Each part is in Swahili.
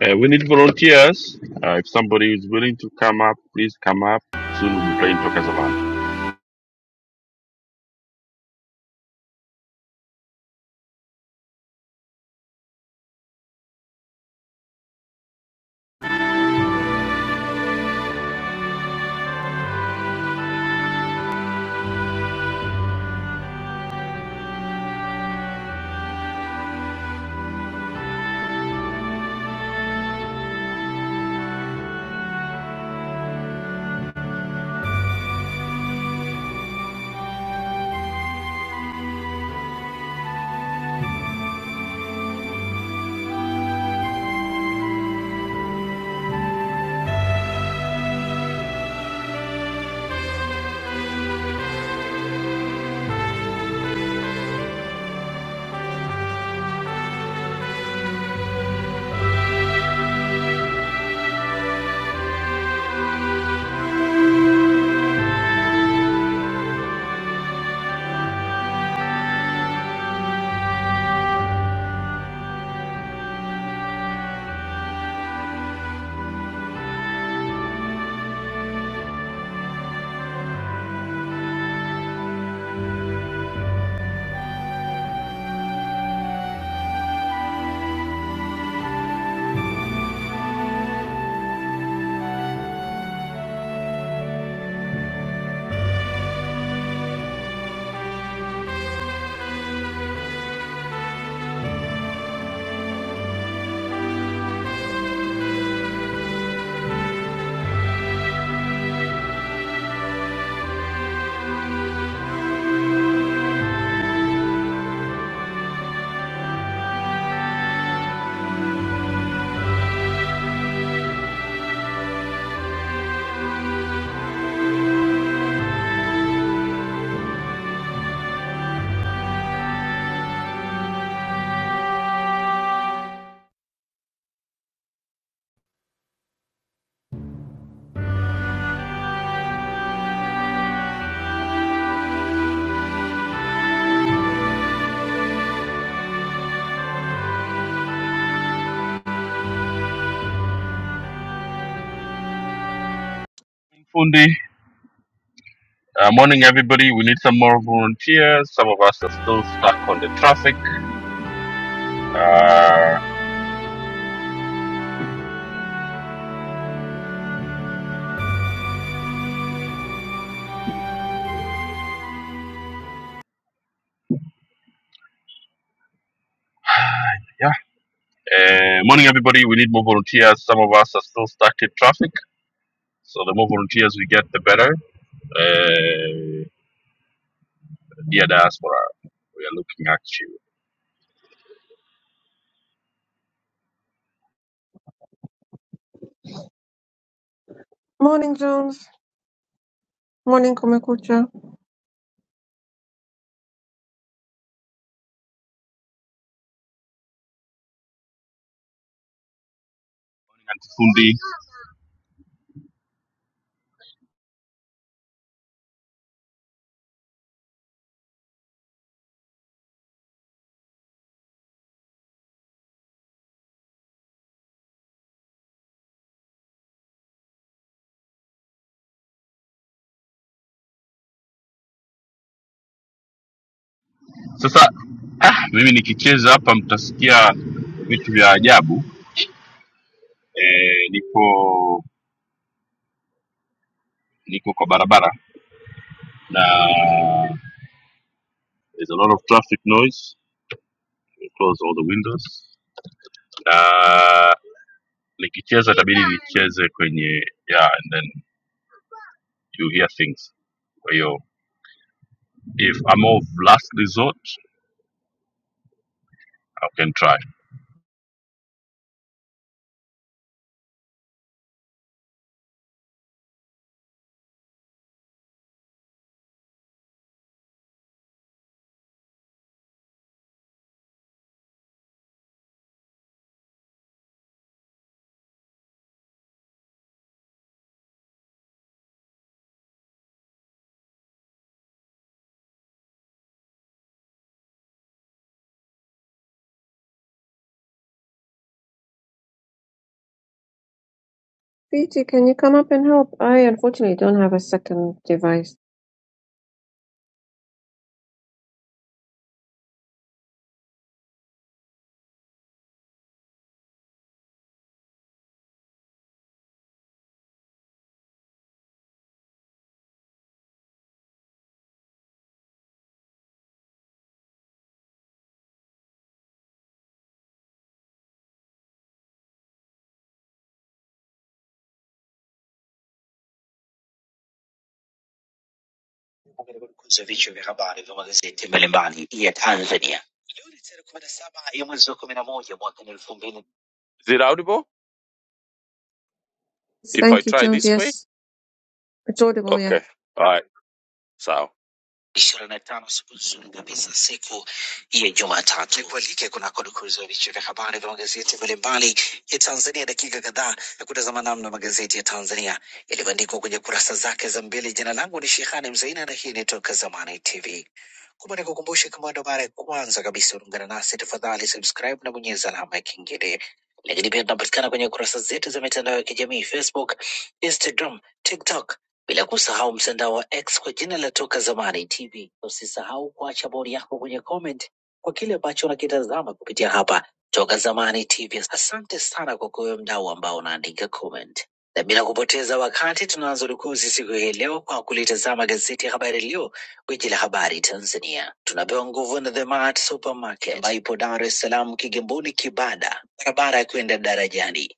Uh, we need volunteers. Uh, if somebody is willing to come up, please come up. Soon we'll be playing Tokazalan. Fundi, uh, morning everybody. We need some more volunteers. Some of us are still stuck on the traffic. Uh, yeah. Uh, morning everybody. We need more volunteers. Some of us are still stuck in traffic. So the more volunteers we get, the better. Uh, dear diaspora, we are looking at you. Morning, Jones. Morning, Komekucha. And Fundi, sasa ah, mimi nikicheza hapa mtasikia vitu vya ajabu eh, niko niko kwa barabara na there's a lot of traffic noise We close all the windows na nikicheza itabidi nicheze kwenye yeah and then you hear things kwa hiyo if I'm of last resort I can try Viti, can you come up and help? I unfortunately don't have a second device. katika kudukuza vichwa vya habari vya magazeti mbalimbali ya Tanzania. Leo ni tarehe kumi na saba ya mwezi wa kumi na moja mwaka ni elfu mbili. If I Thank you, try Jones. this way? Yes, it's audible, yeah. Okay, all right, sawa. ishirini na tano siku nzuri kabisa, siku ya Jumatatu. Nikualike kunako dukuzi ya vichwa vya habari vya magazeti mbalimbali ya Tanzania, dakika kadhaa ya kutazama namna magazeti ya Tanzania yalivyoandikwa kwenye kurasa zake za mbele. Jina langu ni Shehani Mzaina na hii ni Toka Zamani TV. Kumbe nikukumbushe, kama ndo mara ya kwanza kabisa unaungana nasi, tafadhali subscribe na bonyeza alama ya kengele. Lakini pia tunapatikana kwenye kurasa zetu za mitandao ya kijamii, Facebook, Instagram, TikTok bila kusahau mtandao wa X kwa jina la Toka Zamani TV. Usisahau kuacha bodi yako kwenye comment kwa kile ambacho unakitazama kupitia hapa Toka Zamani TV. Asante sana kwa kuwe mdau ambao unaandika comment, na bila kupoteza wakati tunaanza rukuzi siku hii leo kwa kulitazama gazeti ya Habari Leo, gwiji la habari Tanzania. Tunapewa nguvu na The Mart Supermarket ambayo ipo Dar es Salaam, Kigamboni, Kibada, barabara ya kwenda darajani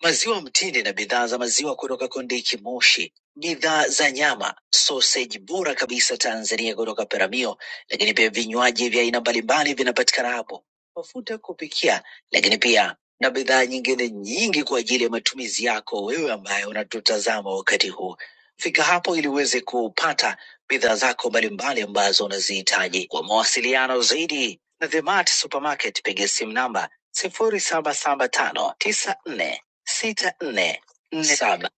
maziwa mtindi na bidhaa za maziwa kutoka Kondiki Moshi, bidhaa za nyama, soseji bora kabisa Tanzania kutoka Peramio, lakini pia vinywaji vya aina mbalimbali vinapatikana hapo, mafuta ya kupikia, lakini pia na bidhaa nyingine nyingi kwa ajili ya matumizi yako wewe ambaye unatutazama wakati huu. Fika hapo ili uweze kupata bidhaa zako mbalimbali ambazo unazihitaji. Kwa mawasiliano zaidi na The Mart Supermarket, piga simu namba sifuri saba saba tano tisa nne sita nne nne saba.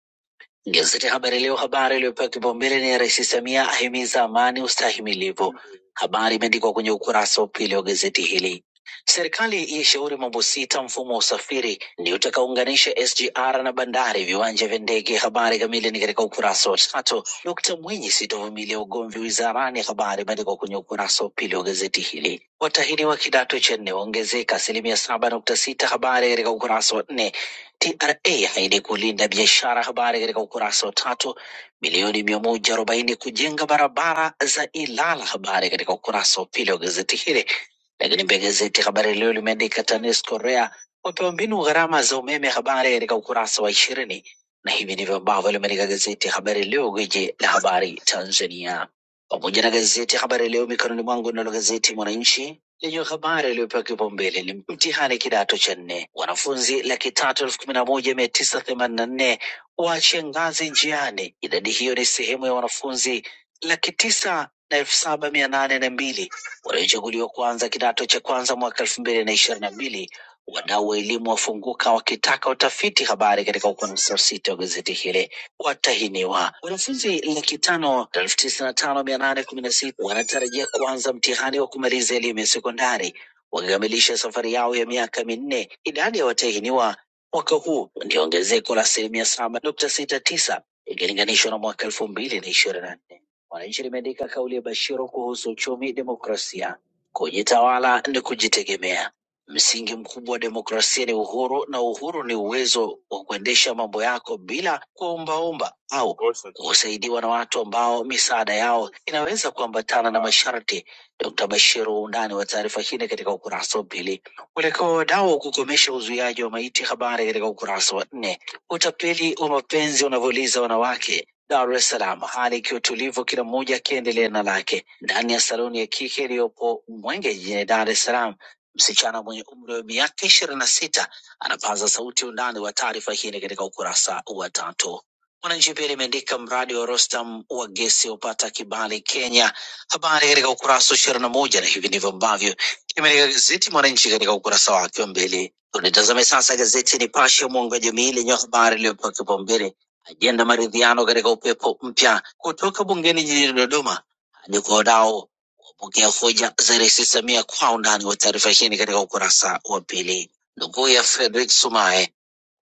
Gazeti Habari Leo, habari iliyopewa kipaumbele ni Rais Samia ahimiza amani ustahimilivu. Habari imeandikwa kwenye ukurasa wa pili wa gazeti hili. Serikali yaishauri mambo sita mfumo wa usafiri ni utakaounganisha SGR na bandari, viwanja vya ndege. Habari kamili ni katika ukurasa wa tatu. Dkt Mwinyi, sitovumilia ugomvi wizarani, habari imeandikwa kwenye ukurasa wa pili wa gazeti hili. Watahiniwa kidato cha nne waongezeka asilimia saba nukta sita, habari katika ukurasa wa nne. TRA ahidi kulinda biashara. Habari katika ukurasa wa tatu. Bilioni mia moja arobaini kujenga barabara za Ilala. Habari katika ukurasa wa pili wa gazeti hili. Lakini pia gazeti Habari Leo limeandika TANESCO REA wapewa mbinu gharama za umeme. Habari katika ukurasa wa ishirini, na hivi ndivyo ambavyo limeandika gazeti Habari Leo, gwiji la habari Tanzania, pamoja na gazeti Habari Leo mikononi mwangu, nalo gazeti Mwananchi lenye habari iliyopewa kipaumbele ni mtihani kidato cha nne. Wanafunzi laki tatu elfu kumi na moja mia tisa themanini na nne waache ngazi njiani. Idadi hiyo ni sehemu ya wanafunzi laki tisa na elfu saba mia nane na mbili waliochaguliwa kuanza kidato cha kwanza mwaka elfu mbili na ishirini na mbili. Wadau wa elimu wafunguka wakitaka utafiti habari katika ukurasa wa sita wa gazeti hili watahiniwa. Wanafunzi laki tano elfu tisini na tano mia nane kumi na sita wanatarajia kuanza mtihani wa kumaliza elimu ya sekondari wakikamilisha safari yao ya miaka minne. Idadi ya watahiniwa mwaka huu ndio ongezeko la asilimia saba nukta sita tisa ikilinganishwa na mwaka elfu mbili na ishirini na nne. Mwananchi limeandika kauli ya Bashiru kuhusu uchumi, demokrasia, kujitawala ni kujitegemea. Msingi mkubwa wa demokrasia ni uhuru, na uhuru ni uwezo wa kuendesha mambo yako bila kuombaomba au kusaidiwa na watu ambao misaada yao inaweza kuambatana na masharti. Dkt. Bashir, undani wa taarifa hii ni katika ukurasa wa pili. Mwelekeo wa wadau wa kukomesha uzuiaji wa maiti, habari katika ukurasa wa nne. Utapeli wa mapenzi unavyouliza wanawake Dar es Salaam, hali ikiwa tulivu, kila mmoja akiendelea na lake ndani ya saluni ya kike iliyopo Mwenge jijini Dar es Salaam. Msichana mwenye umri wa miaka ishirini na sita anapaza sauti. Undani wa taarifa hii ni katika ukurasa wa tatu. Mwananchi pia limeandika mradi wa Rostam wa gesi upata kibali Kenya, habari katika ukurasa wa ishirini na moja na hivi ndivyo ambavyo limeandika gazeti Mwananchi katika ukurasa wake wa mbele. Tunitazame sasa gazeti Nipashe mwanga wa jamii lenye habari iliyopewa kipaumbele ajenda maridhiano katika upepo mpya kutoka bungeni jijini Dodoma hadi kwa wadau Bunge ya Vuja zairisi Samia kwa undani wa taarifa hii ni katika ukurasa wa pili. Ndugu ya Frederick Sumaye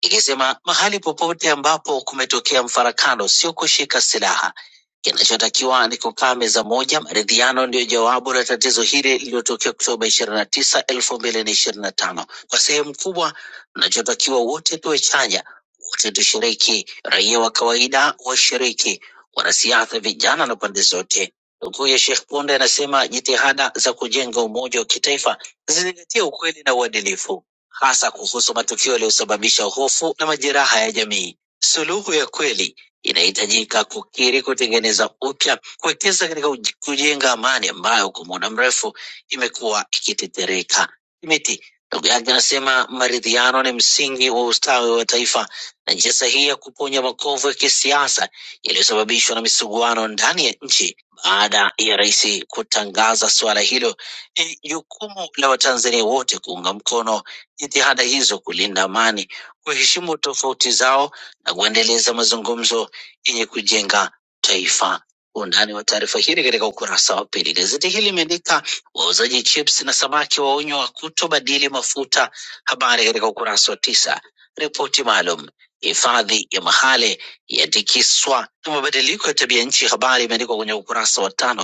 ikisema mahali popote ambapo kumetokea mfarakano sio kushika silaha, kinachotakiwa ni kukaa meza moja. Maridhiano ndiyo jawabu la tatizo hili lililotokea Oktoba ishirini na tisa elfu mbili na ishirini na tano. Kwa sehemu kubwa, mnachotakiwa wote tuwe chanya, wote tushiriki, raia wa kawaida washiriki, wanasiasa vijana na pande zote. Nukuu ya Sheikh Ponde anasema jitihada za kujenga umoja wa kitaifa zizingatie ukweli na uadilifu hasa kuhusu matukio yaliyosababisha hofu na majeraha ya jamii. Suluhu ya kweli inahitajika kukiri, kutengeneza upya, kuwekeza katika uj- kujenga amani ambayo kwa muda mrefu imekuwa ikitetereka. Miti ndugu yake anasema maridhiano ni msingi wa ustawi wa taifa na njia sahihi ya kuponya makovu ya kisiasa yaliyosababishwa na misuguano ndani ya nchi baada ya rais kutangaza suala hilo ni jukumu la Watanzania wote kuunga mkono jitihada hizo kulinda amani, kuheshimu tofauti zao na kuendeleza mazungumzo yenye kujenga taifa. Undani wa taarifa hili katika ukurasa wa pili. Gazeti hili limeandika wauzaji chips na samaki waonywa kutobadili mafuta, habari katika ukurasa wa tisa. Ripoti maalum hifadhi ya Mahale yatikiswa na mabadiliko ya tabia nchi, habari imeandikwa kwenye ukurasa wa tano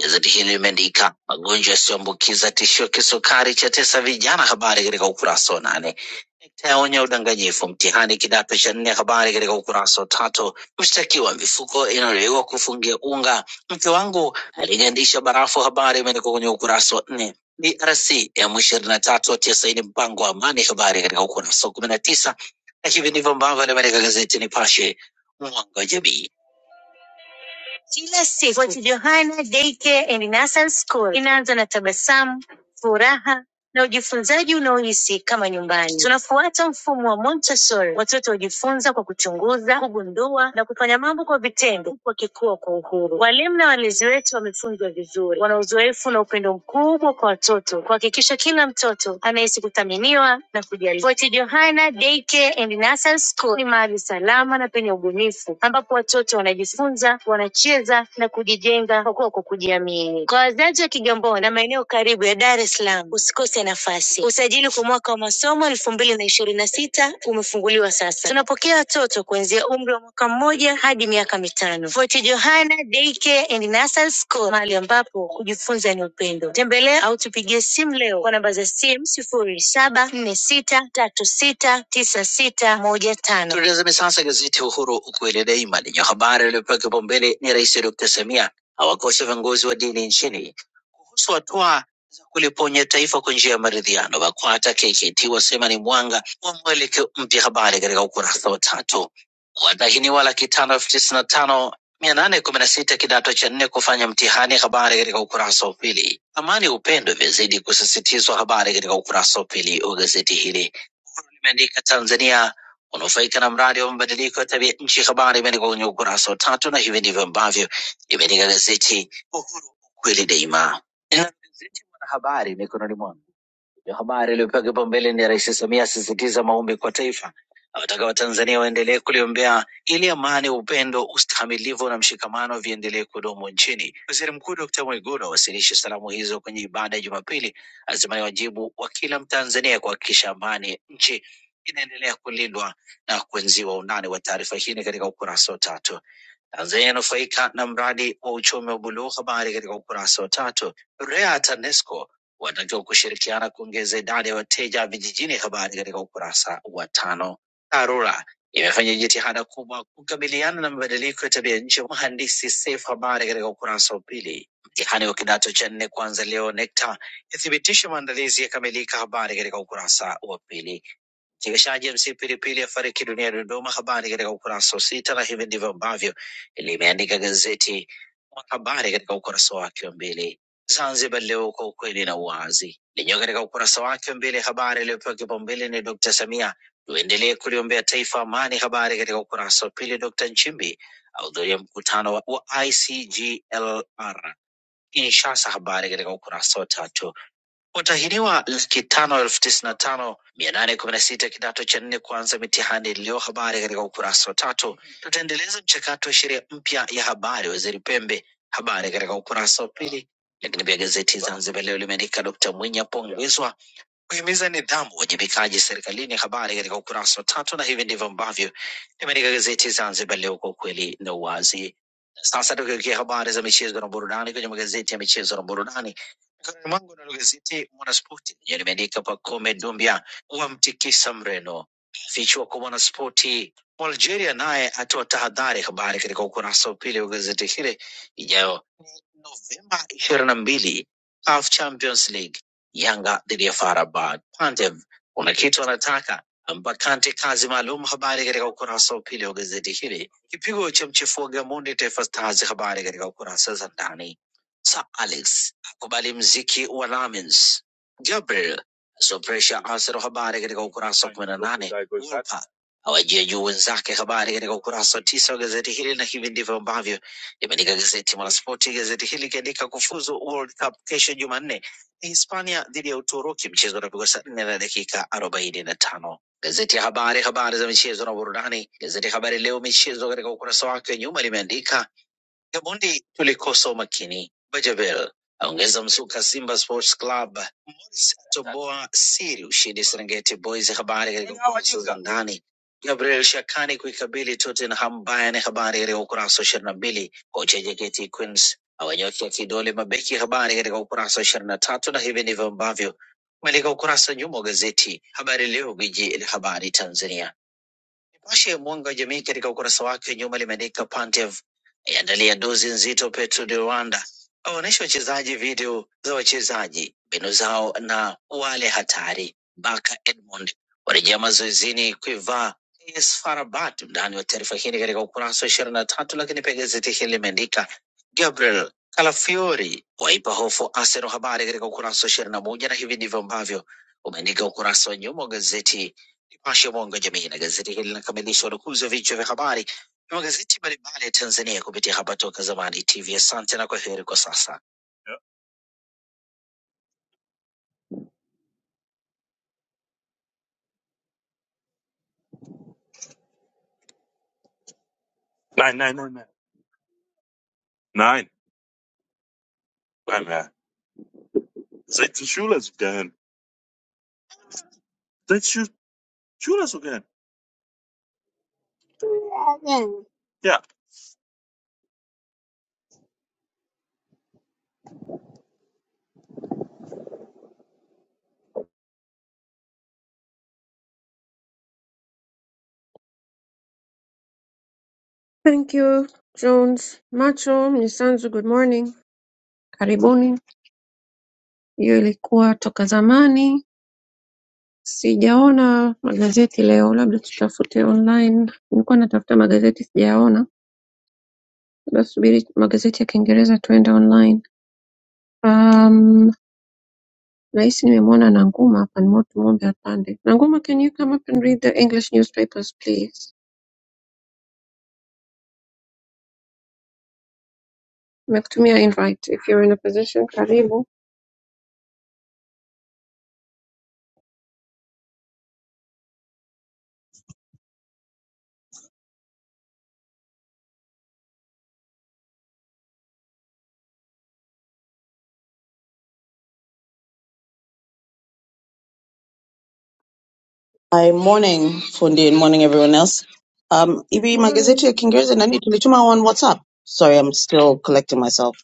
Gazeti hili limeandika magonjwa yasiyoambukiza tishio kisukari chatesa vijana, habari katika ukurasa wa nane. Sekta yaonya udanganyifu mtihani kidato cha nne, habari katika ukurasa wa tatu. Mshtakiwa mifuko inayodaiwa kufungia unga, mke wangu aligandisha barafu, habari imeandikwa kwenye ukurasa wa nne. DRC ya M ishirini na tatu watia saini mpango wa amani, habari katika ukurasa wa kumi na tisa. Na hivi ndivyo ambavyo limeandika gazeti Nipashe, mwanga wa jamii. Kila siku Fort Johanna Daycare and Nursery School inaanza na tabasamu, furaha na ujifunzaji unaohisi kama nyumbani. Tunafuata mfumo wa Montessori. Watoto hujifunza kwa kuchunguza, kugundua na kufanya mambo kwa vitendo, huku wakikua kwa uhuru. Walimu na walezi wetu wamefunzwa vizuri, wana uzoefu na upendo mkubwa kwa watoto, kuhakikisha kila mtoto anahisi kuthaminiwa na kujali. Fort Johanna Daycare and Nursery School ni mahali salama na penye ubunifu, ambapo watoto wanajifunza, wanacheza na kujijenga kwa kuwa kwa kujiamini. Kwa wazazi wa Kigamboni, Kigamboni na maeneo karibu ya Dar es Salaam, usikose nafasi. Usajili kwa mwaka wa masomo elfu mbili na ishirini na sita umefunguliwa sasa. Tunapokea watoto kuanzia umri wa mwaka mmoja hadi miaka mitano. Fort Johanna Daycare and Nursery School, mahali ambapo kujifunza ni upendo. Tembelea au tupigie simu leo kwa namba za simu sifuri saba nne sita tatu sita tisa sita moja tano. Tulitazame sasa gazeti Uhuru ukweli daima lenye habari iliyopewa kipaumbele ni Rais Dr. Samia awakosa viongozi wa dini nchini kuhusu hatua za kuliponya taifa kwa njia ya maridhiano. BAKWATA KKT wasema ni mwanga wa mwelekeo mpya, habari katika ukurasa wa tatu. Watahiniwa laki tano elfu tisini na tano mia nane kumi na sita kidato cha nne kufanya mtihani, habari katika ukurasa wa pili. Amani upendo imezidi kusisitizwa, habari katika ukurasa wa pili wa gazeti hili. Uhuru limeandika Tanzania kunufaika na mradi wa mabadiliko ya tabia nchi. Habari imeandikwa kwenye ukurasa wa tatu, na hivi ndivyo ambavyo imeandika gazeti Uhuru, kweli daima. Nina gazeti Mwanahabari mikononi mwangu. Ndio habari iliyopewa kipaumbele ni ya Rais Samia asisitiza maombi kwa taifa, awataka Watanzania waendelee kuliombea ili amani, upendo, ustahimilivu na mshikamano viendelee kudumu nchini. Waziri Mkuu Dr. Mwigulu awasilisha salamu hizo kwenye ibada ya Jumapili, azima ni wajibu wa kila Mtanzania kuhakikisha amani ya nchi inaendelea kulindwa na kuenziwa. Undani wa taarifa hii ni katika ukurasa wa tatu. Tanzania yanufaika na mradi wa uchumi wa buluu. Habari katika ukurasa wa tatu. REA TANESCO watakiwa kushirikiana kuongeza idadi ya wateja vijijini. Habari katika ukurasa wa tano. TARURA imefanya jitihada kubwa kukabiliana na mabadiliko ya tabia nchi. Mhandisi Seif, habari katika ukurasa wa pili. Mtihani wa kidato cha nne kuanza leo. NECTA ithibitisha maandalizi yakamilika. Habari katika ukurasa wa pili. Mchekeshaji MC Pilipili afariki dunia Dodoma, habari katika ukurasa wa sita, na hivi ndivyo ambavyo limeandika gazeti Mwanahabari katika ukurasa wake wa mbele. Zanzibar Leo kwa ukweli na uwazi lenyewe katika ukurasa wake wa mbele, habari iliyopewa kipaumbele ni Dkt Samia, tuendelee kuliombea taifa amani. Habari katika ukurasa wa pili, Dkt Nchimbi ahudhuria mkutano wa wa ICGLR Kinshasa, habari katika ukurasa wa tatu. Watahiniwa laki tano elfu tisini na tano mia nane kumi na sita kidato cha nne kuanza mitihani leo. Habari katika ukurasa wa tatu. Tutaendeleza mchakato wa sheria mpya ya habari, Waziri Pembe. Habari katika ukurasa wa pili. Lakini pia gazeti Zanzibar Leo limeandika Dkt Mwinyi apongezwa kuhimiza nidhamu, uwajibikaji serikalini. Habari katika ukurasa wa tatu, na hivi ndivyo ambavyo limeandika gazeti Zanzibar Leo kwa ukweli na uwazi. Na Sasa tukiwekia habari za michezo na burudani kwenye magazeti ya michezo na burudani mikononi mwangu, nalo gazeti Mwanaspoti lenye limeandika Pacome Dumbia wamtikisa Mreno, fichwa kwa Mwanaspoti Algeria naye atoa tahadhari. Habari katika ukurasa wa pili wa gazeti hili ijayo Novemba ishirini na mbili CAF Champions League Yanga dhidi ya FAR Rabat. Pantev, kuna kitu anataka Mbakante, kazi maalum. Habari katika ukurasa wa pili wa gazeti hili. Kipigo cha mchefua Gamondi Taifa Stars, habari katika ukurasa za ndani. Sir Alex akubali mziki wa Lamens. Gabriel so pressure Arsenal, habari katika ukurasa wa kumi na nane. Wolper awajia juu wenzake, habari katika ukurasa wa tisa wa gazeti hili, na hivi ndivyo ambavyo limeandika gazeti Mwanaspoti. Gazeti hili likiandika kufuzu World Cup kesho Jumanne ni Hispania dhidi ya Uturuki, mchezo unapigwa saa nne na dakika arobaini na tano. Gazeti ya Habari, habari za michezo na burudani. Gazeti ya Habari Leo michezo, katika ukurasa wake wa nyuma limeandika Gamondi, tulikosa umakini. Bajabel aongeza msuka Simba Sports Club. Morris atoboa siri ushindi Serengeti Boys. Habari katika kurasa za ndani. Gabriel Shakani kuikabili Tottenham Bayern, habari katika ukurasa wa ishirini na mbili. Kocha JKT Queens awanyoshea kidole mabeki, habari katika ukurasa wa ishirini na tatu. Na hivi ndivyo ambavyo umeandika ukurasa wa nyuma wa gazeti Habari Leo, gwiji la habari Tanzania. Nipashe mwanga wa jamii katika ukurasa wake wa nyuma limeandika Pantev aiandalia dozi nzito Petro de Rwanda, awaonyesha wachezaji video za wachezaji, mbinu zao na wale hatari. Baka Edmond warejea mazoezini kuivaa AS FAR Rabat. Undani wa taarifa hii ni katika ukurasa wa ishirini na tatu, lakini pia gazeti hili limeandika Gabriel Kalafiori waipa hofu Arsenal, habari katika ukurasa wa ishirini na moja, na hivi ndivyo ambavyo umeandika ukurasa wa nyuma wa gazeti Nipashe Mwanga wa Jamii na gazeti hili linakamilisha udukuzi wa vichwa vya habari vya magazeti mbalimbali ya Tanzania kupitia hapa Toka Zamani TV. Asante na kwa kwa sasa. Nein, nein, nein, nein. Nein, nein, nein. Seit die Schule so gern. Seit die Schule so gern. Yeah. Thank you, Jones. Macho, Mnisanzu, good morning. Karibuni. Hiyo ilikuwa toka zamani. Sijaona magazeti leo, labda tutafute online. Nilikuwa natafuta magazeti sijayaona, labda subiri magazeti ya Kiingereza tuende online. Um, Rais nimemwona Nanguma can more tumwombe apande. Nanguma, can you come up and read the English newspapers please? Nimekutumia invite if you're in a position. Karibu. Hi, morning fundi and morning everyone else. Um, hivi magazeti Morning. ya Kiingereza nani tulituma on WhatsApp? Sorry, I'm still collecting myself.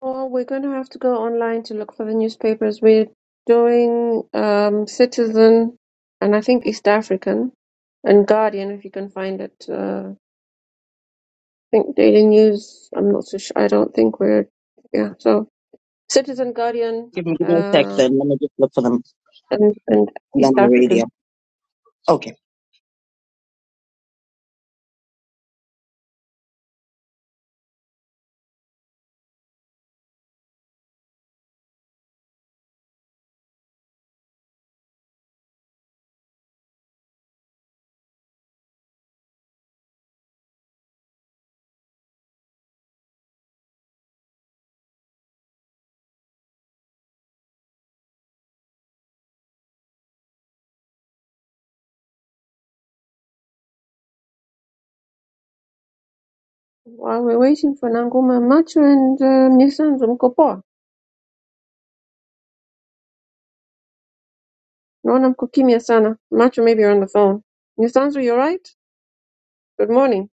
Oh, we're going to have to go online to look for the newspapers. We're doing um, Citizen and I think East African and Guardian if you can find it. Uh, I think Daily News. I'm not so sure. I don't think we're yeah. So Citizen, Guardian, Give me, give me a sec uh, then. Let me just look for them and and and then East I'll read African. you. Okay. While we're waiting for Nanguma, Macho and uh, Mnyisanzu mko poa? Naona mko kimya sana. Macho maybe you're on the phone. Mnyisanzu, you alright? Good morning.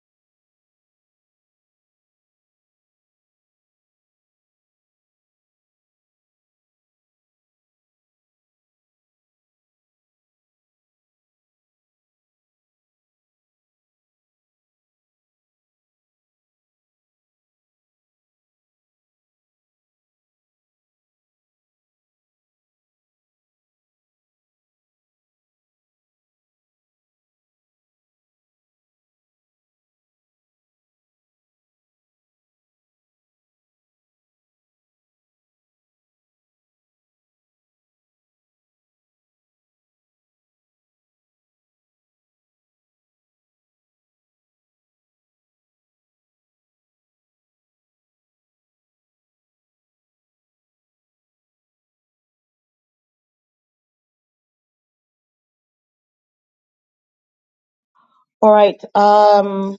All right. Um,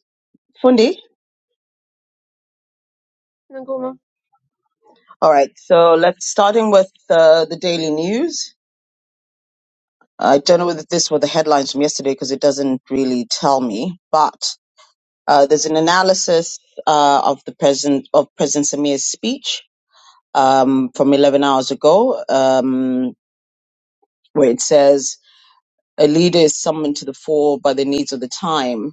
fundi. Nanguma. All right. So let's starting with uh, the daily news. I don't know whether this were the headlines from yesterday because it doesn't really tell me, but uh, there's an analysis uh, of the president of President Samir's speech um, from 11 hours ago, um, where it says a leader is summoned to the fore by the needs of the time.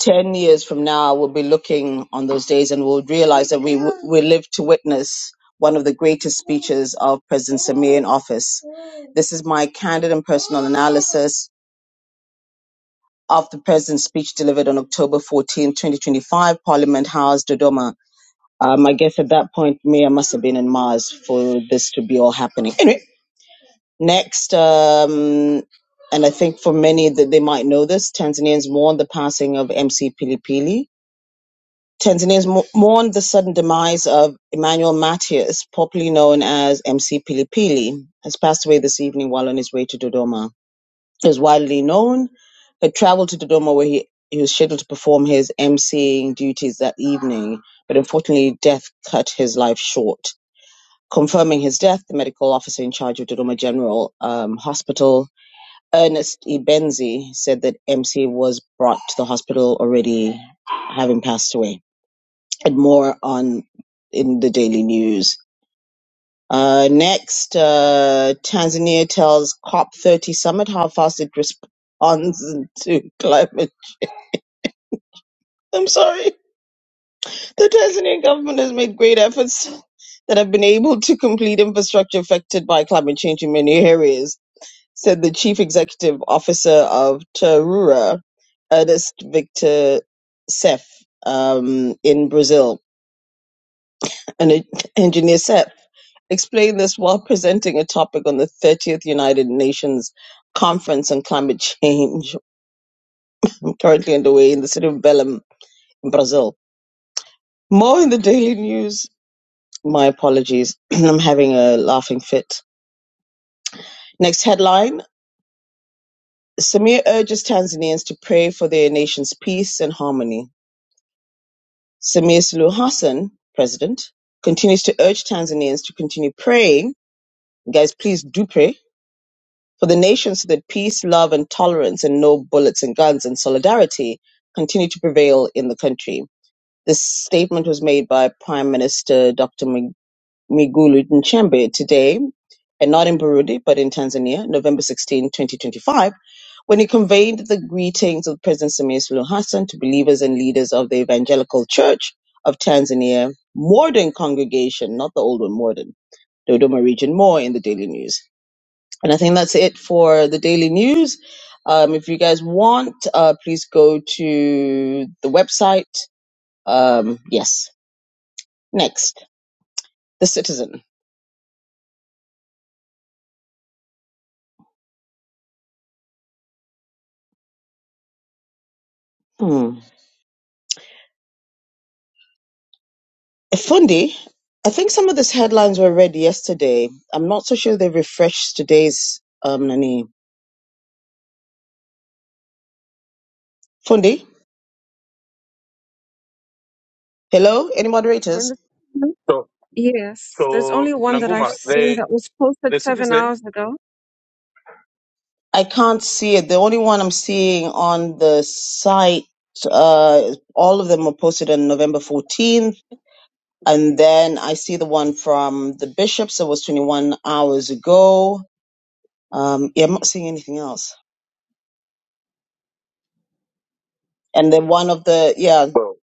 Ten years from now, we'll be looking on those days and we'll realize that we w- we live to witness one of the greatest speeches of President Samir in office. This is my candid and personal analysis of the President's speech delivered on October 14, 2025, Parliament House, Dodoma. Um, I guess at that point, Mia must have been in Mars for this to be all happening. Anyway, next, um, and I think for many that they might know this, Tanzanians mourn the passing of MC Pilipili. Tanzanians mo- mourn the sudden demise of Emmanuel Matthias, popularly known as MC Pilipili, has passed away this evening while on his way to Dodoma is widely known, had traveled to Dodoma where he, he was scheduled to perform his emceeing duties that evening, but unfortunately death cut his life short. Confirming his death, the medical officer in charge of Dodoma General um, Hospital, Ernest Ibenzi, said that MC was brought to the hospital already having passed away. And more on in the daily news. Uh, next, uh, Tanzania tells COP30 summit how fast it responds to climate. I'm sorry. The Tanzanian government has made great efforts that have been able to complete infrastructure affected by climate change in many areas, said the chief executive officer of Tarura, Ernest Victor Sef, um, in Brazil. An engineer Sef explained this while presenting a topic on the 30th United Nations Conference on Climate Change, currently underway in the city of Belém, in Brazil. More in the daily news. My apologies. I'm having a laughing fit. Next headline Samir urges Tanzanians to pray for their nation's peace and harmony. Samia Suluhu Hassan, president, continues to urge Tanzanians to continue praying. Guys, please do pray For the nations so that peace, love, and tolerance, and no bullets and guns and solidarity continue to prevail in the country. This statement was made by Prime Minister Dr. Mi- Migulu Nchembe today, and not in Burundi, but in Tanzania, November 16, 2025, when he conveyed the greetings of President Samia Suluhu Hassan to believers and leaders of the Evangelical Church of Tanzania, Morden congregation, not the old one, Morden, Dodoma region, more in the Daily News. And I think that's it for the daily news. Um, if you guys want, uh, please go to the website. Um, yes. Next, The Citizen. Hmm. Fundi, I think some of these headlines were read yesterday. I'm not so sure they refreshed today's um, Nani. Fundi, hello? Any And moderators? the- So, Yes, there's only so one that I've Nanguma, seen the that was posted the seven citizen. hours ago. I can't see it. The only one I'm seeing on the site, uh, all of them were posted on November 14th And then I see the one from the bishops. It was 21 hours ago. Um, yeah, I'm not seeing anything else. And then one of the, yeah, Well,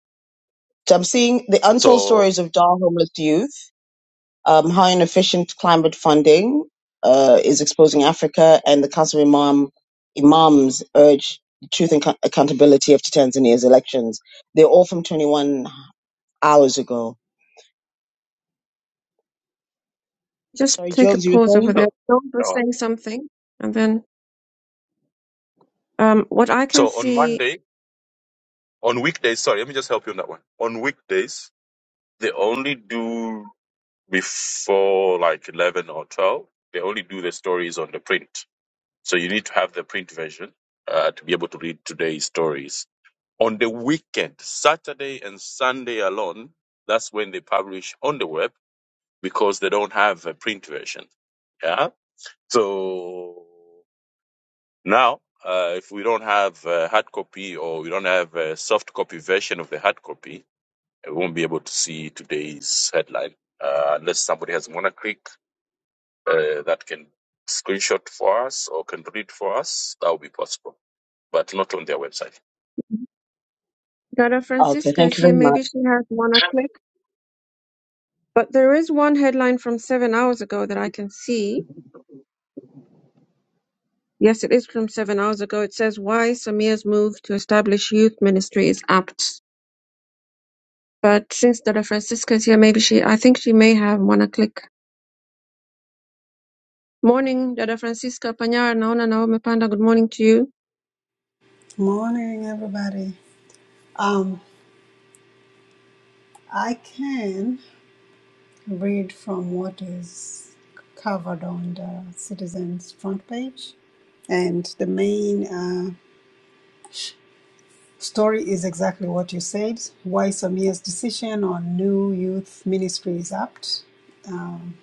so I'm seeing the untold so stories of Dar homeless youth, um, how inefficient climate funding uh, is exposing Africa, and the Council of Imam, Imams urge the truth and co- accountability after Tanzania's elections. They're all from 21 hours ago. Just Sorry, take a Jones, you pause were over saying? no, there. John was uh, saying something, and then um, what I can so on see, Monday, on weekdays. Sorry, let me just help you on that one. On weekdays, they only do. before like 11 or 12 they only do the stories on the print so you need to have the print version uh, to be able to read today's stories on the weekend saturday and sunday alone that's when they publish on the web because they don't have a print version yeah so now uh, if we don't have a hard copy or we don't have a soft copy version of the hard copy we won't be able to see today's headline uh, unless somebody has monoclick uh, that can screenshot for us or can read for us, that will be possible, but not on their website. Dada Okay, Francisca is thank you here. very much. Maybe she has one a click, but there is one headline from seven hours ago that I can see. Yes, it is from seven hours ago. It says why Samir's move to establish youth ministry is apt. But since Dada Francisca is here, maybe she, I think she may have one a click. Morning, Dada Francisca Panyar, naona na umepanda. Good morning to you. Morning, everybody. Um, I can read from what is covered on the Citizen's front page, and the main uh, story is exactly what you said. Why Samia's decision on new youth ministry is apt. Um,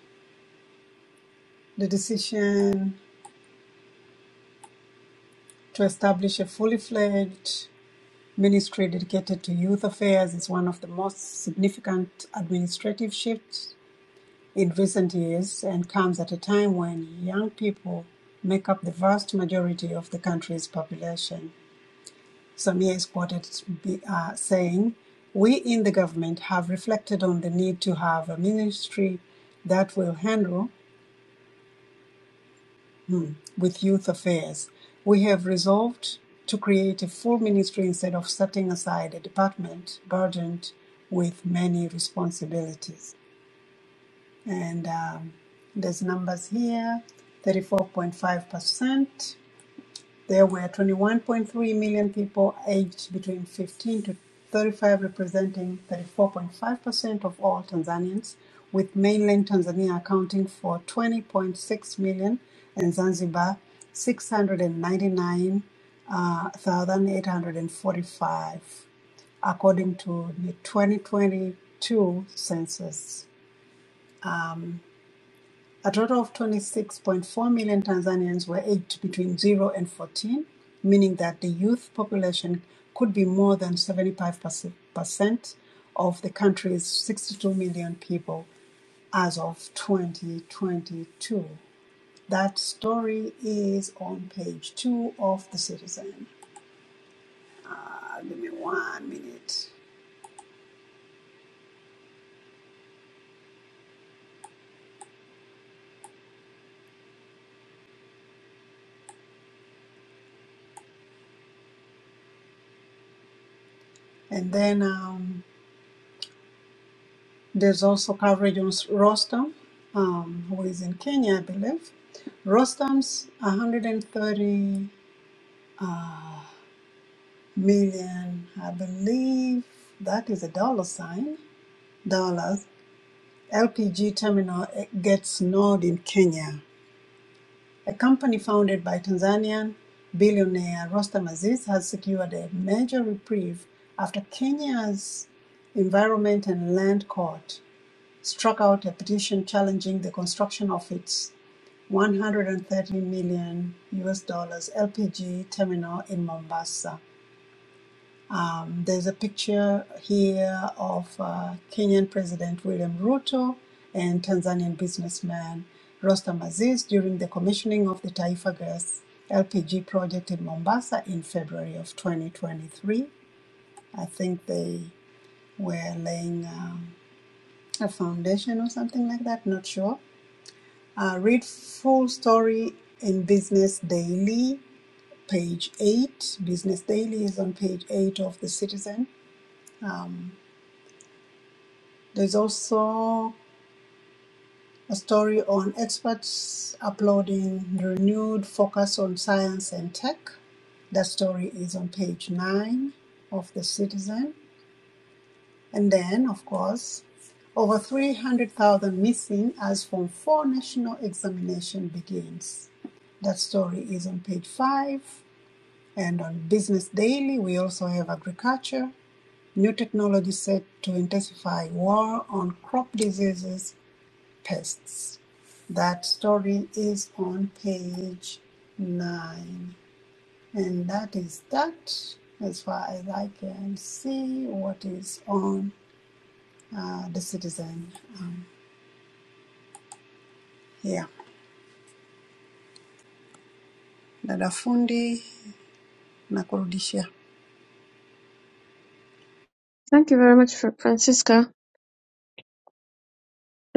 the decision to establish a fully fledged ministry dedicated to youth affairs is one of the most significant administrative shifts in recent years and comes at a time when young people make up the vast majority of the country's population. Samia is quoted uh, saying, We in the government have reflected on the need to have a ministry that will handle with youth affairs. We have resolved to create a full ministry instead of setting aside a department burdened with many responsibilities. and um, there's numbers here 34.5%. There were 21.3 million people aged between 15 to 35, representing 34.5% of all Tanzanians, with mainland Tanzania accounting for 20.6 million and Zanzibar 699,845, according to the 2022 census. A total of 26.4 million Tanzanians were aged between 0 and 14, meaning that the youth population could be more than 75% of the country's 62 million people as of 2022. That story is on page two of The Citizen. Uh, give me one minute. And then. Um, There's also coverage on S- Rostam, um, who is in Kenya, I believe. Rostam's 130 uh, million, I believe that is a dollar sign, dollars. LPG terminal gets node in Kenya. A company founded by Tanzanian billionaire Rostam Aziz has secured a major reprieve after Kenya's Environment and Land Court struck out a petition challenging the construction of its 130 million US dollars LPG terminal in Mombasa. Um, there's a picture here of uh, Kenyan President William Ruto and Tanzanian businessman Rostam Aziz during the commissioning of the Taifa Gas LPG project in Mombasa in February of 2023. I think they were laying um, a foundation or something like that, not sure. Uh, read full story in Business Daily page eight. Business Daily is on page eight of The Citizen. Um, there's also a story on experts uploading renewed focus on science and tech. That story is on page nine of The Citizen. And then, of course, over 300,000 missing as Form 4 national examination begins. That story is on page five. And on Business Daily, we also have agriculture. New technology set to intensify war on crop diseases, pests. That story is on page nine. And that is that, as far as I can see, what is on uh, the citizen. Um, yeah. Dada fundi nakurudishia. Thank you very much, Fr- Francisca.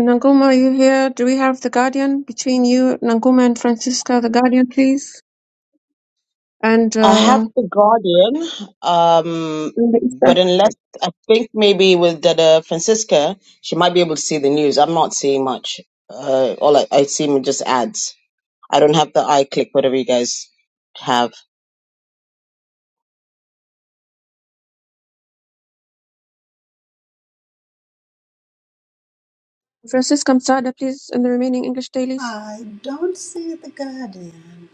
Nanguma, are you here? Do we have the Guardian between you, Nanguma and Francisca, the Guardian, please? And I have uh, The Guardian, um, in the Eastern. but Wait. unless I think maybe with Dada Francisca, she might be able to see the news. I'm not seeing much. Uh, all I, I see are just ads. I don't have the iClick, whatever you guys have. Francisca Msada, please, and the remaining English dailies. I don't see the Guardian.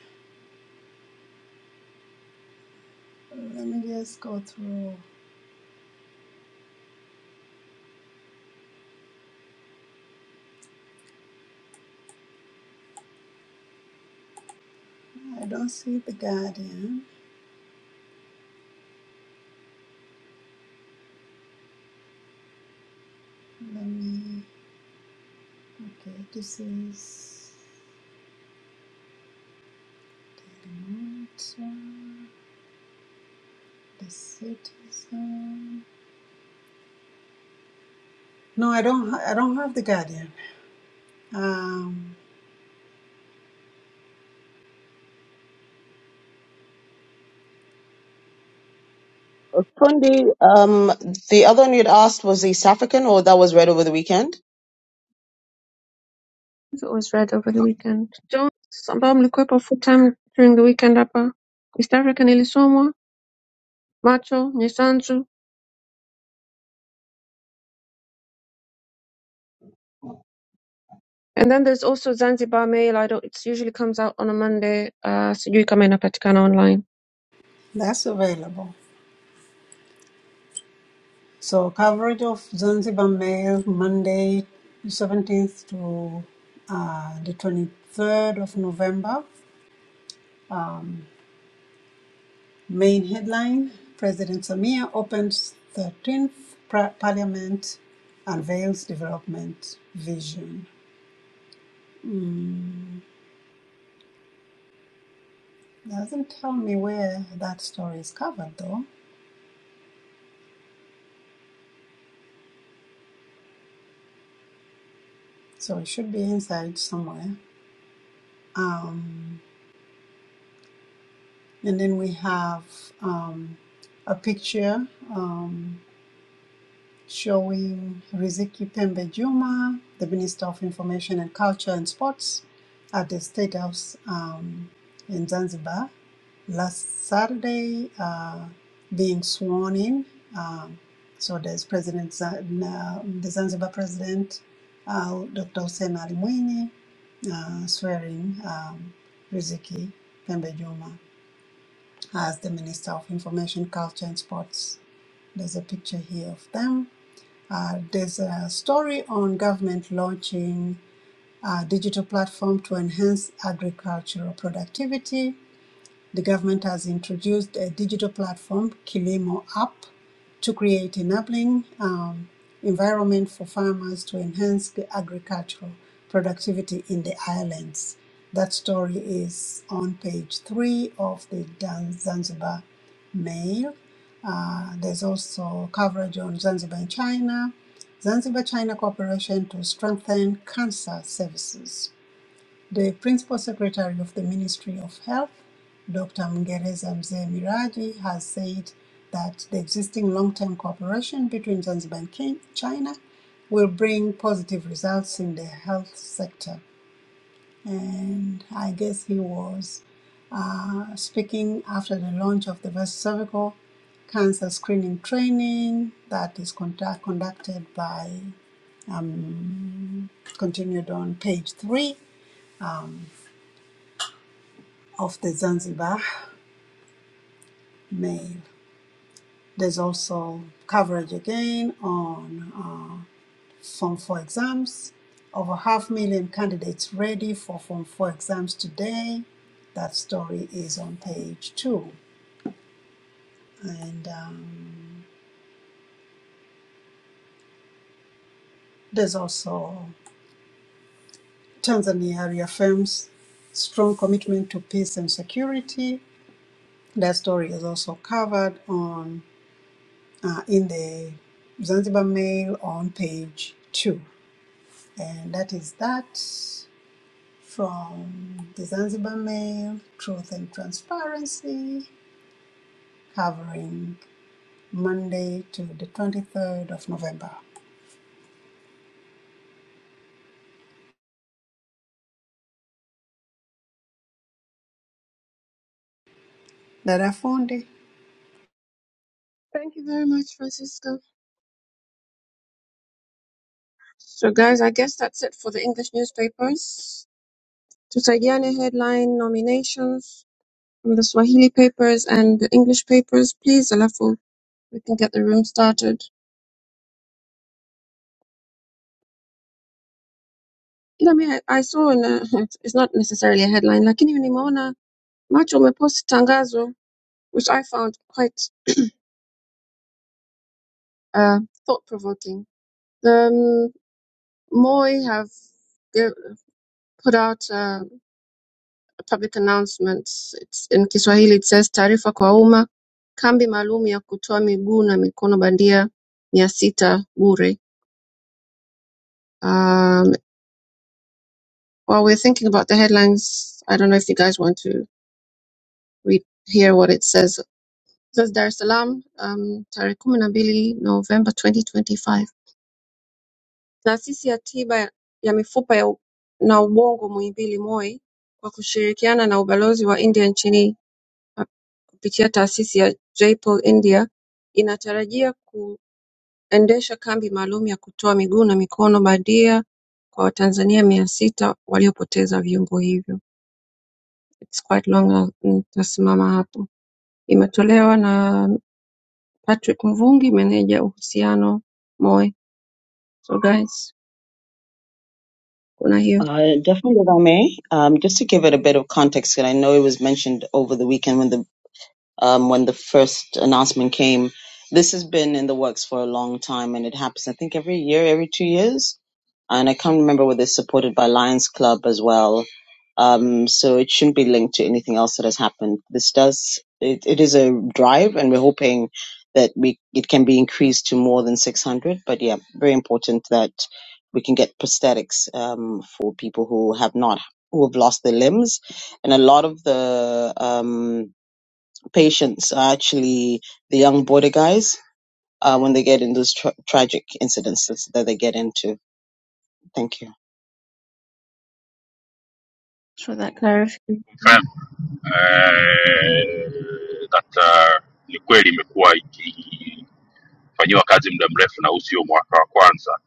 Let me just go through. I don't see the Guardian. Let me. Okay, this is Mountain, the citizen. No, I don't. ha- I don't have the Guardian. Um, Kundi, um, the other one you'd asked was East African, or that was read over the weekend? If it was read over the weekend. Jones, ambao mlikuwepo full time during the weekend hapa. East African ilisomwa, Macho, Nyesanzu, And then there's also Zanzibar Mail. I don't. It usually comes out on a Monday. Uh, sijui kama inapatikana online. that's available. So coverage of Zanzibar Mail Monday, seventeenth to uh, the twenty-third of November. Main headline: President Samia opens thirteenth pra- Parliament, unveils development vision. Mm. Doesn't tell me where that story is covered though, so it should be inside somewhere. Um, and then we have um, a picture um, showing Riziki Pembe Juma, the Minister of Information and Culture and Sports, at the State House um, in Zanzibar. last Saturday uh, being sworn in. Um, so there's President Zan- uh, the Zanzibar President, uh, Dr. Hussein Ali Mwinyi, uh, swearing um, Riziki Pembe Juma as the Minister of Information, Culture and Sports. There's a picture here of them. Uh, there's a story on government launching a digital platform to enhance agricultural productivity the government has introduced a digital platform, Kilimo App, to create enabling um, environment for farmers to enhance the agricultural productivity in the islands. That story is on page three of the Zanzibar Mail. Uh, there's also coverage on Zanzibar in China, Zanzibar China cooperation to strengthen cancer services. The Principal Secretary of the Ministry of Health, Dr. Mngereza Mzee Miraji, has said that the existing long term cooperation between Zanzibar and China will bring positive results in the health sector. And I guess he was uh, speaking after the launch of the breast cervical cancer screening training that is conduct- conducted by, continued on page three of the Zanzibar Mail. There's also coverage again on uh, Form 4 exams. Over half million candidates ready for Form 4 exams today. That story is on page 2. And um, there's also Tanzania reaffirms strong commitment to peace and security. That story is also covered on uh, in the Zanzibar Mail on page 2. And that is that. from the Zanzibar Mail, Truth and Transparency, covering Monday to the 23rd of November. Dada fundi, Thank you very much, Francisco. So, guys, I guess that's it for the English newspapers. Tusaidiane headline nominations from the Swahili papers and the English papers, please. Alafu, we can get the room started. Ila mi I I saw in a, it's not necessarily a headline, lakini nimeona macho umepost tangazo, which I found quite uh, thought-provoking. The um, Moi have ge- put out uh, a public announcement. It's in Kiswahili it says taarifa kwa umma, kambi maalum ya kutoa miguu na mikono bandia mia sita bure. Um, while we're thinking about the headlines, I don't know if you guys want to read hear what it says. It says Dar es Salaam, um, tarehe kumi na mbili November 2025. Taasisi ya tiba ya mifupa ya u- na ubongo Muhimbili Moi kwa kushirikiana na ubalozi wa India nchini kupitia taasisi ya Jaipool India inatarajia kuendesha kambi maalum ya kutoa miguu na mikono bandia kwa Watanzania mia sita waliopoteza viungo hivyo. It's quite long na nitasimama hapo. Imetolewa na Patrick Mvungi, meneja uhusiano MOE. So guys, kuna hiyo. Uh, definitely, if I may, um, just to give it a bit of context, and I know it was mentioned over the weekend when the um, when the first announcement came. This has been in the works for a long time, and it happens. I think every year, every two years, and I can't remember whether it's supported by Lions Club as well. Um, so it shouldn't be linked to anything else that has happened. This does it, it is a drive, and we're hoping that we it can be increased to more than 600. But yeah, very important that we can get prosthetics um, for people who have not who have lost their limbs, and a lot of the um, patients are actually the young border guys uh, when they get in those tra- tragic incidents that they get into. Thank you. So that clarification. confirm eh, data ni kweli imekuwa ikifanyiwa kazi muda mrefu na huu sio mwaka wa kwanza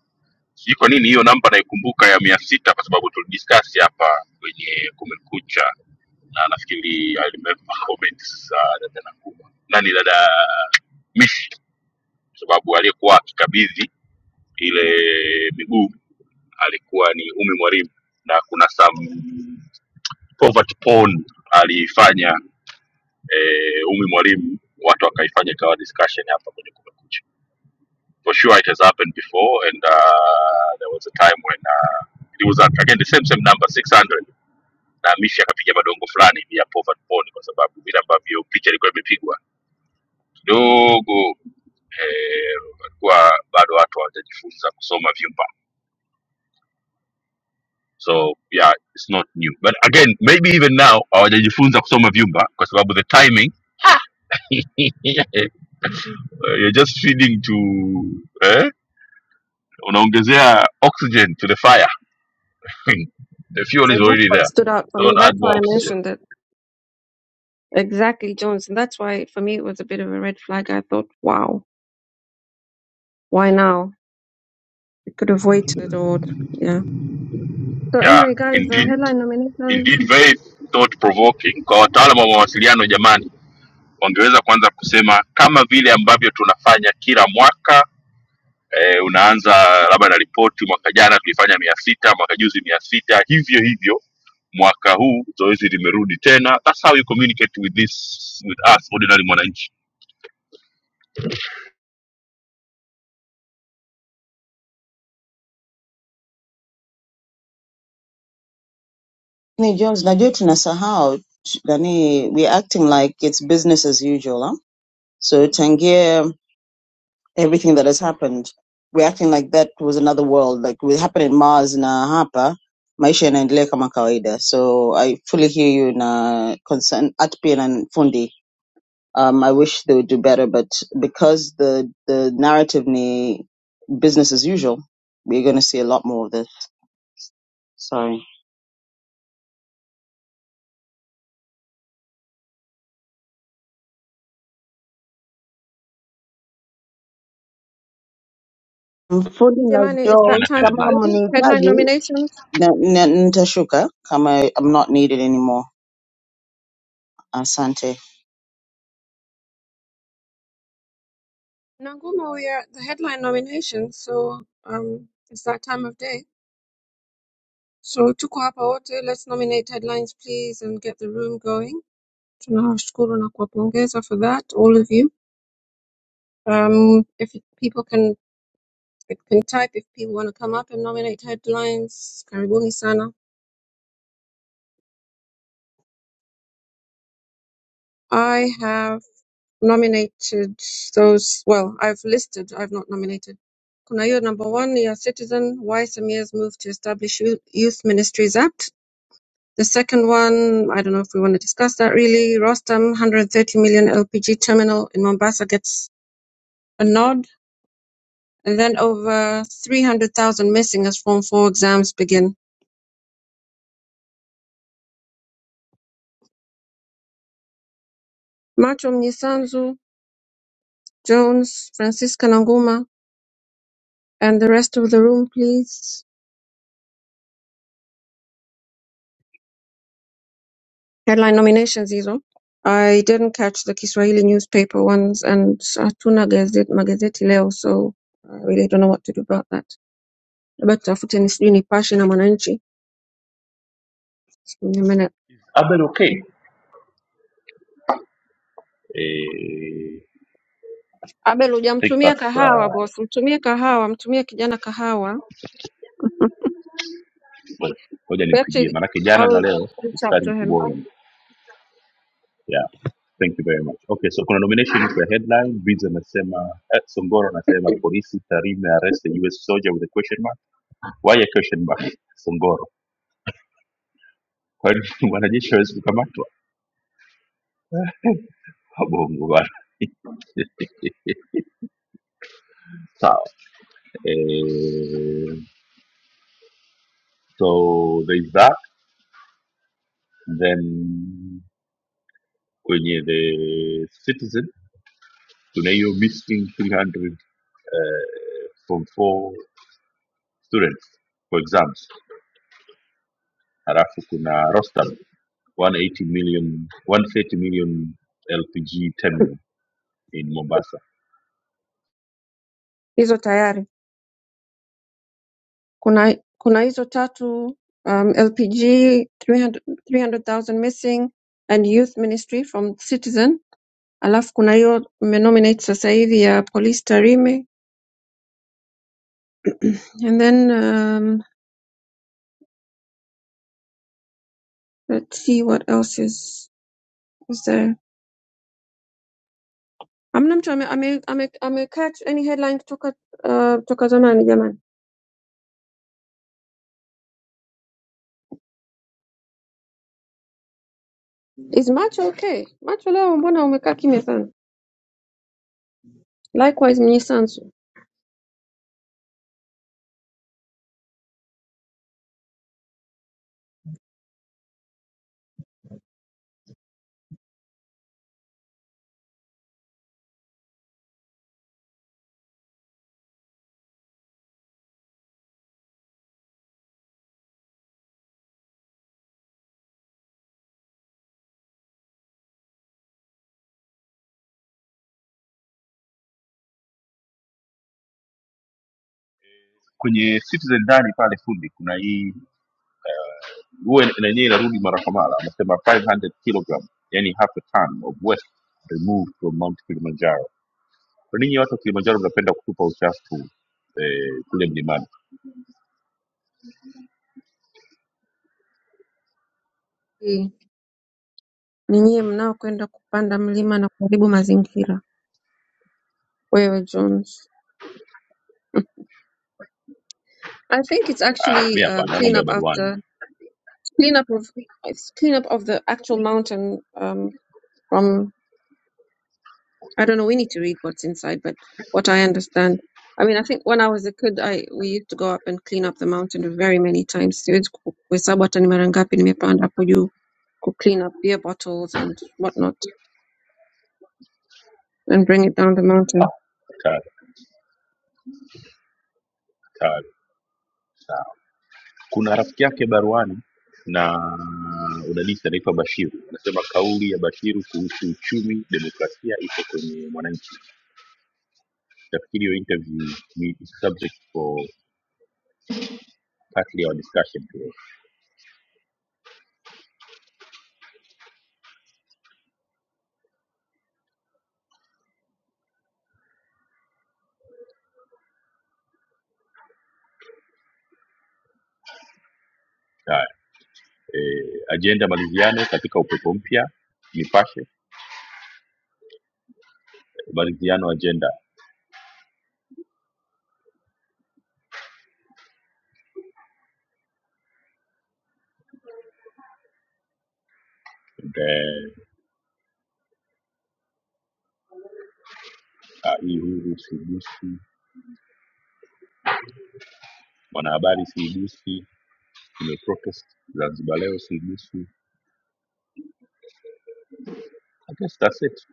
sijui kwa nini hiyo namba naikumbuka ya mia sita kwa sababu tulidiscuss hapa kwenye kumekucha na nafikiri I remember comments za dada Nakuma nani dada mishi kwa sababu aliyekuwa akikabidhi ile miguu alikuwa ni Umi Mwalimu na kuna some poverty porn aliifanya eh, Umi Mwalimu, watu wakaifanya ikawa discussion hapa kwenye Kumekucha. For sure it has happened before and uh, there was a time when uh, it was uh, again the same same number 600 na Mishi akapiga madongo fulani ya poverty porn kwa sababu vile ambavyo picha ilikuwa imepigwa kidogo eh, walikuwa bado watu hawajajifunza kusoma vyumba so yeah it's not new but again maybe even now hawajajifunza kusoma vyumba kwa sababu the timing you're just feeding to eh? unaongezea oxygen to the fire the fuel is And that's already what there stood out for me. don't That's add why more I oxygen mentioned it. Exactly, Jones. And that's why for me it was a bit of a red flag. I thought, wow, why now? could have waited or yeah. So yeah anyway, guys, the indeed headline nominations. indeed very thought provoking kwa wataalam wa mawasiliano jamani wangeweza kwanza kusema kama vile ambavyo tunafanya kila mwaka eh, unaanza labda na ripoti mwaka jana tulifanya mia sita mwaka juzi mia sita hivyo hivyo mwaka huu zoezi limerudi tena that's how you communicate with this with us ordinary mwananchi Ni Jones, najua tunasahau t- nani, we're acting like it's business as usual. Huh? So tangia everything that has happened, we're acting like that was another world, like it happened in Mars na hapa maisha yanaendelea kama kawaida. So I fully hear you na concern at pia na fundi. Um, I wish they would do better, but because the the narrative ni business as usual, we're going to see a lot more of this. Sorry. Fundi na Yamani, Let's it's Joel, that dominate the time. kama headlines Headline mnihitaji nominations. Na- na- Nitashuka kama I'm not needed anymore. Asante. Nanguma, we are at the headline nominations, so um, it's that time of day. So tuko hapa wote, let's nominate headlines, please, and get the room going. Tunawashukuru na kuwapongeza for that, all of you. Um, if people can can type, if people want to come up and nominate headlines, karibuni sana. I have. nominated those, well, I've listed, I've not nominated. Kuna hiyo number one, yeah, Citizen, why Samir's move to establish Youth Youth Ministries Act. The second one, I don't know if we want to discuss that really. Rostam, 130 million LPG terminal in Mombasa gets a nod. And then over 300,000 missing as Form 4 exams begin. Macho Mnisanzu, Jones, Francisca Nanguma, and the rest of the room, please. headline nominations hizo. I didn't catch the Kiswahili newspaper ones and hatuna gazeti, magazeti leo so I really don't know what to do about that. Labda tutafute ni sijui Nipashe na Mwananchi. Sikunyamana. Abel okay eh, Abel I think hujamtumia that's kahawa uh, boss, mtumie kahawa, mtumie kijana kahawa. well, ngoja nimpigie Actually, manake jana na I'll leo is reach out starting to to him. worry me. yeah Thank you very much. Okay, so kuna nomination for headline. Bids anasema eh, Songoro anasema polisi Tarime arrest the US soldier with a question mark. Why a question mark? Songoro Kwa hiyo wanajeshi hawezi kukamatwa wabongo bana. Sawa. Eh, so there is that then kwenye the citizen tuna hiyo missing 300 eh, form 4 students for exams halafu kuna Rostam 180 million 130 million LPG terminal in Mombasa Hizo tayari. Kuna kuna hizo tatu um, LPG 300, 300,000 missing and youth ministry from Citizen alafu kuna hiyo umenominate sasa hivi ya Police Tarime and then um, let's see what else is, is there hamna mtu ame, ame, ame, ame catch any headline kutoka uh, toka zamani jamani is macho okay macho leo mbona umekaa kimya sana likewise mnyisanzu kwenye citizen ndani pale fundi kuna hii huwa ina- yenyewe inarudi mara kwa mara anasema 500 kilogram yani half a ton of waste removed from mount kilimanjaro kwa ninyi watu wa kilimanjaro mnapenda kutupa uchafu eh, kule mlimani ni nyie mnaokwenda kupanda mlima na kuharibu mazingira wewe jones I think it's ah, mi actually um, hapana clean mambo ya up baruani after clean up of it's clean up of the actual mountain um, from I don't know. We need to read what's inside, but what I understand, I mean, I think when I was a kid, I we used to go up and clean up the mountain very many times. Siwezi ku- kuhesabu hata ni mara ngapi nimepanda hapo juu ku clean up beer bottles and whatnot and bring it down the ah, mountain. hatari, hatari. sawa kuna rafiki yake baruani na udadisi anaitwa bashiru anasema kauli ya bashiru kuhusu uchumi demokrasia iko kwenye mwananchi nafikiri hiyo interview ni subject for Partly our discussion today. Haya, eh, agenda maridhiano katika upepo mpya, Nipashe maridhiano agenda. And, eh, ah, hii huru siigusi, mwanahabari siigusi, nimeprotest Zanzibar leo siigusi. I guess that's it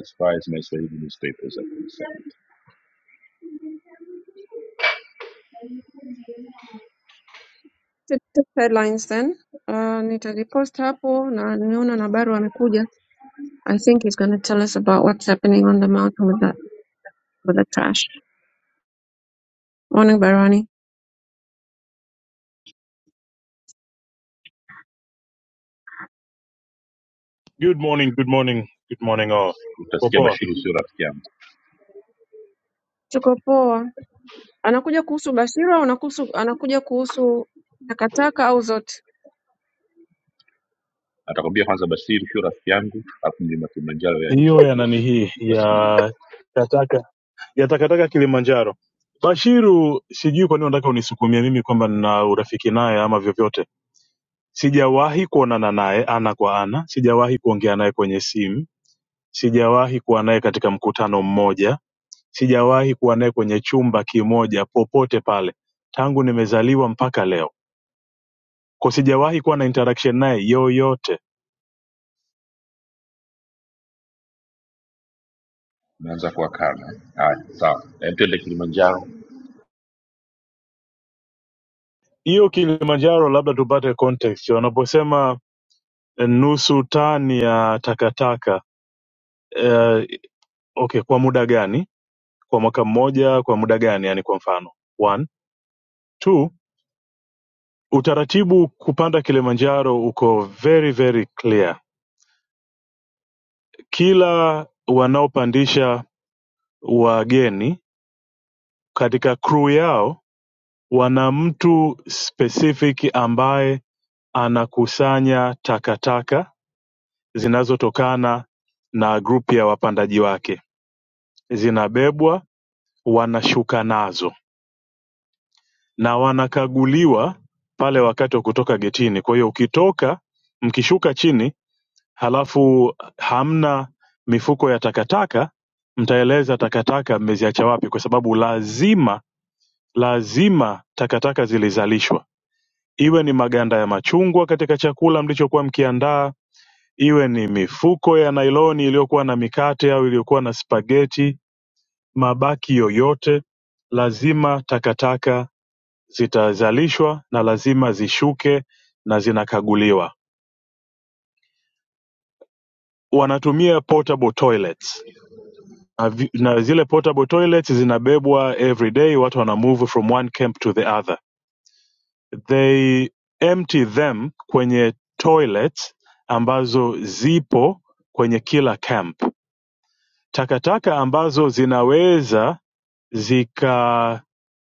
as far as my Swahili newspapers are concerned. The, the headlines then. Uh, nitalipost hapo na nimeona na baru amekuja. I think he's going to tell us about what's happening on the mountain with that with the trash. Morning Barani. Good morning, good morning, good morning all. Kwa Utasikia poa. Bashiru sio rafiki yangu, Tuko poa. Anakuja kuhusu Bashir au anakuhusu, anakuja kuhusu takataka au zote? atakwambia kwanza Bashiru sio rafiki yangu, alafu mlima Kilimanjaro yaje Hiyo ya chafua. nani hii Basi mimi ya kataka ya takataka Kilimanjaro. Bashiru, sijui kwa nini unataka unisukumie mimi kwamba nina urafiki naye ama vyovyote. Sijawahi kuonana naye ana kwa ana, sijawahi kuongea naye kwenye simu, sijawahi kuwa naye katika mkutano mmoja, sijawahi kuwa naye kwenye chumba kimoja popote pale tangu nimezaliwa mpaka leo, kwa sijawahi kuwa na interaction naye yoyote naanza kuwa kama haya, sawa. Hem, Tuende Kilimanjaro hiyo Kilimanjaro, labda tupate context wanaposema eh, nusu tani ya takataka eh, okay, kwa muda gani? Kwa mwaka mmoja, kwa muda gani? Yani kwa mfano one two, utaratibu kupanda Kilimanjaro uko very very clear. Kila wanaopandisha wageni katika crew yao wana mtu specific ambaye anakusanya takataka zinazotokana na grupu ya wapandaji wake zinabebwa wanashuka nazo na wanakaguliwa pale wakati wa kutoka getini kwa hiyo ukitoka mkishuka chini halafu hamna mifuko ya takataka mtaeleza takataka mmeziacha wapi kwa sababu lazima lazima takataka zilizalishwa iwe ni maganda ya machungwa katika chakula mlichokuwa mkiandaa Iwe ni mifuko ya nailoni iliyokuwa na mikate au iliyokuwa na spageti mabaki yoyote lazima takataka zitazalishwa na lazima zishuke na zinakaguliwa. Wanatumia portable toilets na vi- na zile portable toilets zinabebwa every day, watu wana move from one camp to the other. They empty them kwenye toilets ambazo zipo kwenye kila camp. Takataka ambazo zinaweza zika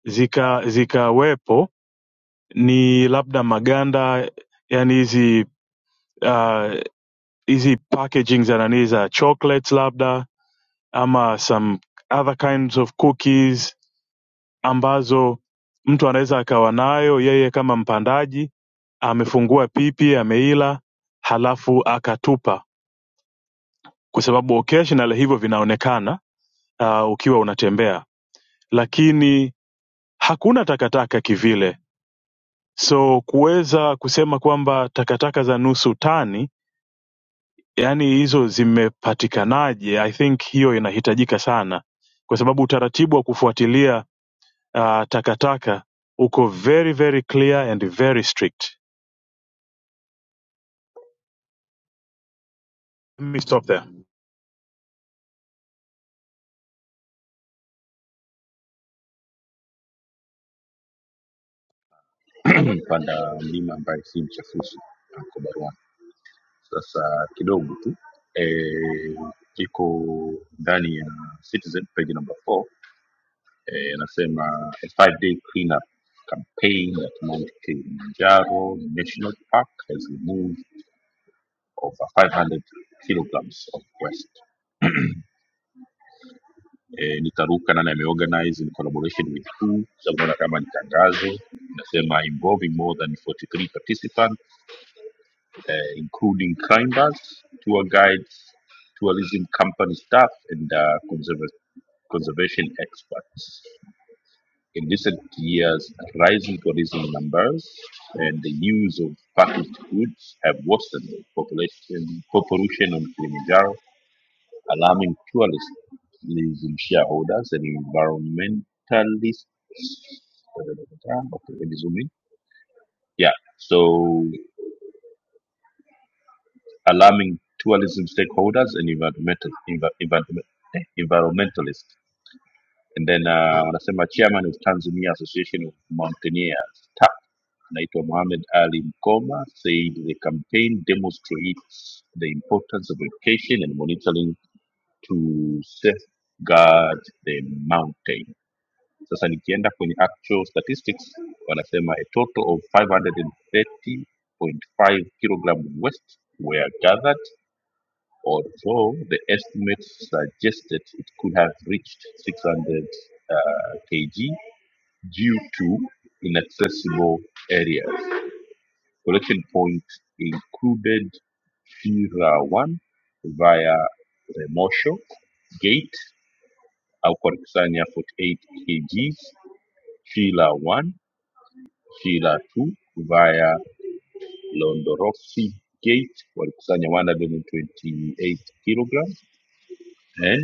zika zikawepo ni labda maganda yani hizi ah, hizi packaging za nanii za chocolates labda ama some other kinds of cookies ambazo mtu anaweza akawa nayo yeye kama mpandaji amefungua pipi ameila halafu akatupa kwa sababu occasional hivyo vinaonekana uh, ukiwa unatembea lakini hakuna takataka kivile So kuweza kusema kwamba takataka za nusu tani, yaani hizo zimepatikanaje, I think hiyo inahitajika sana, kwa sababu utaratibu wa kufuatilia uh, takataka uko very very clear and very strict. Let me stop there. panda mlima ambaye si mchafuzi uko baruani sasa kidogo tu eh, iko ndani ya citizen page number 4 eh, anasema a five day cleanup campaign at mount kilimanjaro national park has removed over 500 kilograms of waste eh, nitaruka nani ameorganize in collaboration with who sababu naona kama ni tangazo inasema involving more than 43 participants uh, including climbers, tour guides, tourism company staff, and uh, conserva- conservation experts. In recent years, rising tourism numbers and the use of packaged goods have worsened the population, population on Kilimanjaro, alarming tourism shareholders and environmentalists. Uh, Okay, let me zoom in. Yeah, so alarming tourism stakeholders and environmental, envi- environment- eh, environmentalists. And then uh, wanasema chairman of Tanzania Association of Mountaineers TAP anaitwa Mohamed Ali Mkoma said the campaign demonstrates the importance of education and monitoring to safeguard the mountain. Sasa nikienda kwenye actual statistics wanasema a total of 530.5 kilograms of waste were gathered although the estimates suggested it could have reached 600 uh, kg due to inaccessible areas. Collection points included Fira 1 via Remosho Gate, Aukwarikusanya 48 kgs, Fila 1, Fila 2 via Londorofsi Gate, Walikusanya 128 kilograms, and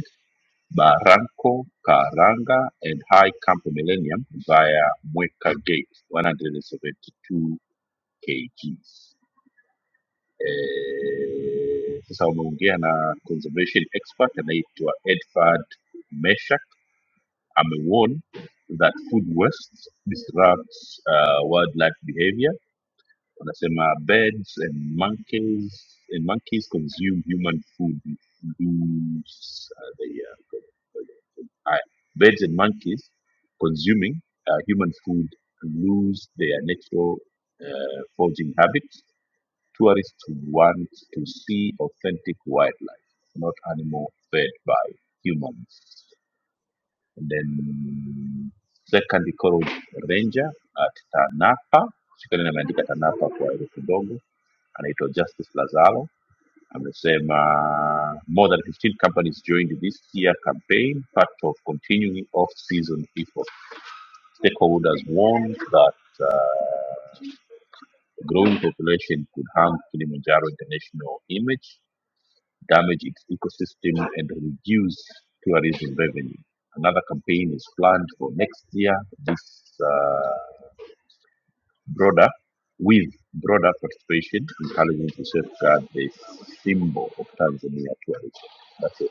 Barranco Caranga, and High Camp Millennium via Mueca Gate 172 kgs. Eh, Sasa umeongea na conservation expert anaitwa Edvard Meshak. Amewarn that food waste disrupts uh, wildlife behavior. Wanasema birds and monkeys and monkeys consume human food, lose uh, their Uh, birds and monkeys consuming uh, human food lose their natural uh, foraging habits. Tourists want to see authentic wildlife, not animal fed by humans. And then second Coral Ranger at Tanapa, shikeni na imeandika Tanapa kwa herufi ndogo, anaitwa Justice Lazaro amesema more than 15 companies joined this year campaign part of continuing off-season efforts. Stakeholders warned that a growing population could harm Kilimanjaro international image, damage its ecosystem, and reduce tourism revenue. Another campaign is planned for next year. This uh, broader with broader participation, encouraging to safeguard the symbol of Tanzania tourism. That's it.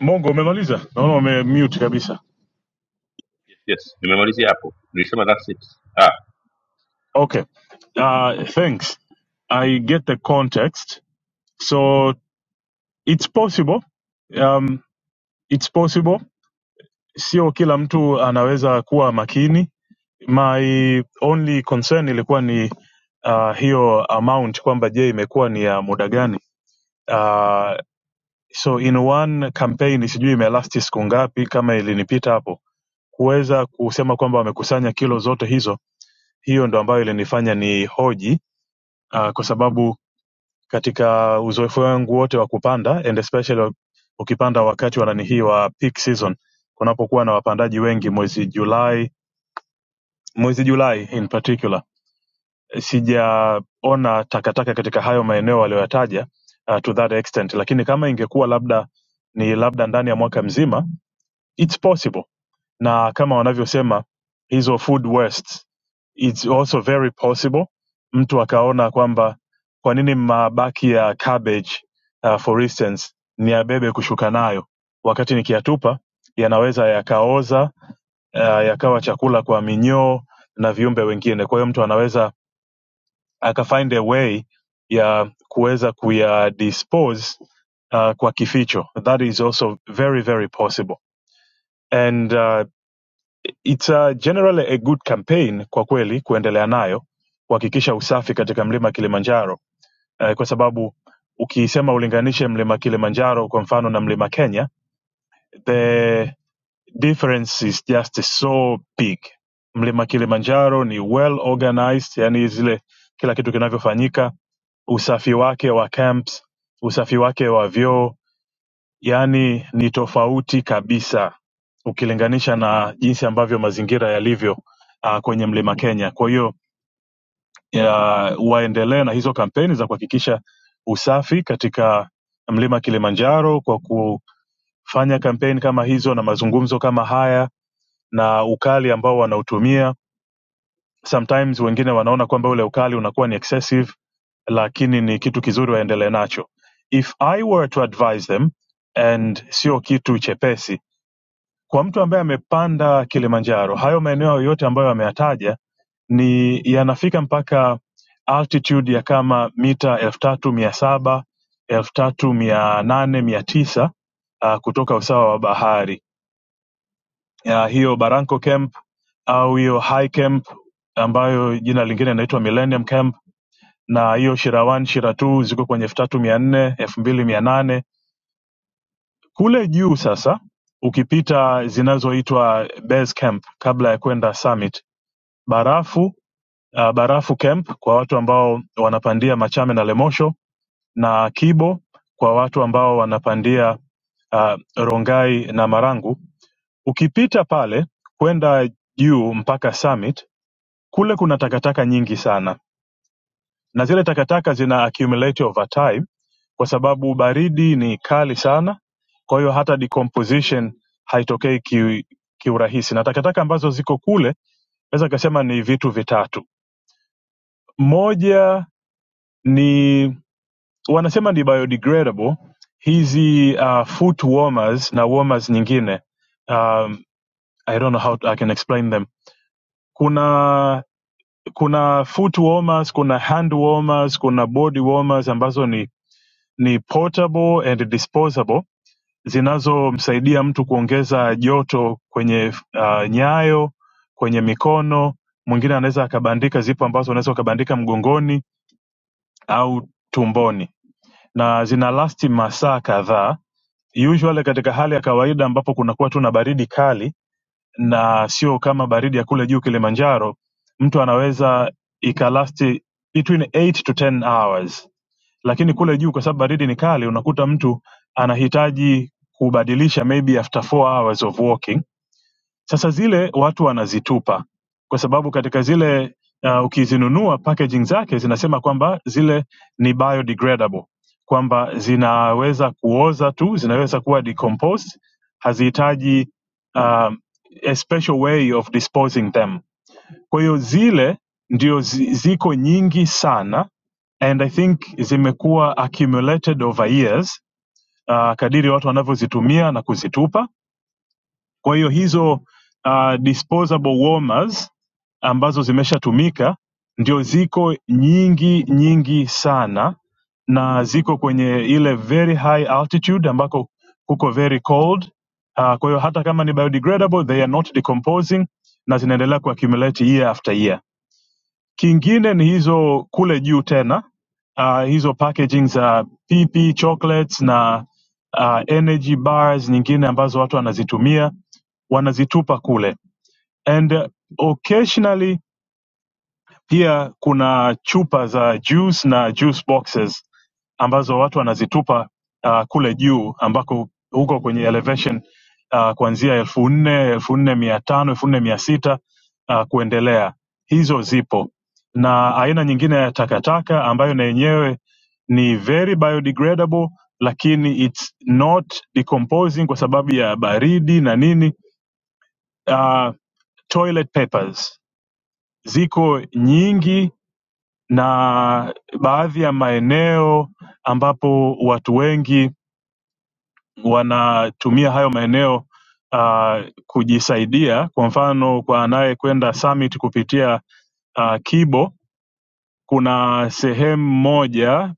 Mongo, umemaliza? Naona ume mute kabisa. yes nimemalizia hapo nilisema that's it ah Okay, uh, thanks. I get the context. So it's possible, um, it's possible. Sio kila mtu anaweza kuwa makini my only concern ilikuwa ni uh, hiyo amount kwamba je imekuwa ni ya muda gani uh, so in one campaign sijui imelasti siku ngapi kama ilinipita hapo kuweza kusema kwamba wamekusanya kilo zote hizo hiyo ndo ambayo ilinifanya ni hoji uh, kwa sababu katika uzoefu wangu wote wa kupanda and especially ukipanda wakati wa nani hii wa peak season kunapokuwa na wapandaji wengi mwezi julai mwezi julai in particular sijaona takataka katika hayo maeneo aliyoyataja uh, to that extent lakini kama ingekuwa labda ni labda ndani ya mwaka mzima it's possible na kama wanavyosema hizo food waste it's also very possible mtu akaona kwamba kwa nini mabaki ya cabbage uh, for instance niyabebe kushuka nayo wakati nikiyatupa yanaweza yakaoza uh, yakawa chakula kwa minyoo na viumbe wengine kwa hiyo mtu anaweza aka find a way ya kuweza kuyadispose uh, kwa kificho that is also very very possible and uh, it's uh, generally a good campaign kwa kweli kuendelea nayo kuhakikisha usafi katika mlima kilimanjaro uh, kwa sababu ukisema ulinganishe mlima kilimanjaro kwa mfano na mlima kenya the difference is just so big mlima kilimanjaro ni well organized yani zile kila kitu kinavyofanyika usafi wake wa camps usafi wake wa vyoo yani ni tofauti kabisa ukilinganisha na jinsi ambavyo mazingira yalivyo uh, kwenye mlima kenya kwa hiyo ya- waendelee na hizo kampeni za kuhakikisha usafi katika mlima kilimanjaro kwa kufanya kampeni kama hizo na mazungumzo kama haya na ukali ambao wanautumia sometimes wengine wanaona kwamba ule ukali unakuwa ni excessive lakini ni kitu kizuri waendelee nacho if i were to advise them and sio kitu chepesi kwa mtu ambaye amepanda kilimanjaro hayo maeneo yote ambayo ameyataja ni yanafika mpaka altitude ya kama mita elfu tatu mia saba elfu tatu mia nane mia tisa ah, kutoka usawa wa bahari ya hiyo Barranco Camp au hiyo High Camp ambayo jina lingine inaitwa Millennium Camp na hiyo Shira 1, Shira 2 ziko kwenye elfu tatu mia nne elfu mbili mia nane kule juu sasa ukipita zinazoitwa base camp kabla ya kwenda summit barafu uh, barafu camp kwa watu ambao wanapandia machame na lemosho na kibo kwa watu ambao wanapandia uh, rongai na marangu ukipita pale kwenda juu mpaka summit Kule kuna takataka nyingi sana na zile takataka zina accumulate over time kwa sababu baridi ni kali sana kwa hiyo hata decomposition haitokei ki, kiurahisi na takataka ambazo ziko kule naweza kasema ni vitu vitatu moja ni wanasema ni biodegradable hizi uh, foot warmers na warmers nyingine um, i don't know how to, i can explain them kuna kuna foot warmers, kuna hand warmers, kuna body warmers ambazo ni, ni portable and disposable zinazomsaidia mtu kuongeza joto kwenye uh, nyayo, kwenye mikono. Mwingine anaweza akabandika, zipo ambazo unaweza ukabandika mgongoni au tumboni, na zina lasti masaa kadhaa. Usually katika hali ya kawaida ambapo kunakuwa tu na baridi kali na sio kama baridi ya kule juu Kilimanjaro, mtu anaweza ikalasti between 8 to 10 hours, lakini kule juu kwa sababu baridi ni kali, unakuta mtu anahitaji kubadilisha maybe after 4 hours of walking sasa zile watu wanazitupa kwa sababu katika zile uh, ukizinunua packaging zake zinasema kwamba zile ni biodegradable, kwamba zinaweza kuoza tu, zinaweza kuwa decomposed, hazihitaji um, a special way of disposing them. Kwa hiyo zile ndio zi, ziko nyingi sana and I think zimekuwa accumulated over years uh, kadiri watu wanavyozitumia na kuzitupa kwa hiyo hizo uh, disposable warmers ambazo zimeshatumika ndio ziko nyingi nyingi sana, na ziko kwenye ile very high altitude ambako kuko very cold. Uh, kwa hiyo hata kama ni biodegradable they are not decomposing na zinaendelea kuaccumulate year after year. Kingine ni hizo kule juu tena uh, hizo packaging za PP chocolates na uh, energy bars nyingine ambazo watu wanazitumia wanazitupa kule and uh, occasionally pia kuna chupa za juice na juice boxes ambazo watu wanazitupa uh, kule juu ambako huko kwenye elevation uh, kuanzia elfu nne elfu nne mia tano elfu nne mia sita uh, kuendelea hizo zipo na aina nyingine ya takataka ambayo na yenyewe ni very biodegradable lakini it's not decomposing kwa sababu ya baridi na nini Uh, toilet papers ziko nyingi na baadhi ya maeneo ambapo watu wengi wanatumia hayo maeneo uh, kujisaidia. Kwa mfano, kwa anayekwenda summit kupitia uh, Kibo, kuna sehemu moja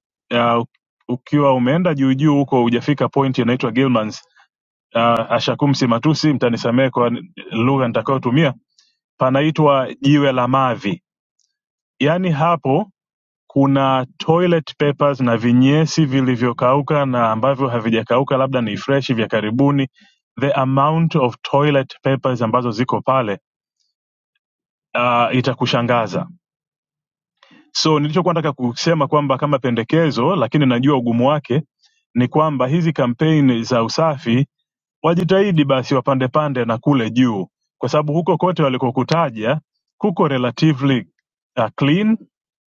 uh, ukiwa umeenda juu juu huko hujafika point inaitwa Gilmans. Uh, Ashakum Matusi, mtanisamehe kwa lugha nitakayotumia, panaitwa jiwe la mavi. Yaani hapo kuna toilet papers na vinyesi vilivyokauka na ambavyo havijakauka labda ni fresh vya karibuni the amount of toilet papers ambazo ziko pale uh, itakushangaza so nilichokuwa nataka kusema kwamba kama pendekezo lakini najua ugumu wake ni kwamba hizi kampeni za usafi wajitahidi basi wapande pande na kule juu kwa sababu huko kote walikokutaja kuko relatively uh, clean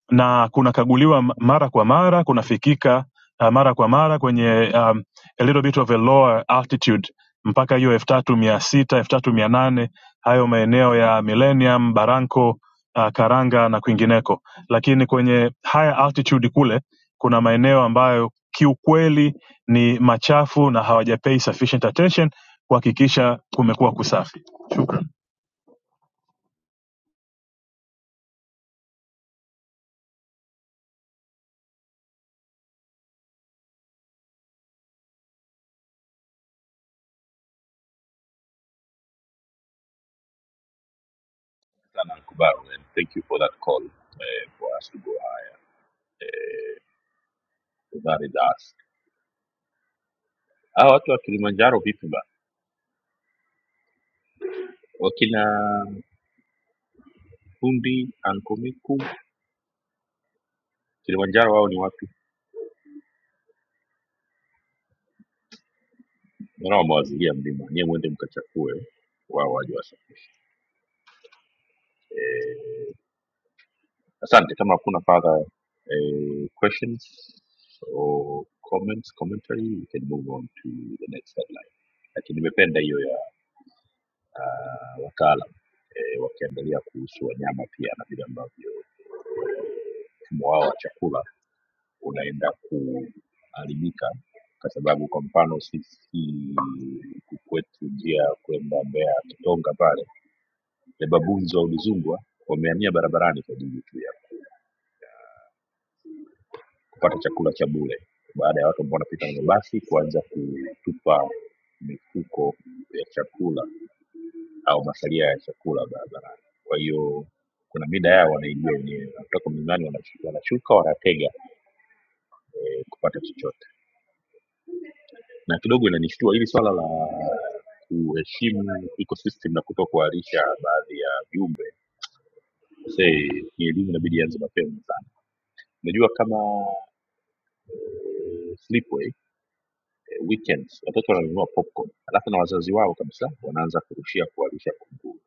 na kunakaguliwa m- mara kwa mara kunafikika uh, mara kwa mara kwenye um, a little bit of a lower altitude mpaka hiyo elfu tatu mia sita elfu tatu mia nane hayo maeneo ya millennium baranko uh, karanga na kwingineko lakini kwenye higher altitude kule kuna maeneo ambayo kiukweli ni machafu na hawajapay sufficient attention kuhakikisha kumekuwa kusafi shukran sana Ankubaru, and thank you for that call eh, for us to go high So that is us hawa watu wa kilimanjaro vipi ba wakina fundi Ankomiku Kilimanjaro wao ni wapi? Naona wamewazilia mlima, nyewe mwende mkachakue, wao waje wasafishe. Eh, asante. Kama hakuna further eh, questions or comments commentary, we can move on to the next headline. Lakini nimependa hiyo ya uh, wataalam eh, wakiangalia kuhusu wanyama pia na vile ambavyo mfumo wao wa chakula unaenda kuharibika kwa sababu kwa mfano sisi huku kwetu njia ya kwenda Mbeya Kitonga pale ya babunzi wa udzungwa wamehamia barabarani kwa ajili tu ya kupata chakula cha bure baada ya watu ambao wanapita na mabasi kuanza kutupa mifuko ya chakula au masalia ya chakula barabarani kwa hiyo kuna mida yao wanaijua wenyewe wanatoka mlimani wanashu- wanashuka wanatega eh, kupata chochote na kidogo inanishtua hili swala la kuheshimu ecosystem na kuto kuharisha baadhi ya viumbe say ni elimu inabidi ianze mapema sana unajua kama eh, Slipway weekends watoto wananunua popcorn alafu na wazazi wao kabisa wanaanza kurushia kuwalisha kunguru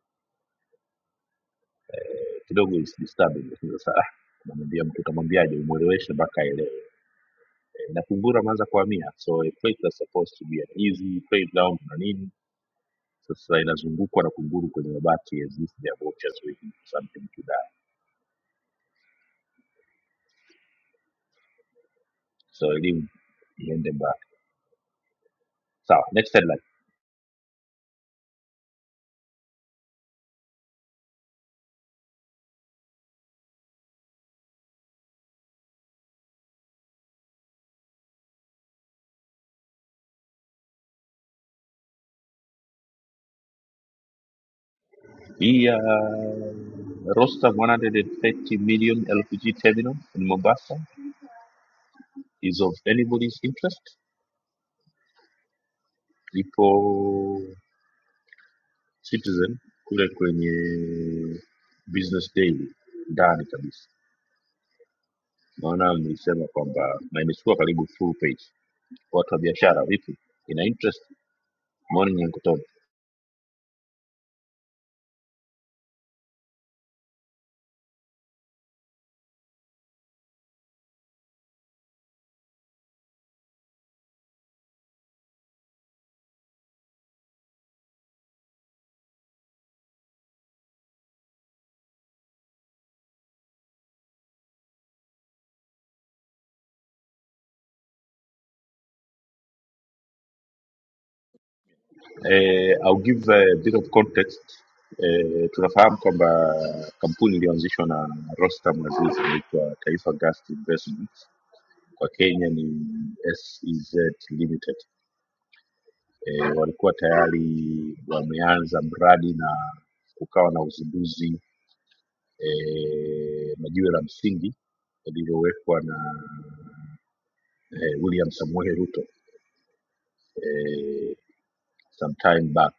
kidogo is disturbing lakini sasa ah, unamwambia mtu utamwambiaje umweleweshe mpaka aelewe Eh, na kunguru ameanza kuhamia so a place that's supposed to be an easy playground na nini sasa inazungukwa na kunguru kwenye mabati as if they are vultures waiting for something to die so elimu iende mbali sawa next headline hii ya roster 130 million lpg terminal in mombasa is of anybody's interest ipo citizen kule kwenye business daily ndani kabisa naona mlisema kwamba na imechukua karibu full page watu wa biashara vipi ina interest morning Uncle Tom. Eh, I'll give a bit of context eh, tunafahamu kwamba kampuni iliyoanzishwa na Rostam Aziz inaitwa Taifa Gas Investments kwa Kenya ni SEZ Limited e, walikuwa tayari wameanza mradi na kukawa na uzinduzi e, na jiwe la msingi lililowekwa na eh, William Samoei Ruto eh, some time back.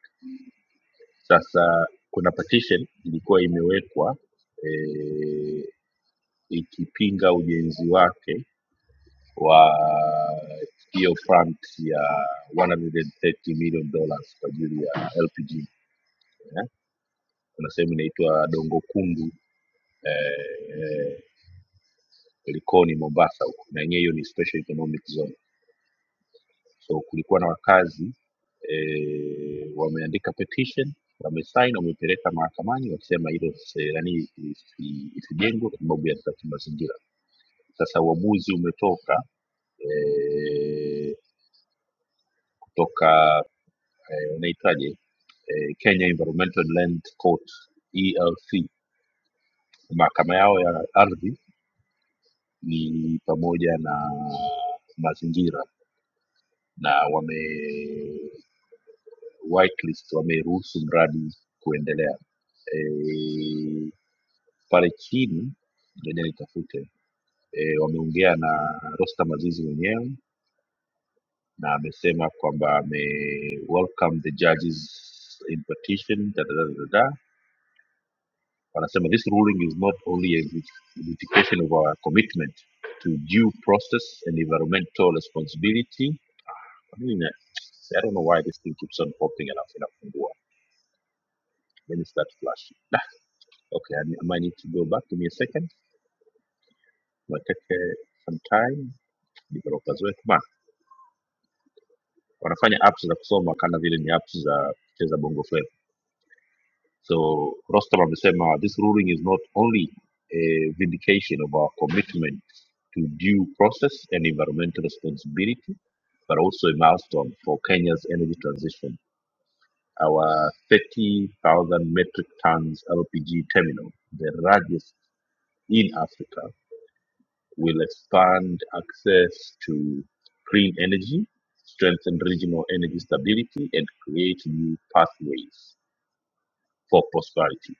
Sasa kuna petition ilikuwa imewekwa eh, ikipinga ujenzi wake wa hiyo front ya 130 million dollars kwa ajili ya LPG eh. Kuna sehemu inaitwa Dongo Kundu eh, eh, Likoni Mombasa huko na yenyewe hiyo ni special economic zone. So kulikuwa na wakazi eh, wameandika petition wamesign wamepeleka mahakamani wakisema hilo se- nani isi- isijengwe kwa sababu ya sababu mazingira. Sasa uamuzi umetoka eh, kutoka eh, unaitaje eh, Kenya Environmental Land Court ELC, mahakama yao ya ardhi ni pamoja na mazingira na wame whitelist wameruhusu mradi kuendelea e, pale chini ngoja nitafute e, wameongea na Rostam Azizi mwenyewe na amesema kwamba ame welcome the judges in petition da, da, da, da, da. da. wanasema this ruling is not only a vindication of our commitment to due process and environmental responsibility I mean, I don't know why this thing keeps on popping and up and up. Then it starts flashing. Ah, okay, I, I might need to go back. Give me a second. Might take uh, some time. Developers wetu ma wanafanya apps za kusoma kana vile ni apps za kucheza bongo flava. So Rostam amesema this ruling is not only a vindication of our commitment to due process and environmental responsibility but also a milestone for Kenya's energy transition. Our 30,000 metric tons LPG terminal, the largest in Africa, will expand access to green energy, strengthen regional energy stability, and create new pathways for prosperity.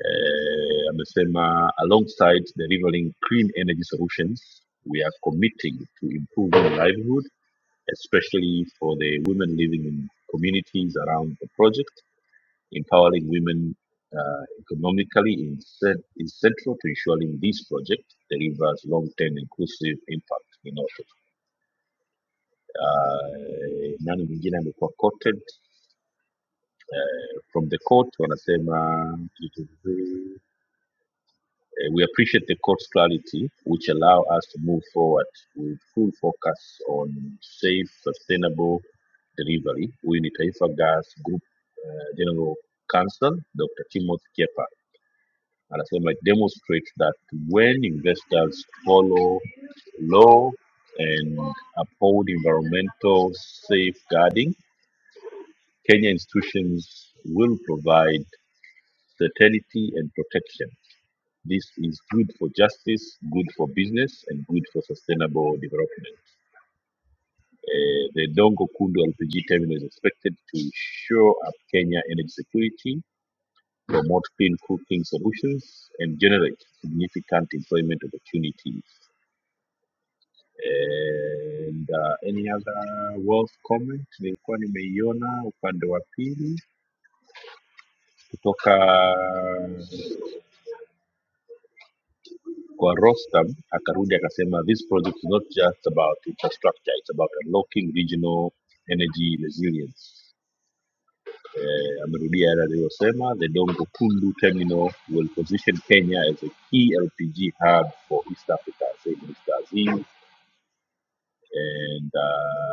Eh, amesema alongside delivering clean energy solutions, we are committing to improving livelihood, especially for the women living in communities around the project. Empowering women uh, economically is, cen- is central to ensuring this project delivers long-term inclusive impact in Africa. uh, nani mwingine amekuwa quoted from the court wanasema vitu vizuri Eh, we appreciate the court's clarity which allow us to move forward with full focus on safe sustainable delivery huyu ni taifa gas group uh, general counsel dr timothy kepa anasema it demonstrates that when investors follow law and uphold environmental safeguarding Kenya institutions will provide certainty and protection. This is good for justice, good for business, and good for sustainable development. Uh, the Dongo Kundu LPG terminal is expected to shore up Kenya energy security, promote clean cooking solutions, and generate significant employment opportunities. And uh, any other wealth comment nilikuwa nimeiona upande wa pili kutoka Kwa Rostam akarudi akasema this project is not just about infrastructure, it's about unlocking regional energy resilience. Eh, amerudia yale aliyosema the Dongo Kundu terminal will position Kenya as a key LPG hub for East Africa, say Mr. Azim. And uh,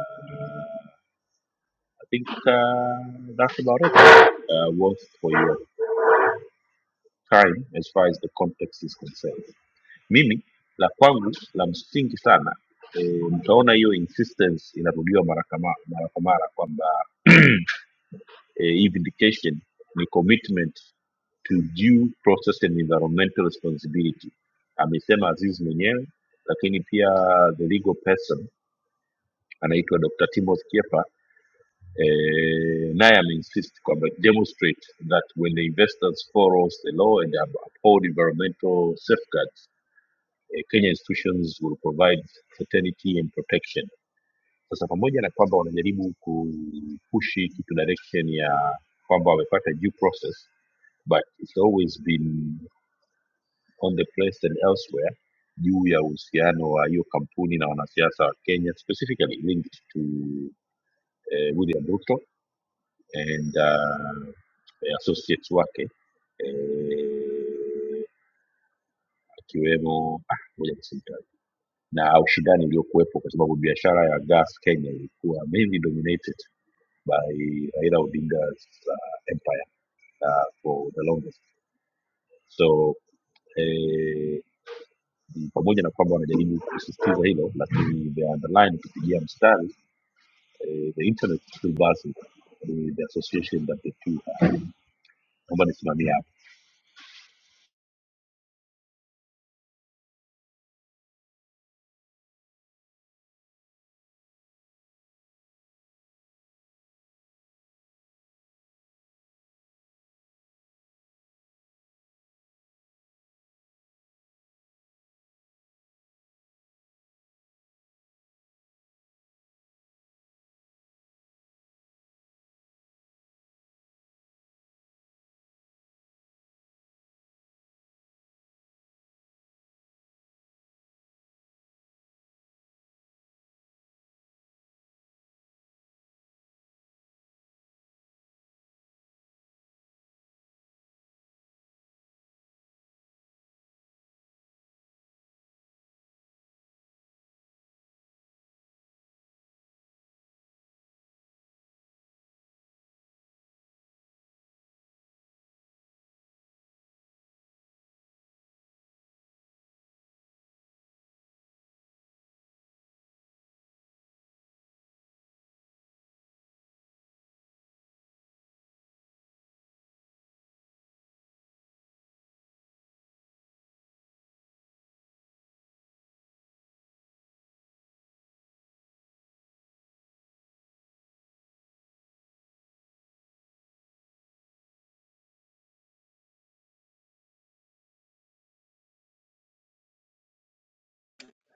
I think uh, that's about it. Uh, worth for your time as far as the context is concerned. Mimi la kwangu la msingi sana e, mtaona hiyo insistence inarudiwa mara kama mara kwa mara kwamba e, hii vindication ni commitment to due process and environmental responsibility amesema Aziz mwenyewe, lakini pia the legal person anaitwa Dr. Timothy Kefa eh, naye ameinsist kwamba demonstrate that when the investors follows the law and uphold environmental safeguards eh, Kenya institutions will provide certainty and protection. Sasa pamoja na kwamba wanajaribu kupushi kitu direction ya kwamba wamepata due process but it's always been on the press and elsewhere juu ya uhusiano wa hiyo kampuni na wanasiasa wa Kenya specifically linked to eh, William Ruto and uh, associates wake eh, akiwemo ah, moja kusimika na ushindani uliokuwepo kwa sababu biashara ya gas Kenya ilikuwa mainly dominated by Raila Odinga's uh, empire uh, for the longest. So eh, pamoja na kwamba wanajaribu kusisitiza hilo, lakini the underline ukipigia mstari eh, the internet is still buzzing with the association that the two have. Naomba nisimamie hapo.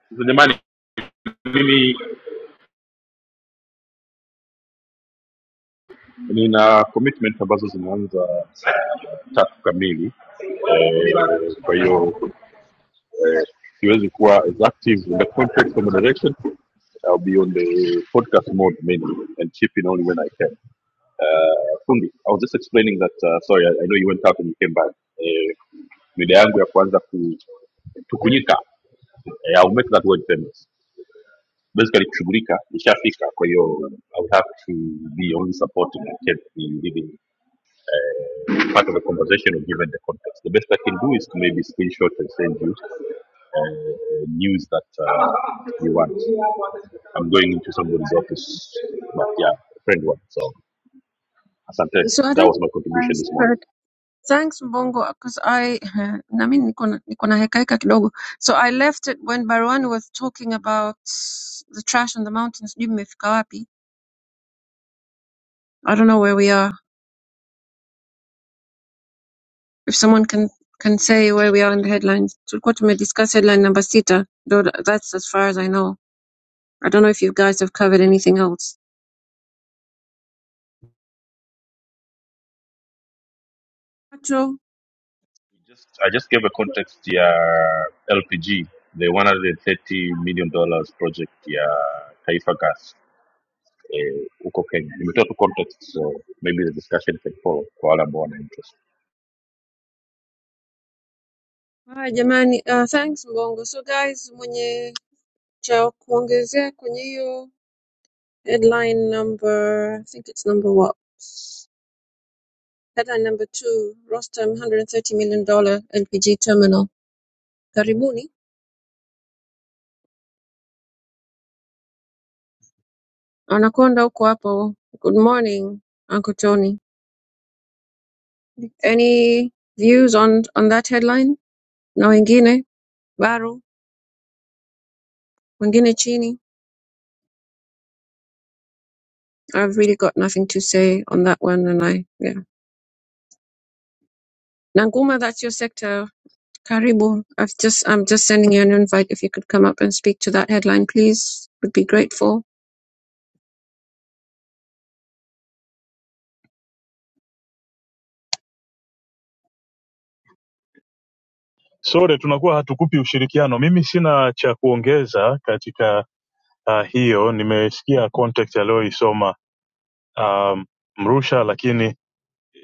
Sasa jamani, mimi nina commitment ambazo zinaanza saa tatu kamili eh, kwa hiyo eh, siwezi uh, kuwa as active in the context of moderation I'll be on the podcast mode mainly and chip in only when I can. Uh, Fundi, I was just explaining that, uh, sorry, I, I know you went out and you came back. Uh, mida yangu ya kuanza ku, tukunyika, uh, I'll make that word famous. Basically kushughulika, ishafika, kwa hiyo I would have to be only supporting and can't be leading part of the conversation or given the context. The best I can do is to maybe screenshot and send you uh, news that uh, you want. I'm going into somebody's office, but yeah, a friend one. So Asante, So I that don't was my contribution realize, this morning. but thanks Mbongo because I eh, na mimi niko na niko na heka heka kidogo. So I left it when Barwan was talking about the trash on the mountains. Sijui mmefika wapi. I don't know where we are. If someone can can say where we are in the headlines. Tulikuwa tumediscuss headline number sita. Though tha- that's as far as I know. I don't know if you guys have covered anything else. Macho. Just, I just gave a context yeah, LPG, the 130 million dollars project yeah, Taifa Gas eh, huko Kenya. Nimetoa tu context so maybe the discussion can follow kwa wale ambao wana interest. Haya jamani, uh, thanks Mbongo. So guys, mwenye cha kuongezea kwenye hiyo headline number I think it's number what headline number two Rostam 130 million dollar LPG terminal karibuni anakonda uko hapo good morning Uncle Tony any views on on that headline na wengine Baru wengine chini I've really got nothing to say on that one and I yeah Nanguma that's your sector Karibu. I've just I'm just sending you an invite. If you could come up and speak to that headline, please, would be grateful. sore tunakuwa hatukupi ushirikiano mimi sina cha kuongeza katika uh, hiyo nimesikia context aliyoisoma um, mrusha lakini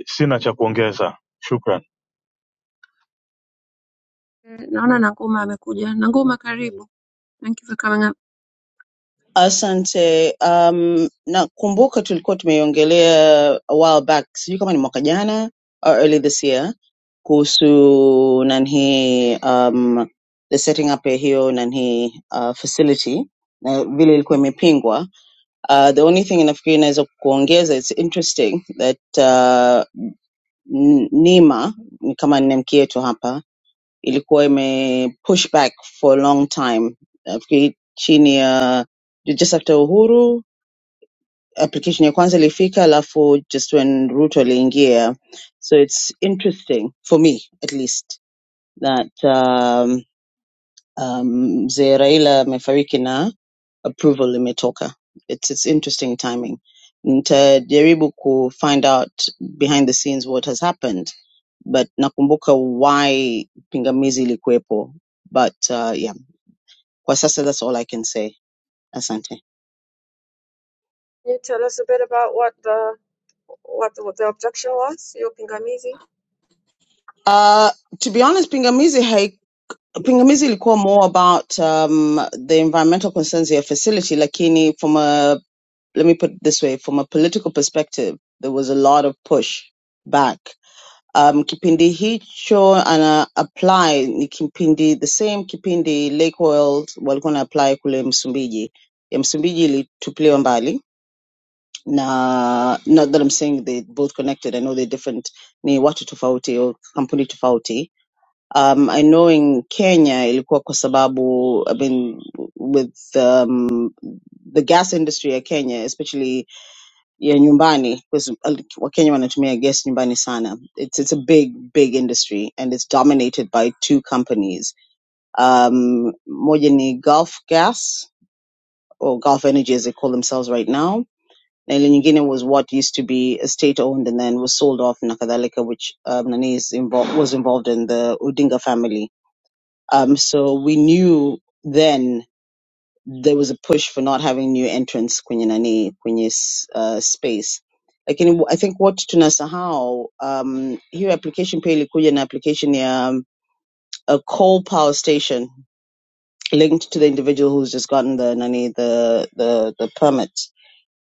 sina cha kuongeza shukran Eh, Naona Nanguma amekuja. Nanguma, karibu. Thank you for coming up. Asante. Um, nakumbuka tulikuwa tumeiongelea a while back, sijui kama ni mwaka jana or early this year, kuhusu nanhi um, the setting up ya hiyo nanhi uh, facility na vile ilikuwa imepingwa. Uh, the only thing nafikiri inaweza kuongeza, it's interesting that uh, N- Nima ni kama ni mke yetu hapa ilikuwa imepush back for a long time nafikiri chini ya just after uhuru application ya kwanza ilifika alafu just when ruto aliingia so it's interesting for me at least that um, um, mzee raila amefariki approval limetoka. It's it's interesting timing. Nitajaribu find out behind the scenes what has happened, but nakumbuka why pingamizi ilikuwepo. But uh, yeah, kwa sasa that's all I can say. Asante. Can you tell us a bit about what the what the, what the objection was? Your pingamizi. Uh, to be honest, pingamizi hai, pingamizi ilikuwa more about um, the environmental concerns ya facility, lakini from a let me put it this way, from a political perspective, there was a lot of push back um, kipindi hicho ana apply ni kipindi the same kipindi Lake World walikuwa na apply kule Msumbiji. Ya Msumbiji ilitupiliwa mbali na not that I'm saying they both connected, I know they're different, ni watu tofauti au kampuni tofauti. Um, I know in Kenya ilikuwa kwa sababu I mean with um, the gas industry ya Kenya especially ya nyumbani because wakenya wanatumia gas nyumbani sana it's, it's a big big industry and it's dominated by two companies um, moja ni gulf gas or gulf energy as they call themselves right now na ile nyingine was what used to be state owned and then was sold off na kadhalika which um, nani is involved, was involved in the odinga family um, so we knew then there was a push for not having new entrants kwenye nani kwenye s- uh, space lakini w- i think what tunasahau um, hiyo application pia ilikuja na application ya um, a coal power station linked to the individual who's just gotten the nani the the, the permit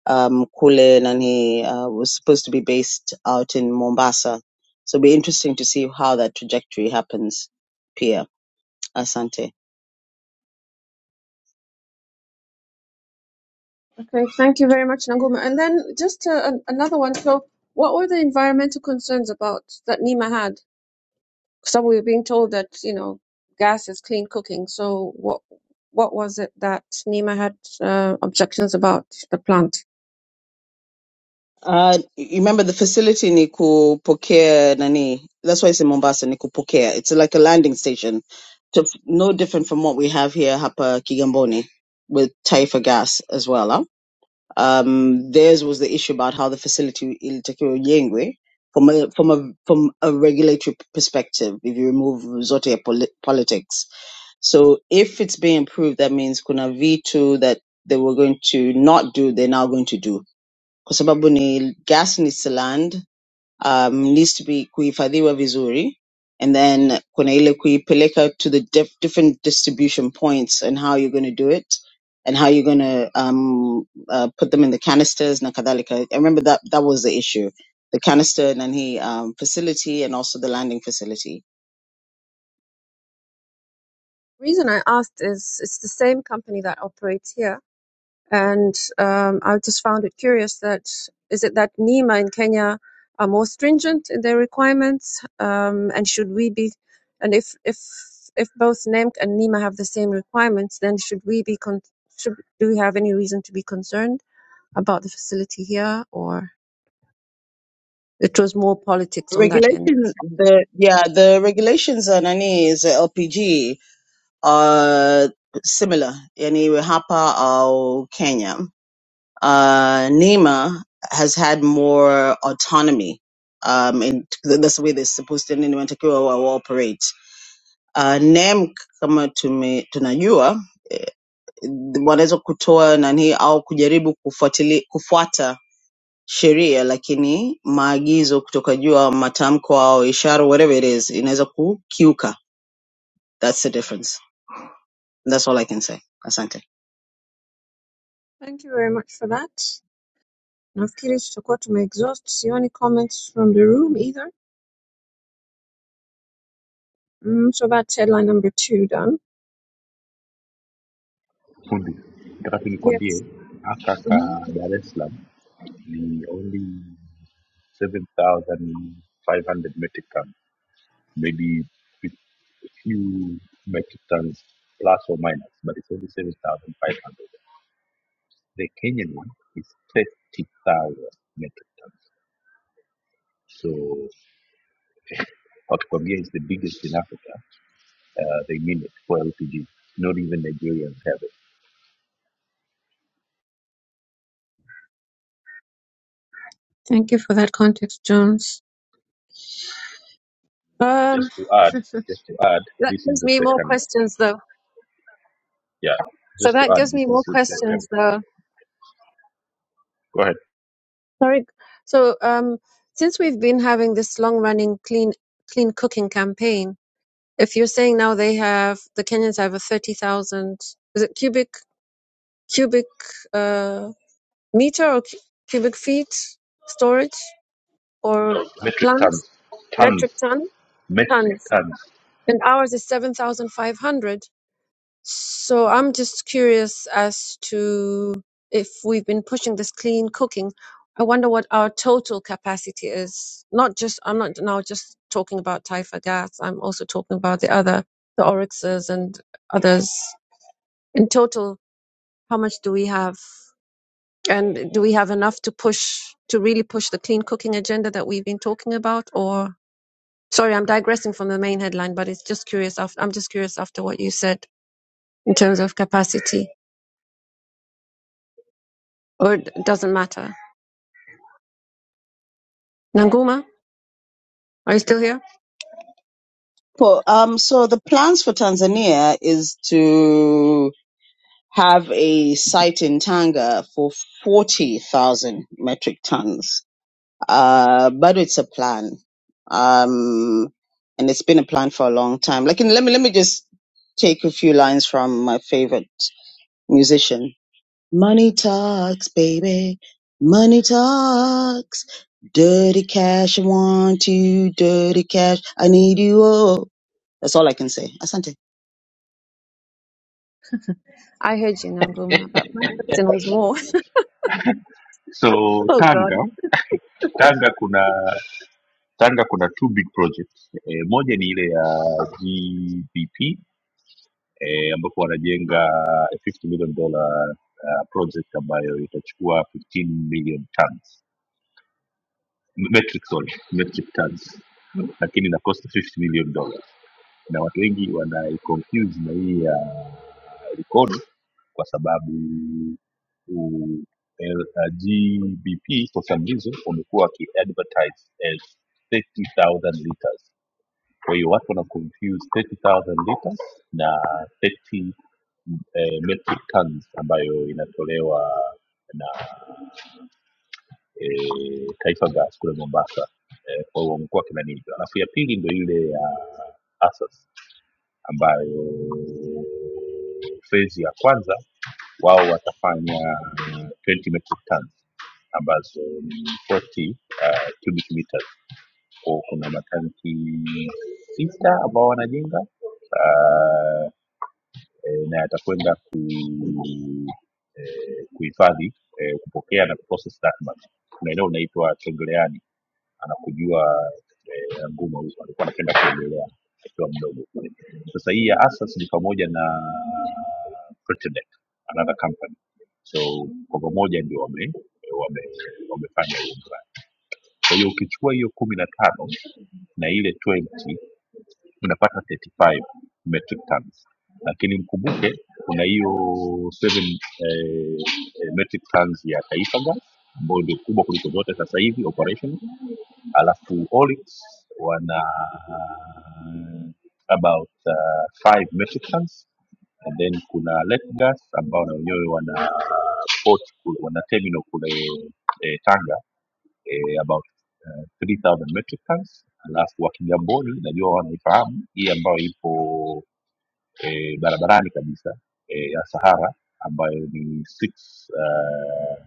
um, kule nani uh, was supposed to be based out in mombasa so it'll be interesting to see how that trajectory happens pia asante Okay, thank you very much, Nanguma. And then just uh, an- another one. So, what were the environmental concerns about that NEMA had? So we were being told that you know gas is clean cooking. So what what was it that NEMA had uh, objections about the plant? Uh, you remember the facility ni kupokea nani? That's why it's in Mombasa ni kupokea. It's like a landing station. To, no different from what we have here hapa Kigamboni with Taifa Gas as well. Huh? Um, theirs was the issue about how the facility ilitakiwa ijengwe from a, from a from a regulatory perspective if you remove zote ya poli- politics. So if it's being approved that means kuna vitu that they were going to not do they're now going to do kwa sababu ni gas ni land um, needs to be kuhifadhiwa vizuri and then kuna ile kuipeleka to the diff different distribution points and how you're going to do it and how you're going to um, uh, put them in the canisters na kadhalika i remember that that was the issue the canister nanhi um, facility and also the landing facility reason I asked is it's the same company that operates here, and um, I just found it curious that is it that NEMA in Kenya are more stringent in their requirements, um, and should we be, and if if if both NEMC and NEMA have the same requirements, then should we be con- should do we have any reason to be concerned about the facility here, or It was more politics the on that end. regulation the yeah the regulations on nani is lpg are similar yani hapa au kenya uh, Nima has had more autonomy. Um, and th- that's the way they're supposed to nini wanatakiwa wa- waoperate. Uh, NEM kama tume, tunajua eh, wanaweza kutoa nani au kujaribu kufuatili, kufuata sheria lakini maagizo kutoka juu au matamko au ishara whatever it is inaweza kukiuka. That's the difference. That's all I can say. Asante. Thank you very much for that. Nafikiri tutakuwa tumeexhaust. Sioni comments from the room either. Mm, so that's headline number two done. Fundi, nataka Yes. nikwambie hapa ka hmm Dar es Salaam ni only 7,500 metric tons, maybe a few metric tons plus or minus, but it's only 7,500. The Kenyan one is 30,000 metric tons. So Otkwambia is the biggest in Africa. Uh, they mean it for LPG. Not even Nigerians have it. Thank you for that context, Jones. Just to add, just to add, That this is gives the me more second. questions though. Yeah, So just to that add, gives me this is more the second. questions though. Go ahead. Sorry. So um since we've been having this long running clean clean cooking campaign, if you're saying now they have the Kenyans have a 30,000 is it cubic cubic uh meter or cu- cubic feet storage No, or a metric plant tons. Tons. metric ton Metric tons tons. and ours is 7,500 So I'm just curious as to if we've been pushing this clean cooking. I wonder what our total capacity is. Not just, I'm not now just talking about Taifa Gas. I'm also talking about the other, the Oryxes and others. In total, how much do we have? And do we have enough to push, to really push the clean cooking agenda that we've been talking about? Or, sorry, I'm digressing from the main headline, but it's just curious. After, I'm just curious after what you said in terms of capacity. or it doesn't matter. Nanguma, are you still here? Po, Um, so the plans for Tanzania is to have a site in Tanga for 40,000 metric tons. Uh, but it's a plan. Um, and it's been a plan for a long time. Like, and let me, let me just take a few lines from my favorite musician. Money talks, baby. Money talks. Dirty cash. I want you. Dirty cash. I need you. Oh, that's all I can say. Asante. I heard you, Nanguma, but my question was more. So Oh God, Tanga, Tanga kuna Tanga kuna two big projects. E, moja ni ile ya GBP e, ambapo wanajenga a 50 million dollar uh, project ambayo itachukua 15 million tons. Metric sorry, metric tons. Lakini na cost 50 million dollars. Na watu wengi wanaiconfuse na hii ya record kwa sababu u- L- uh, GBP for some reason wamekuwa wakiadvertise as 30,000 liters. Kwa hiyo watu wana confuse 30,000 liters na 30 eh, metric tons ambayo inatolewa na eh, Taifa Gas kule Mombasa. Eh, kwa hiyo wamekuwa kinani. Alafu ya pili ndio ile ya ASAS ambayo fezi ya kwanza wao watafanya 20 metric tons ambazo ni 40 uh, cubic meters. Kwa hiyo kuna matanki sita ambao wanajenga uh, eh, na yatakwenda ku, eh, kuhifadhi eh, kupokea na kuprocess that much. Kuna eneo linaitwa Chongoleani anakujua eh, nguma huzo alikuwa anapenda kuogelea akiwa mdogo sasa hii ya asas ni pamoja na Pretendec, another company so kwa pamoja ndio wame wame wamefanya hiyo brand kwa hiyo ukichukua hiyo kumi na tano na ile 20 unapata 35 metric tons lakini mkumbuke kuna hiyo 7 eh, eh, metric tons ya taifa gas ambayo ndio kubwa kuliko zote sasa hivi operational alafu Olix wana about uh, five metric tons and then kuna Letgas ambao na wenyewe wana port kule, wana terminal kule eh, Tanga eh, about uh, 3000 metric tons alafu wa Kigamboni najua wanaifahamu hii ambayo ipo eh, barabarani kabisa eh, ya Sahara ambayo ni six uh,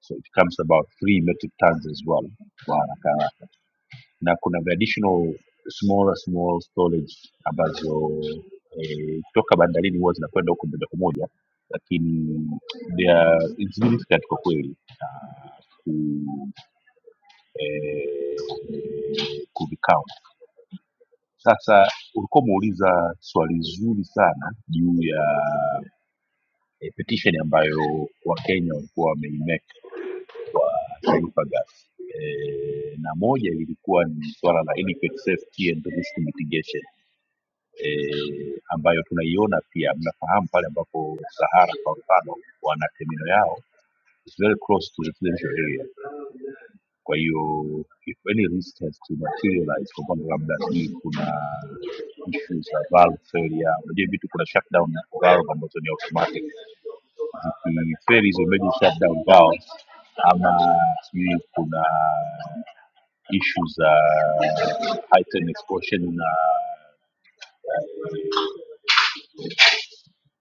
so it comes about 3 metric tons as well Wanakaa na kuna the additional smaller small storage ambazo eh, kutoka bandarini huwa zinakwenda huko moja kwa moja lakini they are insignificant kwa kweli ku eh, kuvicount sasa ulikuwa umeuliza swali zuri sana juu ya eh, petition ambayo wakenya walikuwa wameimake kwa taifa gas eh, na moja lilikuwa ni swala la inadequate safety and risk mitigation eh, ambayo tunaiona pia mnafahamu pale ambapo sahara kwa mfano wana termino yao is very close to the residential area kwa hiyo if any risk has to materialize kwa mfano labda sijui kuna issues za valve failure unajua vitu kuna shutdown na valve ambazo ni automatic zikifeli hizo major shutdown valve ama sijui kuna issues za uh, heightened exposure na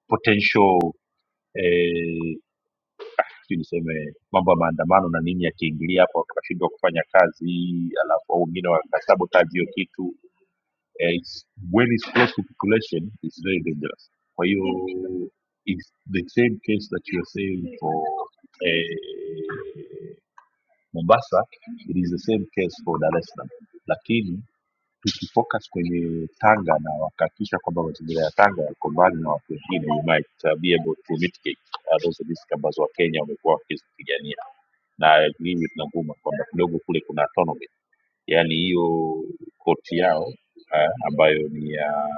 potential eh, sijui niseme mambo ya maandamano na nini yakiingilia hapo wakashindwa kufanya kazi alafu au wengine wakasabotage hiyo kitu eh, it's, when it's close to population it's very dangerous kwa hiyo it's the same case that you are saying for eh, mombasa it is the same case for dar es salaam lakini tukifocus kwenye Tanga na wakahakikisha kwamba mazingira ya Tanga yako mbali na watu wengine, we might uh, be able to mitigate uh, those risks ambazo Wakenya wamekuwa wakizipigania, na mimi tunavuma kwamba kidogo kule kuna autonomy, yaani hiyo koti yao uh, ambayo ni ya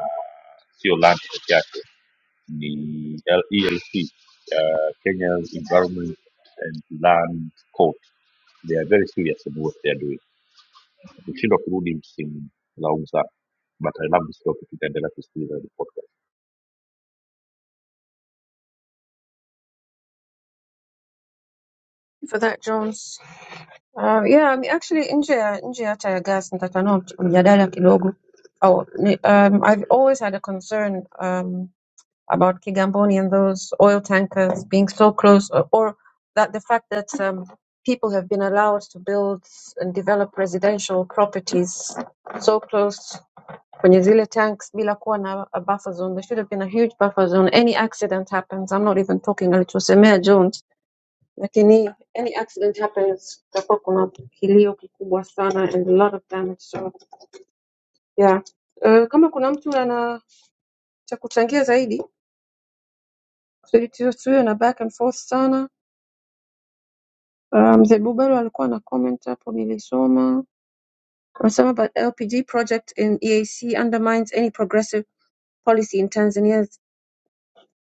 sio land peke yake, ni L- ELC uh, Kenya's Environment and Land Court. They are very serious in what they are doing. Ukishindwa kurudi msimu laumu sana but I love this topic. Itaendelea kusikiliza hili podcast, for that Jones. Um, yeah, I mean, actually nje ya nje ya hata ya gas nitatanua mjadala kidogo. Oh, ni- um, I've always had a concern um, about Kigamboni and those oil tankers being so close, or, or that the fact that um, people have been allowed to build and develop residential properties so close kwenye zile tanks bila kuwa na a buffer zone. There should have been a huge buffer zone. Any accident happens, I'm not even talking alichosemea Jones, lakini any accident happens, kutakuwa kuna kilio kikubwa sana and a lot of damage. So yeah. Uh, kama kuna mtu ana cha kuchangia zaidi kusudi tusiwe tusiwe na back and forth sana. Uh, Mzee um, Bubelo alikuwa na comment hapo nilisoma. Anasema but LPG project in EAC undermines any progressive policy in Tanzania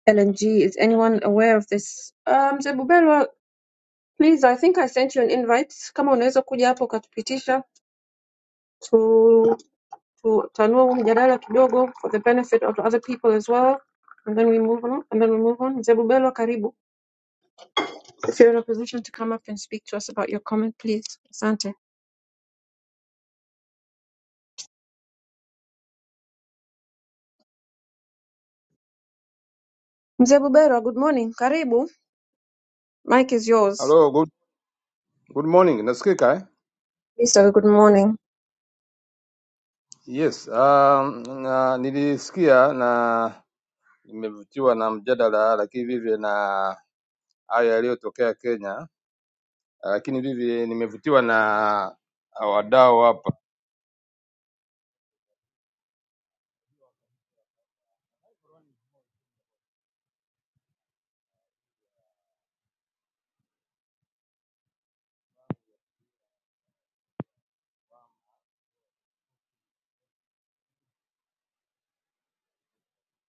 LNG. Is anyone aware of this? Uh, Mzee Bubelwa, please, I think I sent you an invite. Kama unaweza kuja hapo ukatupitisha tu tutanua huu mjadala kidogo for the benefit of other people as well. And then we move on. And then we move on. Mzee Bubelwa, karibu. If you're in a position to come up and speak to us about your comment, please. Asante. Mzee Bubelwa, good morning. Karibu. Mike is yours. Hello, good, good morning. Nasikika eh? Mr. Good morning. Yes, um, na, nilisikia na nimevutiwa na mjadala lakini vivyo na haya yaliyotokea Kenya, lakini vivyo nimevutiwa na wadau hapa.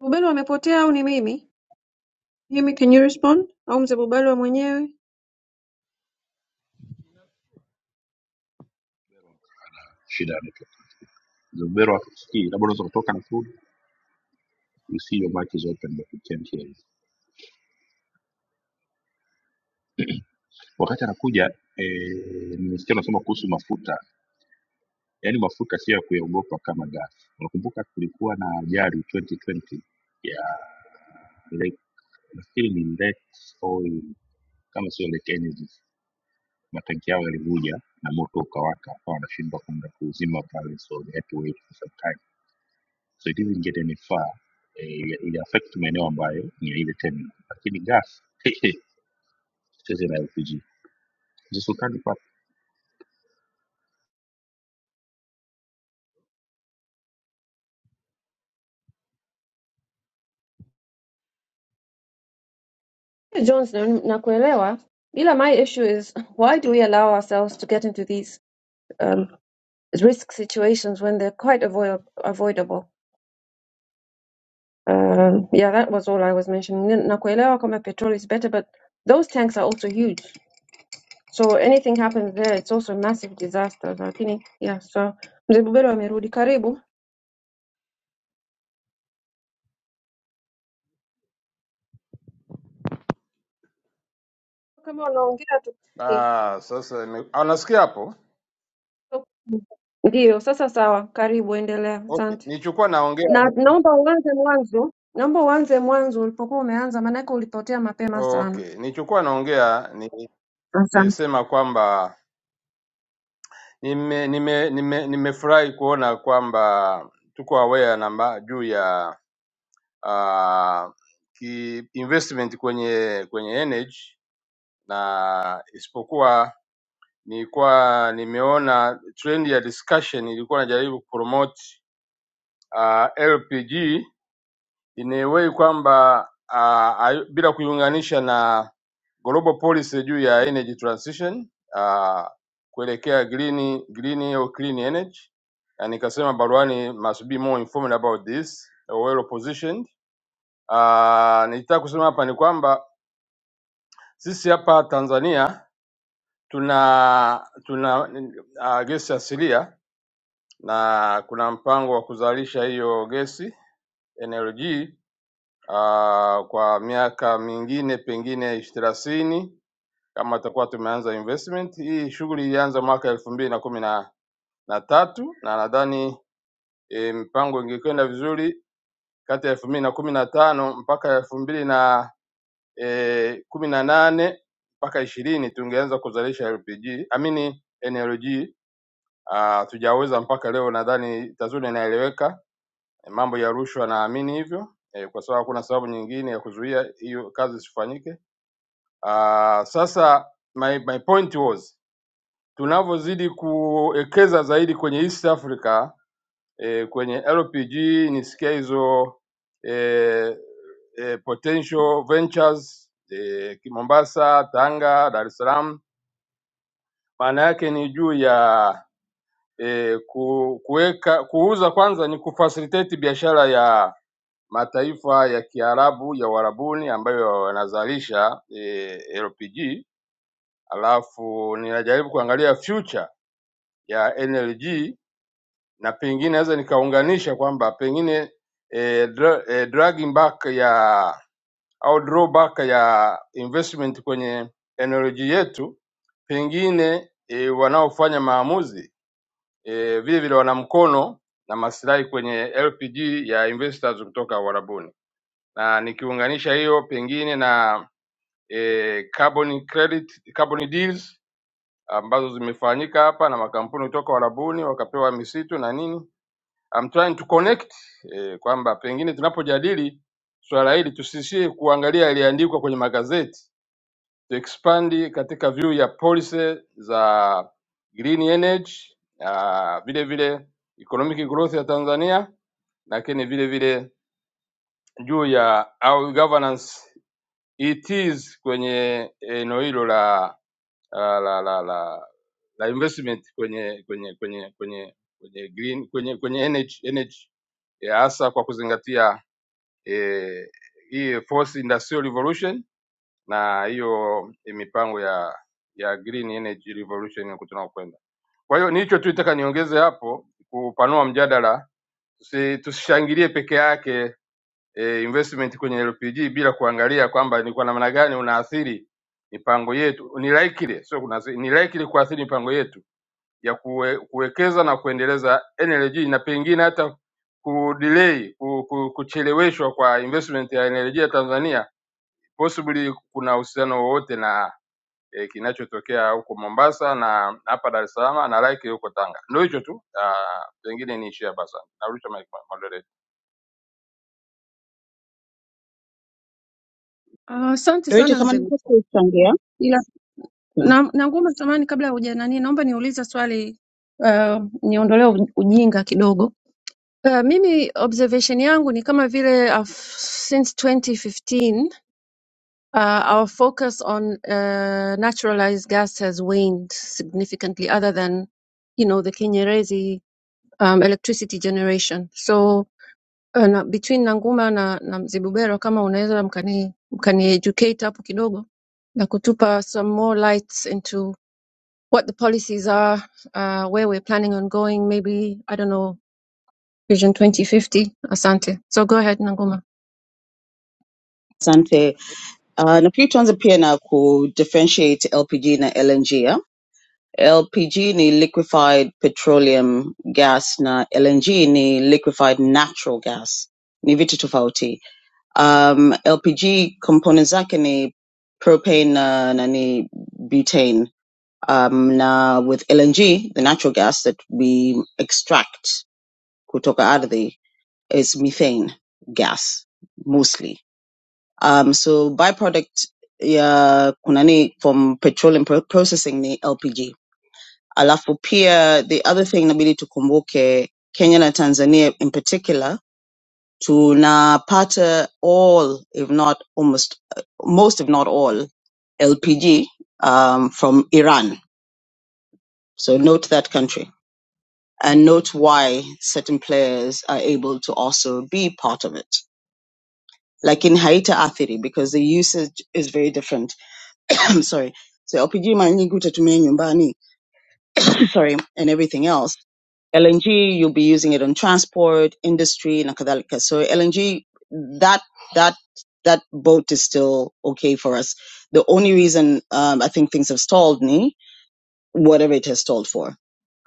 Bubelwa amepotea au ni mimi? Mimi, can you respond? Au mzee Bubelwa mwenyewe? shida ni tu Zubero akusikii, labda unaweza kutoka na food, you see your mic is open but you can't hear. it. Wakati anakuja eh, nimesikia unasema kuhusu mafuta, yaani mafuta sio ya kuyaogopa kama gas. Unakumbuka kulikuwa na ajali 2020 ya Lake, nafikiri ni Lake Oil kama sio Lake Energy, matanki yao yalivuja na moto ukawaka, akawa wanashindwa kwenda kuuzima pale, so they had to wait for some time so it isn't get any far eh, it affect maeneo ambayo ni ya ile terminal lakini gas cheze na lpg zisultani pa Jones, na- nakuelewa ila my issue is why do we allow ourselves to get into these um, risk situations when they're quite avoid avoidable? Um, yeah, that was all I was mentioning. Ni- Nakuelewa kama petrol is better, but those tanks are also huge. So anything happens there, it's also a massive disaster. Lakini, yeah, so mzee Bubero amerudi. Karibu. Kama unaongea tu. Ah, sasa nime- ah, nasikia hapo. Ndiyo, sasa sawa. Karibu, endelea. Okay, Asante. nilichokuwa naongea Na naomba uanze mwanzo, naomba uanze mwanzo ulipokuwa umeanza, maanake ulipotea mapema sana. okay, nilichokuwa naongea ni Asante. nilisema kwamba nime nime nime nimefurahi kuona kwamba tuko aware na mba- juu ya uh, ki investment kwenye kwenye energy na isipokuwa nilikuwa nimeona trend ya discussion ilikuwa najaribu kupromote uh, LPG in a way kwamba uh, ayu- bila kuiunganisha na global policy juu ya energy transition uh, kuelekea green green au clean energy, na nikasema baruani must be more informed about this, well positioned Ah, nilitaka kusema hapa ni kwamba sisi hapa Tanzania tuna tuna uh, gesi asilia na kuna mpango wa kuzalisha hiyo gesi NLG uh, kwa miaka mingine pengine ish- thelathini kama tutakuwa tumeanza investment hii. Shughuli ilianza mwaka elfu mbili na kumi na na tatu na nadhani e, mpango ingekwenda vizuri kati ya elfu mbili na kumi na tano mpaka elfu mbili eh, kumi na nane mpaka ishirini tungeanza kuzalisha LPG amini NLG. Ah, tujaweza mpaka leo, nadhani TAZURI inaeleweka. Eh, Mambo ya rushwa naamini hivyo eh, kwa sababu hakuna sababu nyingine ya kuzuia hiyo kazi isifanyike. Ah, sasa my, my point was tunavyozidi kuwekeza zaidi kwenye East Africa e, kwenye LPG nisikia hizo e, e, potential ventures e, Mombasa, Tanga, Dar es Salaam. Maana yake ni juu ya e, ku, kuweka kuuza kwanza ni kufacilitate biashara ya mataifa ya Kiarabu ya Uarabuni ambayo wanazalisha e, LPG, alafu ninajaribu kuangalia future ya NLG na pengine naweza nikaunganisha kwamba pengine eh, dra, eh, dragging back ya au drawback ya investment kwenye energy yetu pengine eh, wanaofanya maamuzi eh, vile vile wana mkono na maslahi kwenye LPG ya investors kutoka Uarabuni, na nikiunganisha hiyo pengine na eh, carbon credit, carbon deals ambazo zimefanyika hapa na makampuni kutoka Uarabuni wakapewa misitu na nini I'm trying to connect eh, kwamba pengine tunapojadili swala hili tusiishie kuangalia yaliyoandikwa kwenye magazeti, to expand katika view ya policy za green energy ah, vile vile economic growth ya Tanzania, lakini vile vile juu ya au governance it is kwenye eneo hilo la la, la, la, la, la investment kwenye kwenye kwenye kwenye kwenye green kwenye kwenye energy energy Eh, hasa kwa kuzingatia eh, hii eh, fourth industrial revolution na hiyo mipango ya ya green energy revolution huko tunakokwenda. Kwa hiyo ni hicho tu nitaka niongeze hapo kupanua mjadala, tusi, tusishangilie peke yake e, investment kwenye LPG bila kuangalia kwamba ni kwa namna gani unaathiri mipango yetu, ni likely sio kuna si, ni likely kuathiri mipango yetu ya kuwe, kuwekeza na kuendeleza energy na pengine hata kudelay ku, ku, kucheleweshwa kwa investment ya energy ya Tanzania possibly kuna uhusiano wowote na eh, kinachotokea huko Mombasa na hapa Dar es Salaam na like huko Tanga. Ndio hicho tu, ah, pengine niishie hapa. Asante, narusha mic kwa moderator. Ah, Asante Dorita, sana kama mzee. Gu- nilivyochangia, Ila na, na ngoma samani, kabla ya hujanani, naomba niulize swali uh, niondolee u- ujinga kidogo. Uh, mimi observation yangu ni kama vile uh, since 2015 uh, our focus on uh, naturalized gas has waned significantly other than you know the Kinyerezi um, electricity generation. So uh, na, between Nanguma na, na Mzibubero kama unaweza mkani, mkani educate hapo kidogo na kutupa some more lights into what the policies are uh, where we're planning on going maybe I don't know Vision 2050 asante so go ahead Nanguma asante. Uh, Ndio, nafikiri tuanze pia na ku differentiate LPG na LNG. ya. LPG ni liquefied petroleum gas na LNG ni liquefied natural gas. Ni vitu tofauti. Um, LPG components zake ni propane na, na ni butane um, na with LNG, the natural gas that we extract kutoka ardhi is methane gas mostly. Um, so byproduct ya kunani from petroleum pro- processing ni LPG. Alafu pia the other thing inabidi tukumbuke Kenya na Tanzania in particular tunapata all if not almost most if not all LPG um, from Iran. So note that country and note why certain players are able to also be part of it. Like in Haita Athiri, because the usage is very different. I'm sorry. So LPG manyingi utatumia nyumbani, sorry, and everything else. LNG, you'll be using it on transport, industry, and kadhalika. So LNG, that that that boat is still okay for us. The only reason um, I think things have stalled, me whatever it has sold for.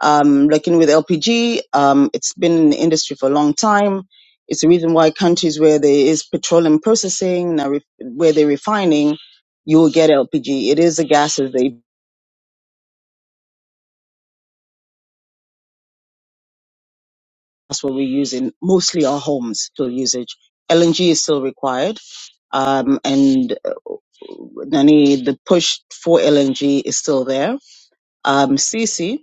Um, looking with LPG, um, it's been in the industry for a long time. It's the reason why countries where there is petroleum processing, now re- where they're refining, you will get LPG. It is a gas that they, that's what we use in mostly our homes still usage. LNG is still required. Um, and uh, Nani, the push for LNG is still there. Um, CC.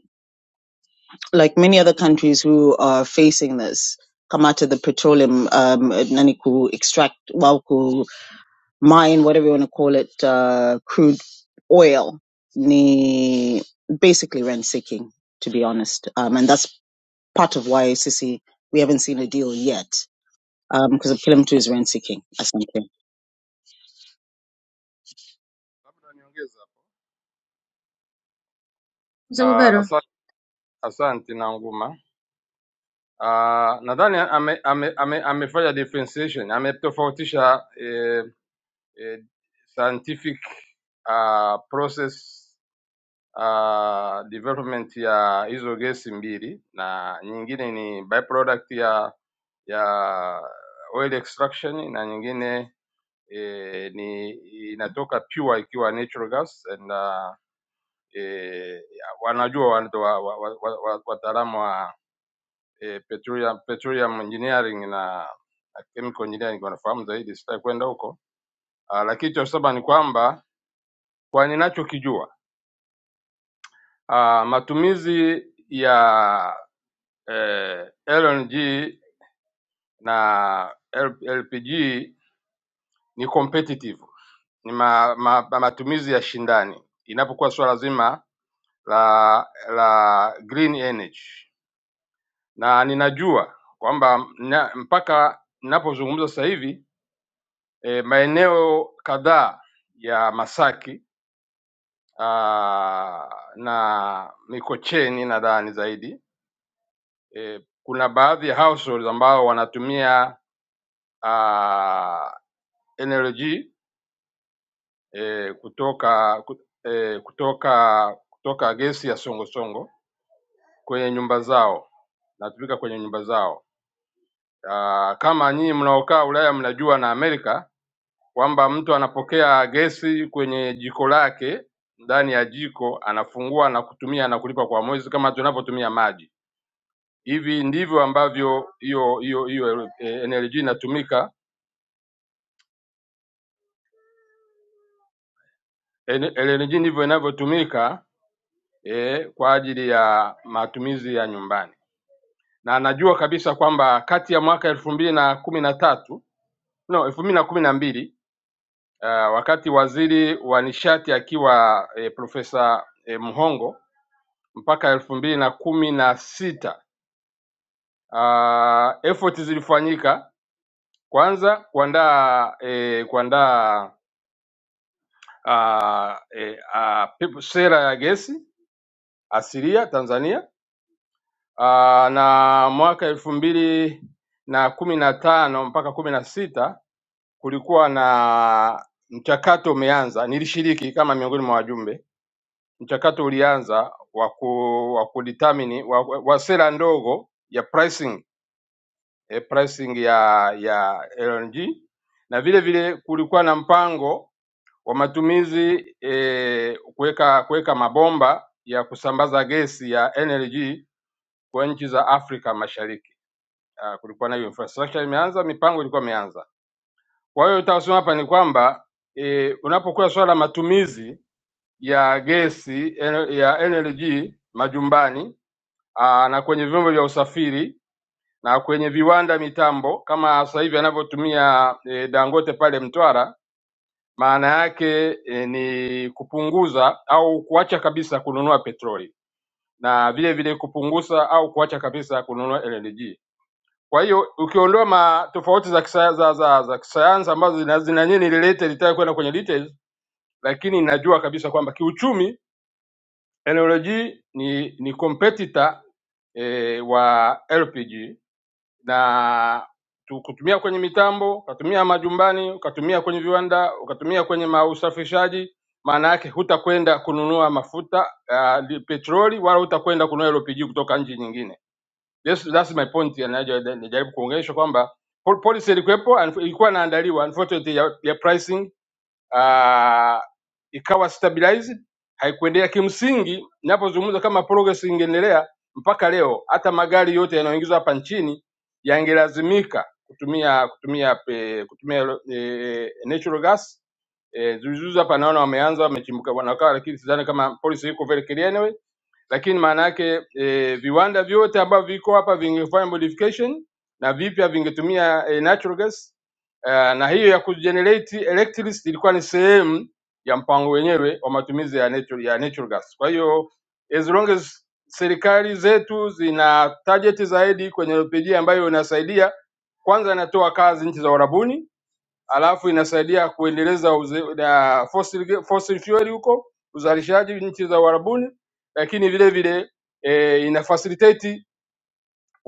like many other countries who are facing this, Kamata, the petroleum, um, Naniku extract, Walku mine, whatever you want to call it, uh, crude oil, ni basically rent seeking, to be honest. Um, and that's part of why Sisi, we haven't seen a deal yet, um, because um, of Kilim is rent seeking, I think. labda niongeze hapo. Ah, Mzibubero asa- Asante na nguma. Ah, nadhani ame, ame, ame, amefanya differentiation, ametofautisha eh, eh, scientific ah, process uh, development ya hizo gesi mbili na nyingine ni byproduct ya ya oil extraction na nyingine eh, ni inatoka pure ikiwa natural gas and uh, eh, wanajua wanato wataalamu wa, wa, wa, wa, wa wataalamu wa, eh, petroleum, petroleum engineering na na chemical engineering wanafahamu zaidi, sitaki kwenda huko. Ah, Lakini cha kusema ni kwamba kwa ninachokijua Ah, matumizi ya eh, LNG na LPG ni competitive, ni ma, ma, ma, matumizi ya shindani inapokuwa swala zima la la green energy, na ninajua kwamba na- mpaka ninapozungumza sasa hivi eh, maeneo kadhaa ya Masaki ah, na Mikocheni nadhani zaidi eh, kuna baadhi ya households ambao wanatumia uh, energy eh, kutoka ku- eh, kutoka kutoka gesi ya songosongo kwenye nyumba zao, natumika kwenye nyumba zao. Uh, kama nyinyi mnaokaa Ulaya mnajua na Amerika kwamba mtu anapokea gesi kwenye jiko lake ndani ya jiko, anafungua na kutumia na kulipa kwa mwezi kama tunavyotumia maji. Hivi ndivyo ambavyo hiyo hiyo hiyo eh, energy inatumika LNG ndivyo inavyotumika eh, kwa ajili ya matumizi ya nyumbani, na najua kabisa kwamba kati ya mwaka elfu mbili na kumi na tatu no elfu mbili na kumi na mbili uh, wakati waziri wa nishati akiwa eh, Profesa eh, Mhongo mpaka elfu mbili na kumi na sita uh, effort zilifanyika kwanza kuandaa eh, kuandaa uh, eh, uh, sera ya gesi asilia Tanzania aa, na mwaka elfu mbili na kumi na tano mpaka kumi na sita kulikuwa na mchakato umeanza, nilishiriki kama miongoni mwa wajumbe. Mchakato ulianza wa ku wa kudetermine wa, wa wa sera ndogo ya pricing eh, pricing ya ya LNG na vile vile kulikuwa na mpango wa matumizi eh, kuweka kuweka mabomba ya kusambaza gesi ya NLG kwa nchi za Afrika Mashariki. Uh, kulikuwa na hiyo infrastructure imeanza, mipango ilikuwa imeanza. Kwa hiyo nitasema hapa ni kwamba e, unapokuwa swala la matumizi ya gesi en- ya NLG majumbani aa, na kwenye vyombo vya usafiri na kwenye viwanda mitambo kama sasa hivi anavyotumia e, Dangote pale Mtwara maana yake eh, ni kupunguza au kuacha kabisa kununua petroli na vile vile kupunguza au kuacha kabisa kununua LNG. Kwa hiyo ukiondoa ma tofauti za kisa, za, za, za kisayansi ambazo zina, zina nini relate litaka kwenda kwenye details, lakini najua kabisa kwamba kiuchumi LNG ni ni competitor eh, wa LPG na tu- kutumia kwenye mitambo, ukatumia majumbani, ukatumia kwenye viwanda, ukatumia kwenye mausafishaji, maana yake hutakwenda kununua mafuta uh, li- petroli wala hutakwenda kununua LPG kutoka nchi nyingine. Yes, that's my point, ya naja- najaribu kuongeesha kwamba pol- policy ilikuwepo, unf- ilikuwa inaandaliwa unfortunately ya, ya pricing uh, ikawa stabilized haikuendelea. Kimsingi ninapozungumza kama progress ingeendelea mpaka leo, hata magari yote yanayoingizwa hapa nchini yangelazimika kutumia kutumia pe, kutumia e, natural gas. Eh, Zuzuzu hapa naona wameanza wamechimbuka wanakaa, lakini sidhani kama policy iko very clear anyway lakini maana yake e, viwanda vyote ambavyo viko hapa vingefanya modification na vipya vingetumia e, natural gas uh, na hiyo ya kugenerate electricity ilikuwa ni sehemu ya mpango wenyewe wa matumizi ya natural, ya natural gas. Kwa hiyo as long as serikali zetu zina target zaidi kwenye LPG ambayo inasaidia kwanza, inatoa kazi nchi za Uarabuni alafu inasaidia kuendeleza uze, na fossil, fossil fuel huko uzalishaji nchi za Uarabuni, lakini vile vile e, ina facilitate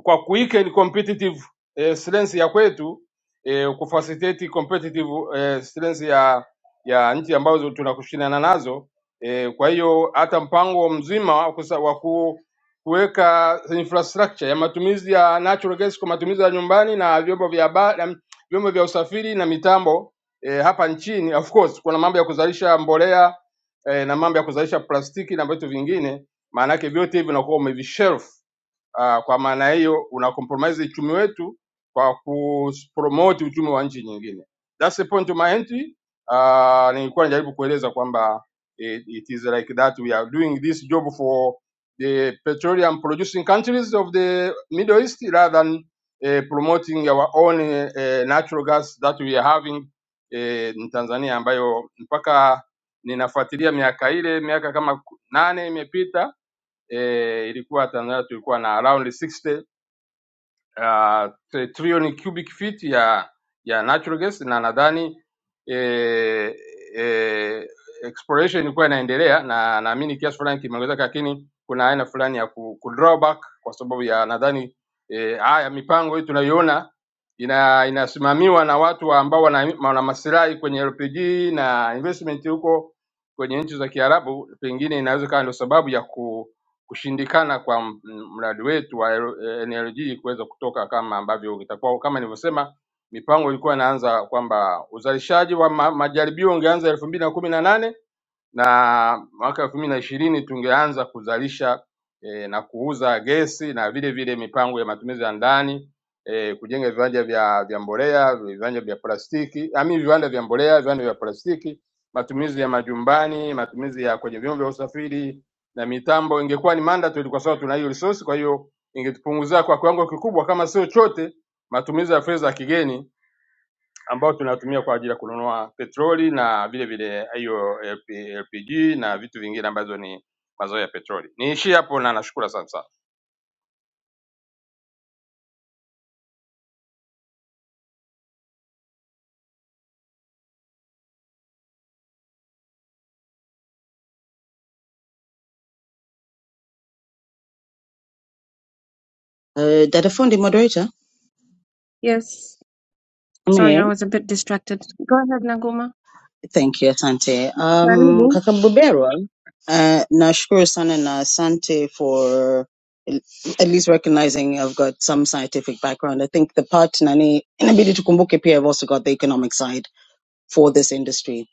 kwa kuweaken competitive eh, strength ya kwetu eh, kufacilitate competitive eh, strength ya ya nchi ambazo tunakushindana nazo eh, kwa hiyo hata mpango mzima wa kusa- wa ku- kuweka infrastructure ya matumizi ya natural gas kwa matumizi ya nyumbani na vyombo vya ba- na vyombo vya usafiri na mitambo eh, hapa nchini of course kuna mambo ya kuzalisha mbolea eh, na mambo ya kuzalisha plastiki na vitu vingine maana yake vyote hivi unakuwa umevishelf Uh, kwa maana hiyo una compromise uchumi wetu kwa kupromote uchumi wa nchi nyingine. That's the point of my entry. Uh, nilikuwa najaribu kueleza kwamba it, it is like that we are doing this job for the petroleum producing countries of the Middle East rather than uh, promoting our own uh, natural gas that we are having uh, in Tanzania ambayo mpaka Ninafuatilia miaka ile, miaka kama ku- nane imepita e, ilikuwa Tanzania tulikuwa na around 60 uh, trilioni cubic feet ya ya natural gas na nadhani eh, eh, exploration ilikuwa inaendelea na naamini kiasi fulani kimeongezeka, lakini kuna aina fulani ya ku, ku drawback kwa sababu ya nadhani eh, haya mipango hii tunayoiona ina inasimamiwa na watu ambao wana, wana masilahi kwenye LPG na investment huko kwenye nchi za Kiarabu, pengine inaweza kawa ndio sababu ya ku kushindikana kwa m- mradi wetu wa N L- NLG kuweza kutoka kama ambavyo itakuwa kama nilivyosema, mipango ilikuwa inaanza kwamba uzalishaji wa ma, majaribio ungeanza elfu mbili na kumi na nane na mwaka elfu mbili na ishirini tungeanza kuzalisha e, na kuuza gesi na vile vile mipango ya matumizi ya ndani e, kujenga viwanja vya, vya mbolea, viwanja vya plastiki, ami viwanda vya mbolea, viwanda vya plastiki, matumizi ya majumbani, matumizi ya kwenye vyombo vya usafiri, na mitambo ingekuwa ni mandatory kwa sababu tuna hiyo resource. Kwa hiyo ingetupunguzia kwa kiwango kikubwa, kama sio chote, matumizi ya fedha ya kigeni ambayo tunatumia kwa ajili ya kununua petroli na vile vile hiyo LP LPG na vitu vingine ambazo ni mazao ya petroli. Niishie hapo na nashukuru sana sana. Uh, Dada Fundi, moderator. yes sorry I was a bit distracted go ahead Nanguma Thank you, Asante. Um, karibu Kaka Buberwa, uh, nashukuru sana na Asante for l- at least recognizing I've got some scientific background. I think the part nani inabidi tukumbuke pia I've also got the economic side for this industry.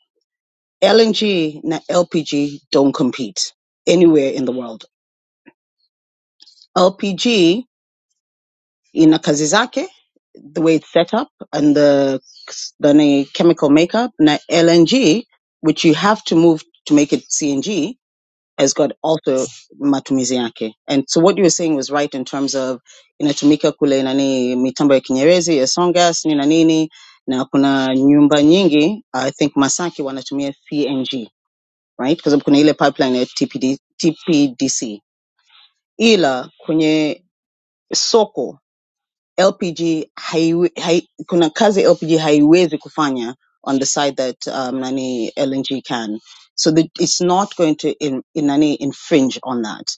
LNG na LPG don't compete anywhere in the world. LPG ina kazi zake, the way it's set up and the the nani chemical makeup na LNG which you have to move to make it CNG Has got also matumizi yake. And so what you were saying was right in terms of inatumika kule nani mitambo ya Kinyerezi ya Songas nina nini na kuna nyumba nyingi I think Masaki wanatumia CNG right kwa sababu kuna ile pipeline ya TPD, TPDC ila kwenye soko LPG haiwe, hai, kuna kazi LPG haiwezi kufanya on the side that um, nani LNG can. So the, it's not going to in, in nani infringe on that.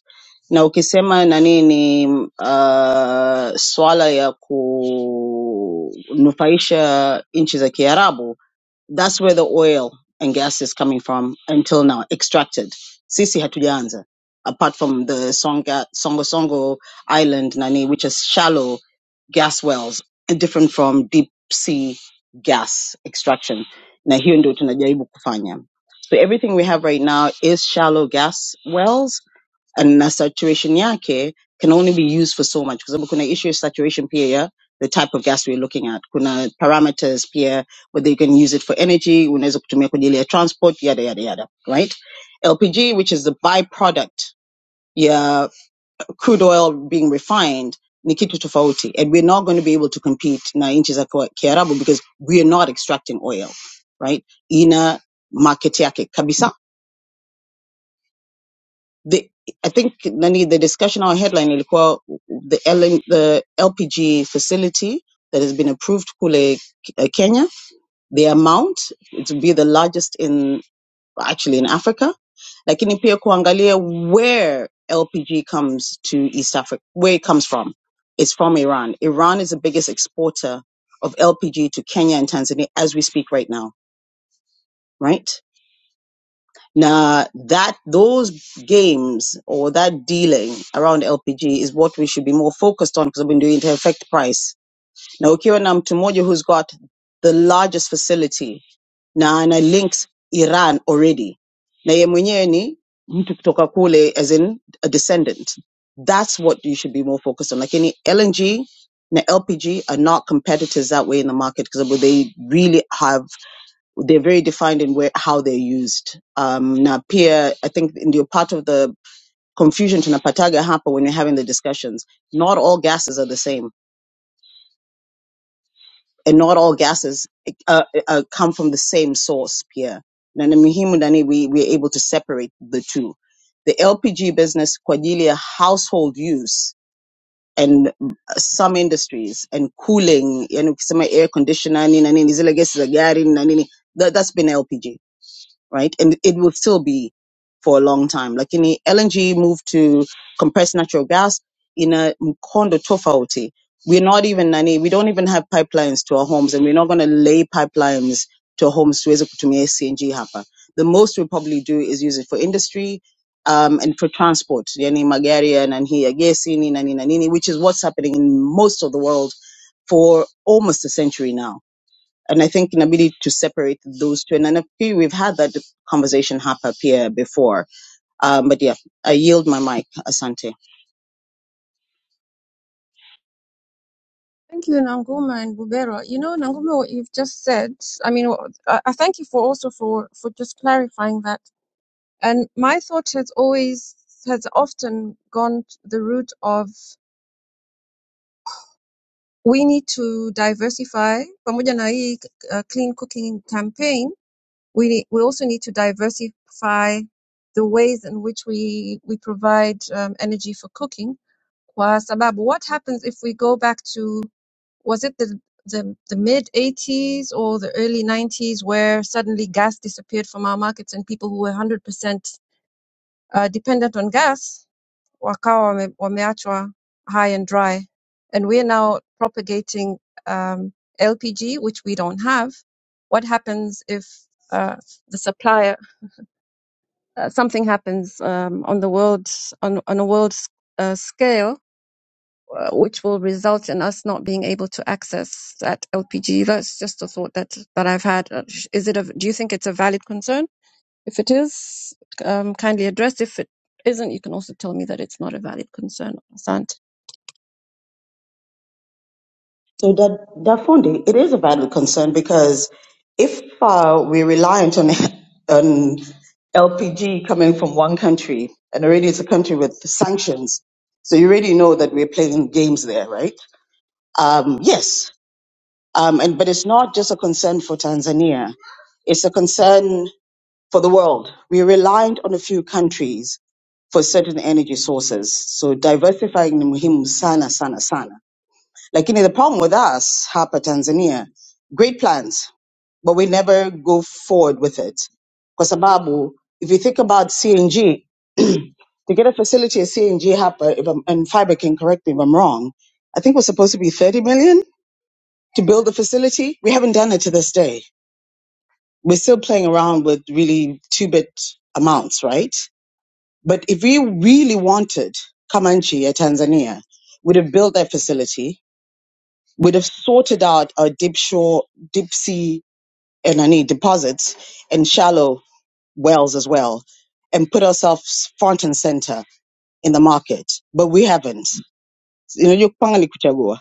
Na ukisema nani ni uh, swala ya kunufaisha nchi za Kiarabu that's where the oil and gas is coming from until now, extracted. Sisi hatujaanza, apart from the Songa, Songo Songo Island, Nani, which is shallow gas wells, different from deep sea gas extraction. Na hiyo ndio tunajaribu kufanya. So everything we have right now is shallow gas wells na saturation yake can only be used for so much kwa sababu kuna issue ya saturation pia ya the type of gas we're looking at kuna parameters pia whether you can use it for energy unaweza kutumia kwa ajili ya transport yada yada yada right lpg which is the byproduct ya crude oil being refined ni kitu tofauti and we're not going to be able to compete na nchi za kwa- kiarabu because we are not extracting oil right ina market yake kabisa the I think Nani, the discussion our headline ilikuwa the LM, the LPG facility that has been approved kule uh, Kenya, the amount it will be the largest in actually in Africa, lakini pia kuangalia where LPG comes to East Africa, where it comes from. It's from Iran. Iran is the biggest exporter of LPG to Kenya and Tanzania as we speak right now, right? Now that those games or that dealing around LPG is what we should be more focused on because I've been doing it to affect price. Now ukiwa na mtu mmoja who's got the largest facility na ana links Iran already. Na yeye mwenyewe ni mtu kutoka kule as in a descendant. That's what you should be more focused on. Like any LNG na LPG are not competitors that way in the market because they really have they're very defined in where how they're used. Um, na pia, I think in the part of the confusion to Napataga hapa when you are having the discussions. Not all gases are the same, and not all gases uh, uh, uh, come from the same source pia. Na ni muhimu nani we we're able to separate the two. The LPG business kwa ajili ya household use and uh, some industries and cooling, yani ukisema air conditioner nini na nini zile gesi za gari na nini, that, that's been LPG right? And it will still be for a long time. Like Lakini LNG moved to compressed natural gas in a mkondo tofauti. We're not even nani, we don't even have pipelines to our homes and we're not going to lay pipelines to our homes to kutumia CNG hapa. The most we probably do is use it for industry um, and for transport, yani magari ya nanhi ya gesi ni nani na nini, which is what's happening in most of the world for almost a century now and I think an ability to separate those two. And, I feel we've had that conversation hap up here before. Um, but yeah, I yield my mic, Asante. Thank you, Nanguma and Bubero. You know, Nanguma, what you've just said, I mean, I, I thank you for also for, for just clarifying that And my thought has always, has often gone the route of we need to diversify. Pamoja na hii uh, clean cooking campaign, we need, we also need to diversify the ways in which we we provide um, energy for cooking. Kwa sababu, what happens if we go back to was it the the, the mid 80s or the early 90s where suddenly gas disappeared from our markets and people who were 100% uh, dependent on gas wakawa wame, wameachwa high and dry. And we're now propagating um, LPG, which we don't have. What happens if uh, the supplier, uh, something happens um, on the world, on, on a world uh, scale, uh, which will result in us not being able to access that LPG? That's just a thought that, that I've had. Uh, sh- Is it a, do you think it's a valid concern? If it is, um, kindly address. If it isn't, you can also tell me that it's not a valid concern. So that that funding, it is a valid concern because if uh, we're reliant on on LPG coming from one country, and already it's a country with sanctions, so you already know that we're playing games there, right? Um, yes, um, and but it's not just a concern for Tanzania; it's a concern for the world. We are reliant on a few countries for certain energy sources. So diversifying ni muhimu sana sana sana. Lakini the problem with us hapa Tanzania, great plans, but we never go forward with it. Kwa sababu, if you think about CNG, to get a facility at CNG hapa, if I'm, and Fiber can correct me if I'm wrong, I think we're supposed to be 30 million to build the facility. We haven't done it to this day. We're still playing around with really two-bit amounts, right? But if we really wanted Kamanchi at Tanzania, we'd have built that facility, we'd have sorted out our deep shore, deep sea, and any deposits and shallow wells as well, and put ourselves front and center in the market. But we haven't. You know, you pangani kuchagua.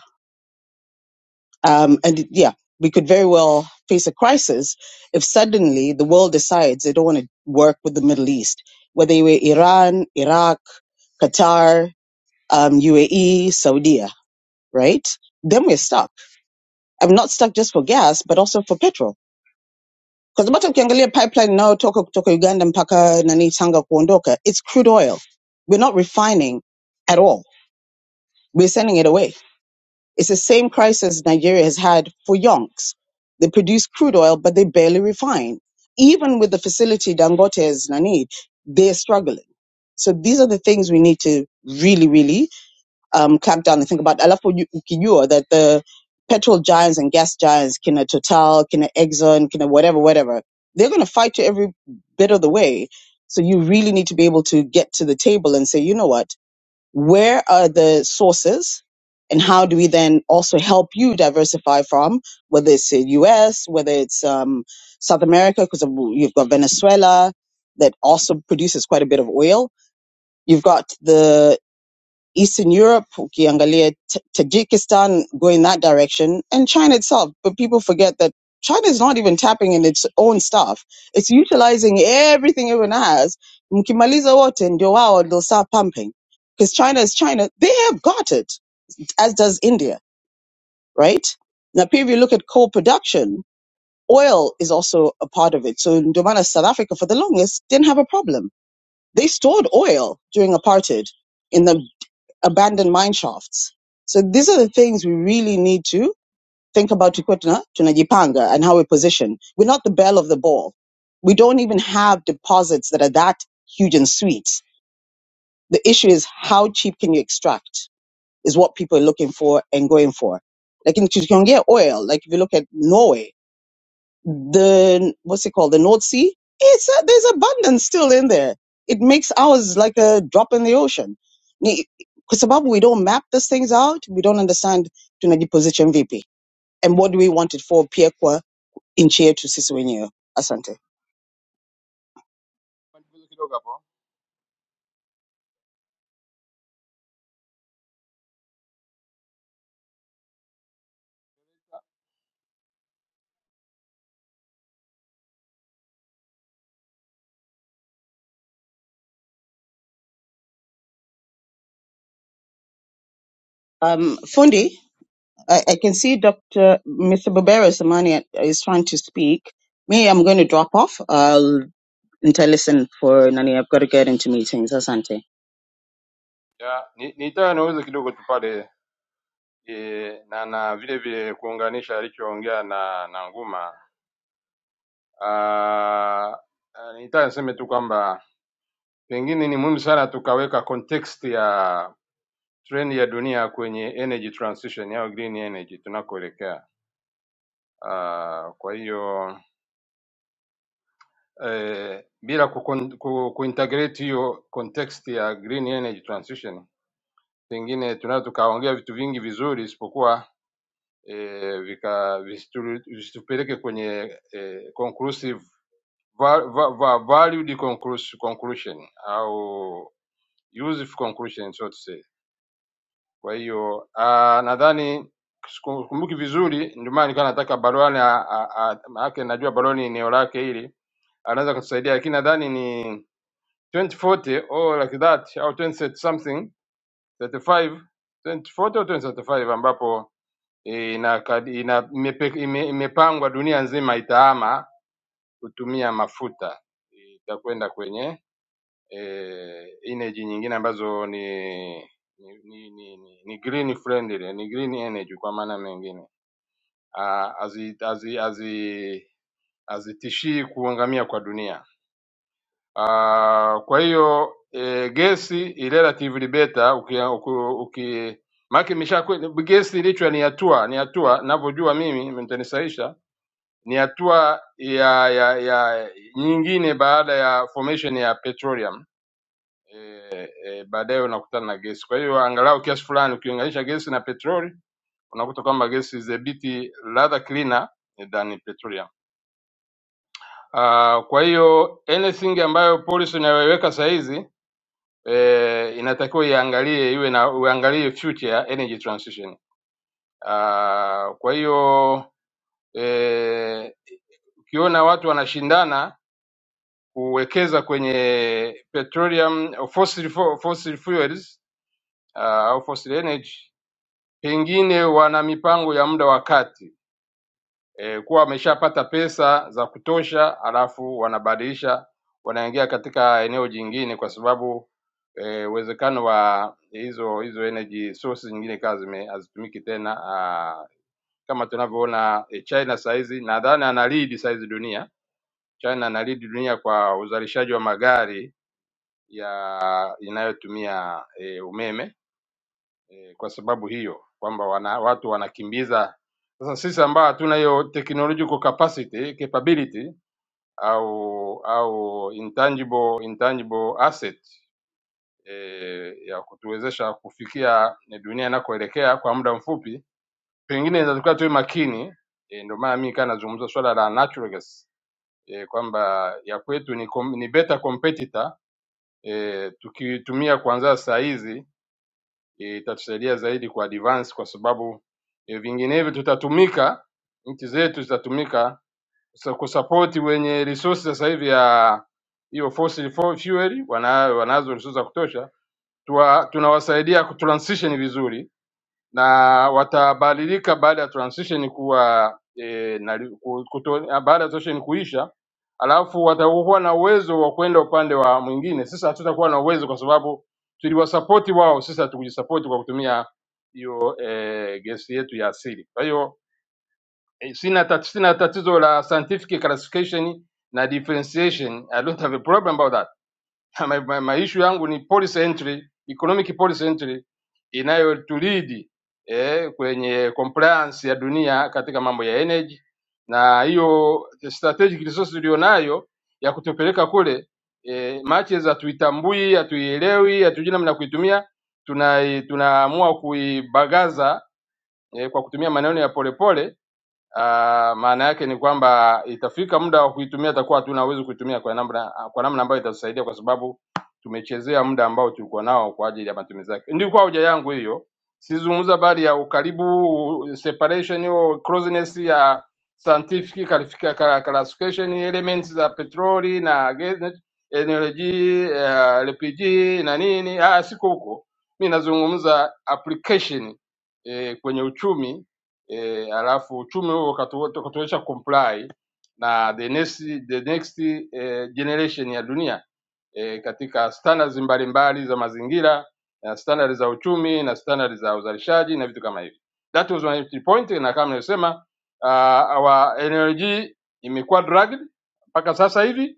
Um, and yeah, we could very well face a crisis if suddenly the world decides they don't want to work with the Middle East, whether you were Iran, Iraq, Qatar, um, UAE, Saudi, right? Then we're stuck. I'm not stuck just for gas, but also for petrol. Because the ukiangalia pipeline now toka kutoka Uganda mpaka nani Tanga kuondoka, it's crude oil. We're not refining at all. We're sending it away. It's the same crisis Nigeria has had for yonks. They produce crude oil, but they barely refine. Even with the facility Dangote is nani, they're struggling. So these are the things we need to really, really um, crackdown. I think about alafu uju- ukijua that the petrol giants and gas giants, kina Total, kina Exxon, kina whatever, whatever, they're going to fight you every bit of the way. So you really need to be able to get to the table and say, you know what, where are the sources? And how do we then also help you diversify from whether it's the U.S., whether it's um, South America, because you've got Venezuela that also produces quite a bit of oil. You've got the Eastern Europe, ukiangalia Ta- Tajikistan going that direction, and China itself. But people forget that China is not even tapping in its own stuff. It's utilizing everything everyone has. Mkimaliza wote ndio wao they'll start pumping. Because China is China. They have got it, as does India, right? Now, if you look at coal production, oil is also a part of it. So ndio maana South Africa, for the longest, didn't have a problem. They stored oil during apartheid in the abandoned mine shafts. So these are the things we really need to think about Tukwetna, Tunajipanga, and how we position. We're not the bell of the ball. We don't even have deposits that are that huge and sweet. The issue is how cheap can you extract is what people are looking for and going for. Like in Tukwongia oil, like if you look at Norway, the what's it called the north sea it's a, there's abundance still in there it makes ours like a drop in the ocean because sababu we don't map these things out we don't understand tunaji position vipi and what do we want it for pia kwa nchi yetu sisi wenyewe asante Nipunguze kidogo hapo. um, fundi I, I can see Dr. Mr. Barbera Samani is trying to speak. Me, I'm going to drop off. I'll interlisten for Nani. I've got to get into meetings. Asante. Ya, ni- Nitaka niweze kidogo tu pale eh, na na vile vile kuunganisha alichoongea na na Nguma. Ah, ah, Nitaka niseme tu kwamba Pengine ni muhimu sana tukaweka context ya trend ya dunia kwenye energy transition au green energy tunakoelekea. Uh, kwa hiyo eh, bila kukon- ku- kuintegrate hiyo context ya green energy transition, pengine tunaweza tukaongea vitu vingi vizuri isipokuwa eh, vika visitu- visitupeleke kwenye eh, conclusive va, va, va, valued conclus- conclusion au useful conclusion so to say Kwa hiyo ah, nadhani siku- sikumbuki vizuri, ndio maana nilikuwa nataka Balwani a- a- a- maanake najua Balwani eneo lake hili anaweza kutusaidia, lakini nadhani ni 2040 or like that au 20 something 35 2040 au 2035 ambapo eh, inakadi- ina, imepe- ime- imepangwa dunia nzima itahama kutumia mafuta, itakwenda kwenye eh, energy nyingine ambazo ni ni ni ni, ni, ni green friendly, ni green energy kwa maana mengine, Ah, hazi hazi hazi hazitishii kuangamia kwa dunia. Ah, Kwa hiyo e, gesi i relatively better uki, uki, uki maki imesha gesi ilichwa ni hatua ni hatua ninavyojua mimi mtanisaisha ni hatua ya, ya ya nyingine baada ya formation ya petroleum eh, baadaye unakutana na gesi. Kwa hiyo angalau kiasi fulani ukiunganisha gesi na petroli unakuta kwamba gesi is a bit rather cleaner than petroleum. Uh, kwa hiyo anything ambayo policy inayoiweka saa hizi eh, inatakiwa iangalie iwe na uangalie future ya energy transition. Uh, kwa hiyo eh, ukiona watu wanashindana kuwekeza kwenye petroleum fossil, fo- fossil fuels uh, au fossil energy pengine wana mipango ya muda wa kati e, kuwa wameshapata pesa za kutosha, alafu wanabadilisha wanaingia katika eneo jingine, kwa sababu eh, uwezekano e, wa hizo hizo energy sources nyingine kaa zime- hazitumiki tena ah, kama tunavyoona eh, China saizi nadhani ana lead saizi dunia. China ana lead dunia kwa uzalishaji wa magari ya inayotumia eh, umeme eh, kwa sababu hiyo kwamba wana, watu wanakimbiza. Sasa sisi ambao hatuna hiyo technological capacity capability au au intangible, intangible asset eh, ya kutuwezesha kufikia dunia inakoelekea kwa muda mfupi, pengine inatakiwa tuwe makini eh, ndio maana mimi kaa nazungumza swala la natural gas eh, kwamba ya kwetu ni, kom- ni better competitor eh, tukitumia kuanzia saa hizi itatusaidia zaidi ku advance kwa sababu eh, vinginevyo tutatumika, nchi zetu zitatumika kusa- kusapoti wenye resources sasa hivi ya hiyo fossil fu- fuel, wana- wanazo resources za kutosha, tuwa- tunawasaidia kutransition vizuri na watabadilika baada ya transition kuwa e, na, kuto, baada ya transition kuisha, alafu watakuwa na uwezo wa kwenda upande wa mwingine. Sisi hatutakuwa na uwezo kwa sababu tuliwasapoti wao, sisi hatukujisapoti kwa kutumia hiyo e, gesi yetu ya asili. Kwa hiyo eh, sina, tat, sina tatizo la scientific classification na differentiation. I don't have a problem about that ma, ma, ma issue yangu ni policy entry, economic policy entry inayotulidi eh, kwenye compliance ya dunia katika mambo ya energy, na hiyo strategic resource tulionayo ya kutupeleka kule eh, matches hatuitambui, hatuielewi, hatujui namna ya kuitumia, tunai- tunaamua kuibagaza eh, kwa kutumia maneno ya polepole Ah, maana yake ni kwamba itafika muda wa kuitumia, atakuwa hatuna uwezo kuitumia kwa namna kwa namna ambayo itatusaidia, kwa sababu tumechezea muda ambao tulikuwa nao kwa ajili ya matumizi yake. Ndilikuwa hoja yangu hiyo, sizungumza habari ya ukaribu, separation, hiyo closeness ya scientific qualifica- ca- classification elements za petroli na gesi, energy, uh, LPG na nini. Ah, siko huko, mi nazungumza application eh, kwenye uchumi e, alafu uchumi huo ukatu- ukatuwezesha comply na the next, the next eh, generation ya dunia eh, katika standards mbalimbali za mazingira na standards za uchumi na standards za uzalishaji na vitu kama hivi. That was my entry point, na kama nilivyosema uh, our energy imekuwa dragged mpaka sasa hivi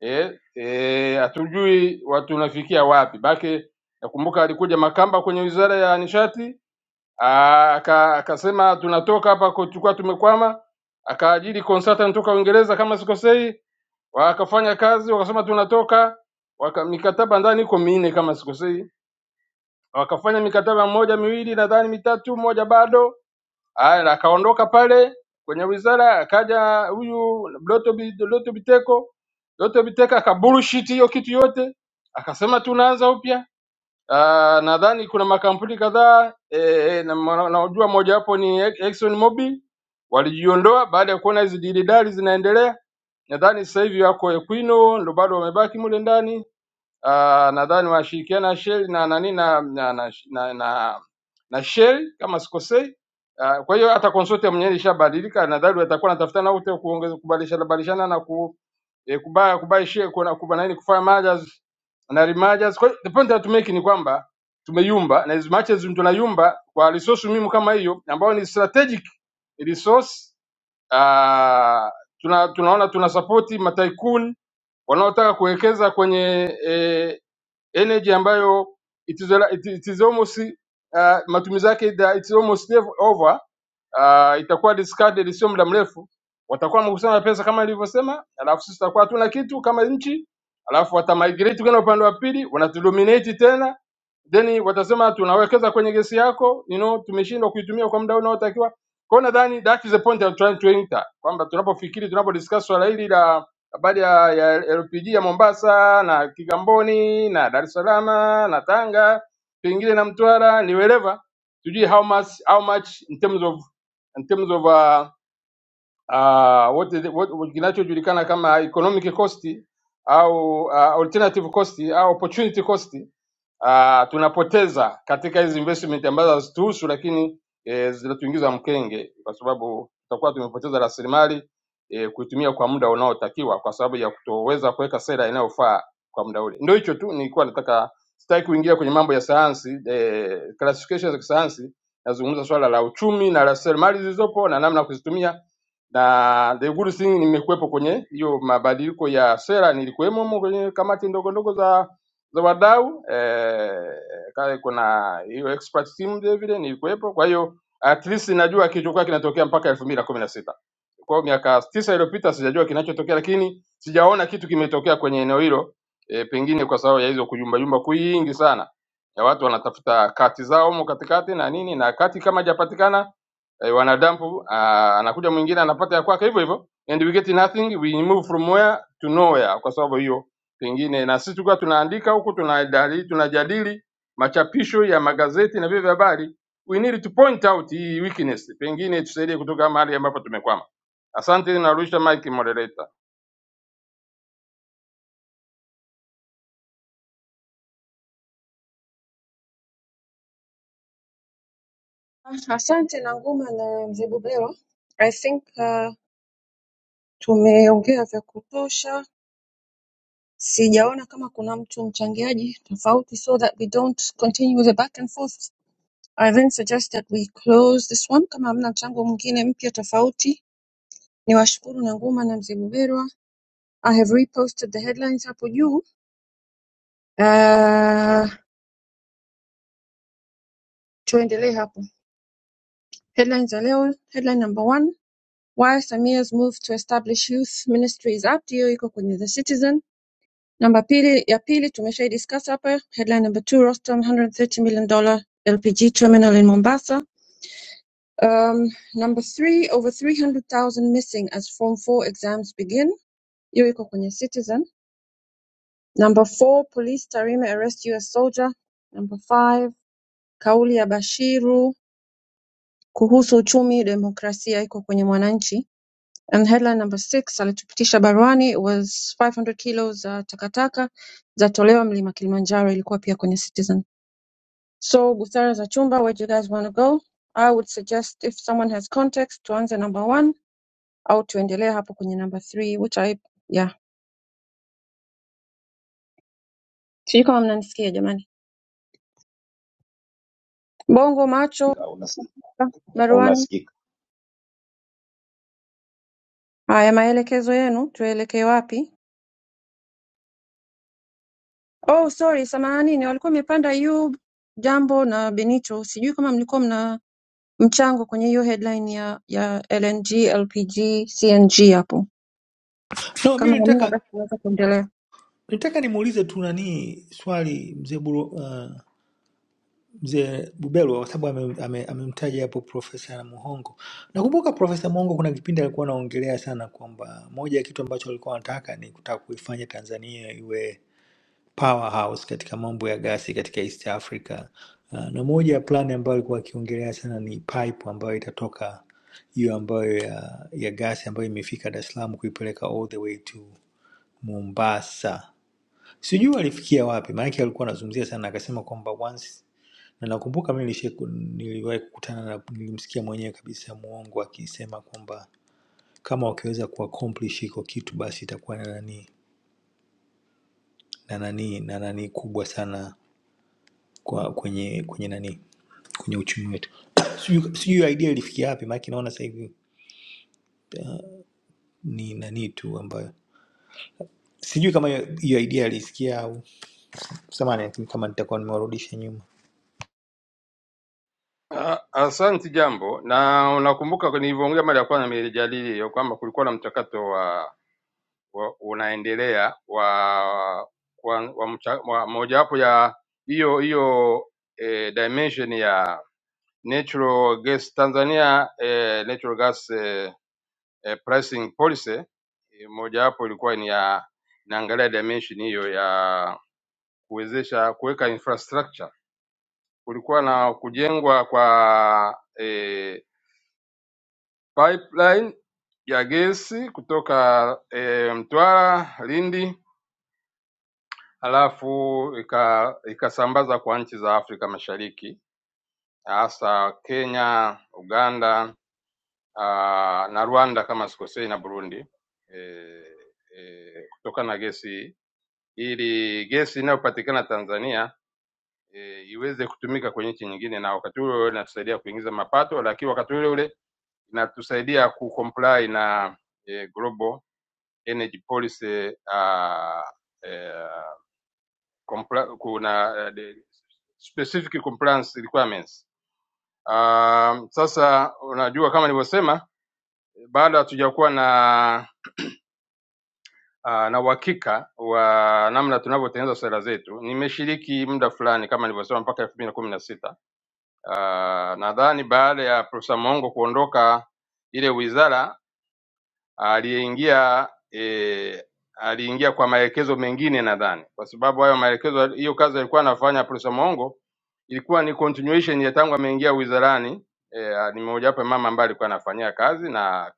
eh, eh, hatujui watu tunafikia wapi. Bake nakumbuka alikuja Makamba kwenye wizara ya nishati Ah, aka- akasema tunatoka hapa ku- tulikuwa tumekwama, akaajiri consultant kutoka Uingereza kama sikosei, wakafanya kazi wakasema tunatoka waka, mikataba ndani iko minne kama sikosei, wakafanya mikataba moja miwili nadhani mitatu, moja bado. Haya, na akaondoka pale kwenye wizara, akaja huyu Doto Bi- Doto Biteko, Doto Biteko akabullshit hiyo kitu yote, akasema tunaanza upya Uh, nadhani kuna makampuni kadhaa eh, na mwa- naujua mojawapo ni Exxon Mobil walijiondoa baada ya kuona hizi dilidali zinaendelea. Nadhani sasa hivi wako Equino ndio bado wamebaki mule ndani uh, nadhani wanashirikiana Shell na nani na na na, na, na, na Shell kama sikosei. Uh, kwa hiyo hata consortium yenyewe ishabadilika, nadhani watakuwa wanatafutana wote kuongeza kubadilishana badilishana na ku eh, kubaya kubaya share kuna kubana nini kufanya mergers na remergers. Kwa hiyo the point that to make ni kwamba tumeyumba, na as much as tunayumba kwa resource muhimu kama hiyo ambayo ni strategic resource uh, tuna, tunaona tuna support mataikun wanaotaka kuwekeza kwenye eh, energy ambayo it is, it is almost uh, matumizi yake it's almost never over uh, itakuwa discarded sio muda mrefu, watakuwa wamekusanya pesa kama ilivyosema, alafu sisi tutakuwa hatuna kitu kama nchi, alafu watamigrate kwenda upande wa pili, wanatudominate tena, then watasema tunawekeza kwenye gesi yako, you know, tumeshindwa kuitumia kwa muda unaotakiwa. Kwa hiyo nadhani that is the point I'm trying to enter, kwamba tunapofikiri tunapodiscuss swala hili la habari ya, ya LPG ya Mombasa na Kigamboni na Dar es Salaam na Tanga pengine na Mtwara ni wherever, tujue how much, how much in terms of in terms of uh, ah, wote wote- kinachojulikana kama economic cost au ah, alternative cost au opportunity cost ah, tunapoteza katika hizi investment ambazo hazituhusu lakini eh, zinatuingiza mkenge, kwa sababu tutakuwa tumepoteza rasilimali eh, kuitumia kwa muda unaotakiwa kwa sababu ya kutoweza kuweka sera inayofaa kwa muda ule. Ndio hicho tu nilikuwa nataka, sitaki kuingia kwenye mambo ya sayansi eh, classification za kisayansi. Nazungumza swala la uchumi na rasilimali zilizopo na namna ya kuzitumia na the good thing nimekuwepo kwenye hiyo mabadiliko ya sera, nilikuwemo humo kwenye kamati ndogo ndogo za za wadau eh, kale kuna hiyo expert team vile vile nilikuwepo. Kwa hiyo at least najua kilichokuwa kinatokea mpaka elfu mbili na kumi na sita. Kwa hiyo miaka tisa iliyopita sijajua kinachotokea, lakini sijaona kitu kimetokea kwenye eneo hilo e, pengine kwa sababu ya hizo kuyumbayumba kwingi sana ya watu wanatafuta kati zao humo katikati na nini, na kati kama hajapatikana eh, wanadampu. ah, Anakuja mwingine anapata ya kwake hivyo hivyo, and we get nothing, we move from where to nowhere. Kwa sababu hiyo pengine na sisi tulikuwa tunaandika huku tunadali, tunajadili machapisho ya magazeti na vyombo vya habari, we need to point out hii weakness, pengine tusaidie kutoka mahali ambapo tumekwama. Asante, narusha mic moderator. Asante Nanguma na mzee Bubelwa. I think uh, tumeongea vya kutosha. Sijaona kama kuna mtu mchangiaji tofauti so that we don't continue with the back and forth. I then suggest that we close this one kama hamna mchango mwingine mpya tofauti. Niwashukuru Nanguma na mzee Bubelwa. I have reposted the headlines hapo juu. Uh, tuendelee hapo. Headlines za leo, headline number one. Why Samia's move to establish youth ministry is up. Hiyo iko kwenye The Citizen. Namba pili ya pili tumeshai discuss hapa headline number two Rostam 130 million dollar LPG terminal in Mombasa. Um, number three over 300,000 missing as form 4 exams begin. Hiyo iko kwenye Citizen. Number four police Tarime arrest US soldier. Number five kauli ya Bashiru kuhusu uchumi demokrasia iko kwenye Mwananchi. And headline number six alitupitisha baruani was 500 kilos za takataka zatolewa mlima Kilimanjaro ilikuwa pia kwenye Citizen. So Busara za Chumba, where do you guys want to go? I would suggest if someone has context tuanze number one au tuendelee hapo kwenye number three which I yeah. Sijui kama mnanisikia jamani. Bongo macho unasikika. baruani. unasikika. Haya maelekezo yenu tuelekee wapi? Oh sorry samahani ni walikuwa wamepanda Ayub Jambo na Benito. Sijui kama mlikuwa mna mchango kwenye hiyo headline ya ya LNG, LPG, CNG hapo. No, mi Kama hamna nitaka basi tunaweza kuendelea. nitaka nimuulize tu nani swali mzee Buru, uh, mzee Bubelwa kwa sababu amemtaja ame, ame- amemtaja hapo Profesa Muhongo. Nakumbuka Profesa Muhongo kuna kipindi alikuwa anaongelea sana kwamba moja ya kitu ambacho alikuwa anataka ni kutaka kuifanya Tanzania iwe powerhouse katika mambo ya gasi katika East Africa. Uh, na moja ya plani ambayo alikuwa akiongelea sana ni pipe ambayo itatoka hiyo ambayo ya, ya gasi ambayo imefika Dar es Salaam kuipeleka all the way to Mombasa sijui alifikia wapi maanake alikuwa anazungumzia sana akasema kwamba once na nakumbuka mi nilishai ku- niliwahi kukutana na nilimsikia mwenyewe kabisa muongo akisema kwamba kama wakiweza kuaccomplish hiko kitu basi itakuwa na nani na nani na nani kubwa sana kwa kwenye kwenye nani kwenye uchumi wetu sijui sijui idea ilifikia wapi maanake naona sasa hivi ni nani tu ambayo sijui kama hiyo hiyo idea alisikia au samani lakini kama nitakuwa nimewarudisha nyuma Ah, Asante jambo, na unakumbuka nilivyoongea mara ya kwanza nimejadili hiyo kwamba kulikuwa na mchakato wa wa- unaendelea wa, kwa- wa, mcha- wa mojawapo ya hiyo hiyo eh, dimension ya natural gas Tanzania eh, natural gas eh, eh, pricing policy eh, mojawapo ilikuwa ni ya inaangalia dimension hiyo ya kuwezesha kuweka infrastructure. Kulikuwa na kujengwa kwa eh, pipeline ya gesi kutoka eh, Mtwara, Lindi halafu ika, ikasambaza kwa nchi za Afrika Mashariki hasa Kenya, Uganda aa, na Rwanda kama sikosei na Burundi e, e, kutokana na gesi hii ili gesi inayopatikana Tanzania e, iweze kutumika kwenye nchi nyingine, na wakati ule ule inatusaidia kuingiza mapato, lakini wakati ule ule inatusaidia kucomply na e, Global Energy Policy uh, uh, compla- kuna eh, de- specific compliance requirements. Um, sasa unajua kama nilivyosema, bado hatujakuwa na uh, na uhakika wa namna tunavyotengeneza sera zetu. Nimeshiriki muda fulani kama nilivyosema mpaka elfu mbili na kumi na sita. Uh, Nadhani baada ya Profesa Mongo kuondoka ile wizara aliingia eh, aliingia kwa maelekezo mengine nadhani, kwa sababu hayo maelekezo, hiyo kazi alikuwa anafanya Profesa Mongo ilikuwa ni continuation ya tangu ameingia wizarani. Eh, ni mojawapo ya mama ambaye alikuwa anafanyia kazi na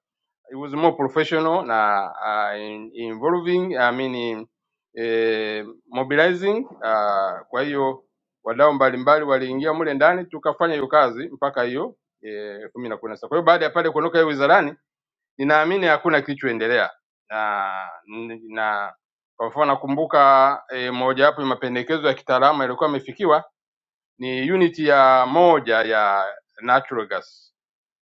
it was more professional na uh, in, involving I mean, eh, mobilizing uh, kwa hiyo wadau mbalimbali waliingia mule ndani tukafanya hiyo kazi mpaka hiyo eh, kumi na kumi na sita. Kwa hiyo baada ya pale kuondoka hiyo wizarani Ninaamini hakuna kilichoendelea na, na kwa mfano nakumbuka e, mojawapo ya mapendekezo ya kitaalamu yalikuwa yamefikiwa ni uniti ya moja ya natural gas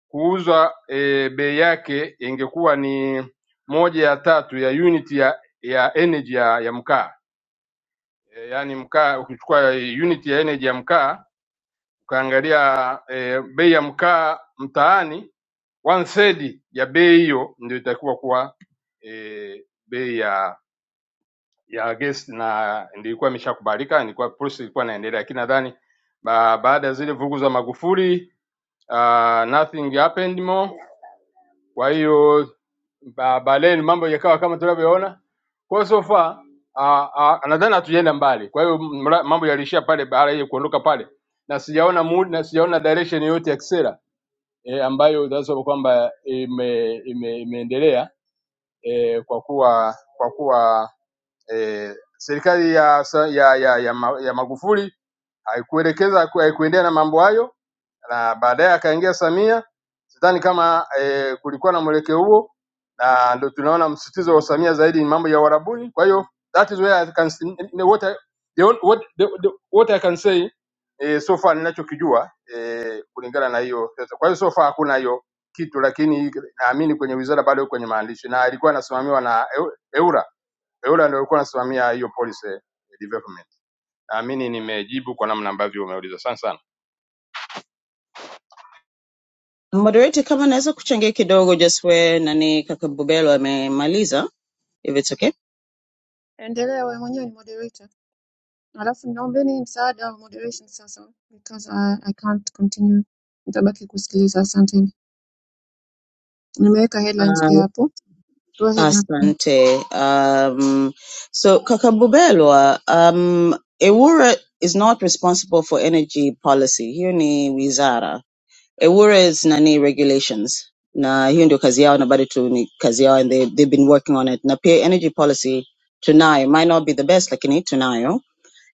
kuuzwa e, bei yake ingekuwa ni moja ya tatu ya uniti ya, ya energy ya, ya mkaa e, yaani mkaa ukichukua unit ya energy ya mkaa ukaangalia eh, bei ya mkaa mtaani one third ya bei hiyo ndio itakuwa kuwa eh, bei ya ya gesi na ndio ilikuwa imeshakubalika, ilikuwa process ilikuwa inaendelea, lakini nadhani ba, baada ya zile vugu za Magufuli uh, nothing happened more kwa hiyo ba- baadaye mambo yakawa kama tunavyoona. Kwa hiyo so far ah, ah, nadhani hatujaenda mbali. Kwa hiyo mra- mambo yaliishia pale baada ya kuondoka pale, na sijaona mood na sijaona direction yoyote ya kisera e, ambayo tunasema kwamba ime, ime, imeendelea e, kwa kuwa kwa kuwa e, serikali ya, sa- ya, ya, ya, Ma- ya Magufuli haikuelekeza haikuendea na mambo hayo, na baadaye akaingia Samia Sidhani kama eh, kulikuwa na mwelekeo huo, na ndio tunaona msisitizo wa Samia zaidi ni mambo ya Uarabuni. Kwa hiyo that is where I can, what I, the, on- what, the, the, what I can say eh, so far ninachokijua eh, kulingana na hiyo. sasa. Kwa hiyo so far hakuna hiyo kitu, lakini naamini kwenye wizara bado iko kwenye maandishi na ilikuwa inasimamiwa na Eu- EURA. EURA ndio ilikuwa inasimamia hiyo policy eh, development. Naamini nimejibu kwa namna ambavyo umeuliza. Asante sana. Moderator, kama naweza kuchangia kidogo just where Nani kaka Bubelo amemaliza, if it's okay. Endelea wewe mwenyewe ni moderator. I'll alafu naombeni msaada wa moderation sasa because I, I can't continue. Nitabaki kusikiliza, asanteni. Nimeweka headlines pia Uh, hapo. Go ahead na asante. Um, so kaka Bubelo, um, Ewura is not responsible for energy policy. Here ni wizara. Ewura is nani regulations na hiyo ndio kazi yao na bado tu ni kazi yao and they, they've been working on it na pia energy policy tunayo might not be the best lakini tunayo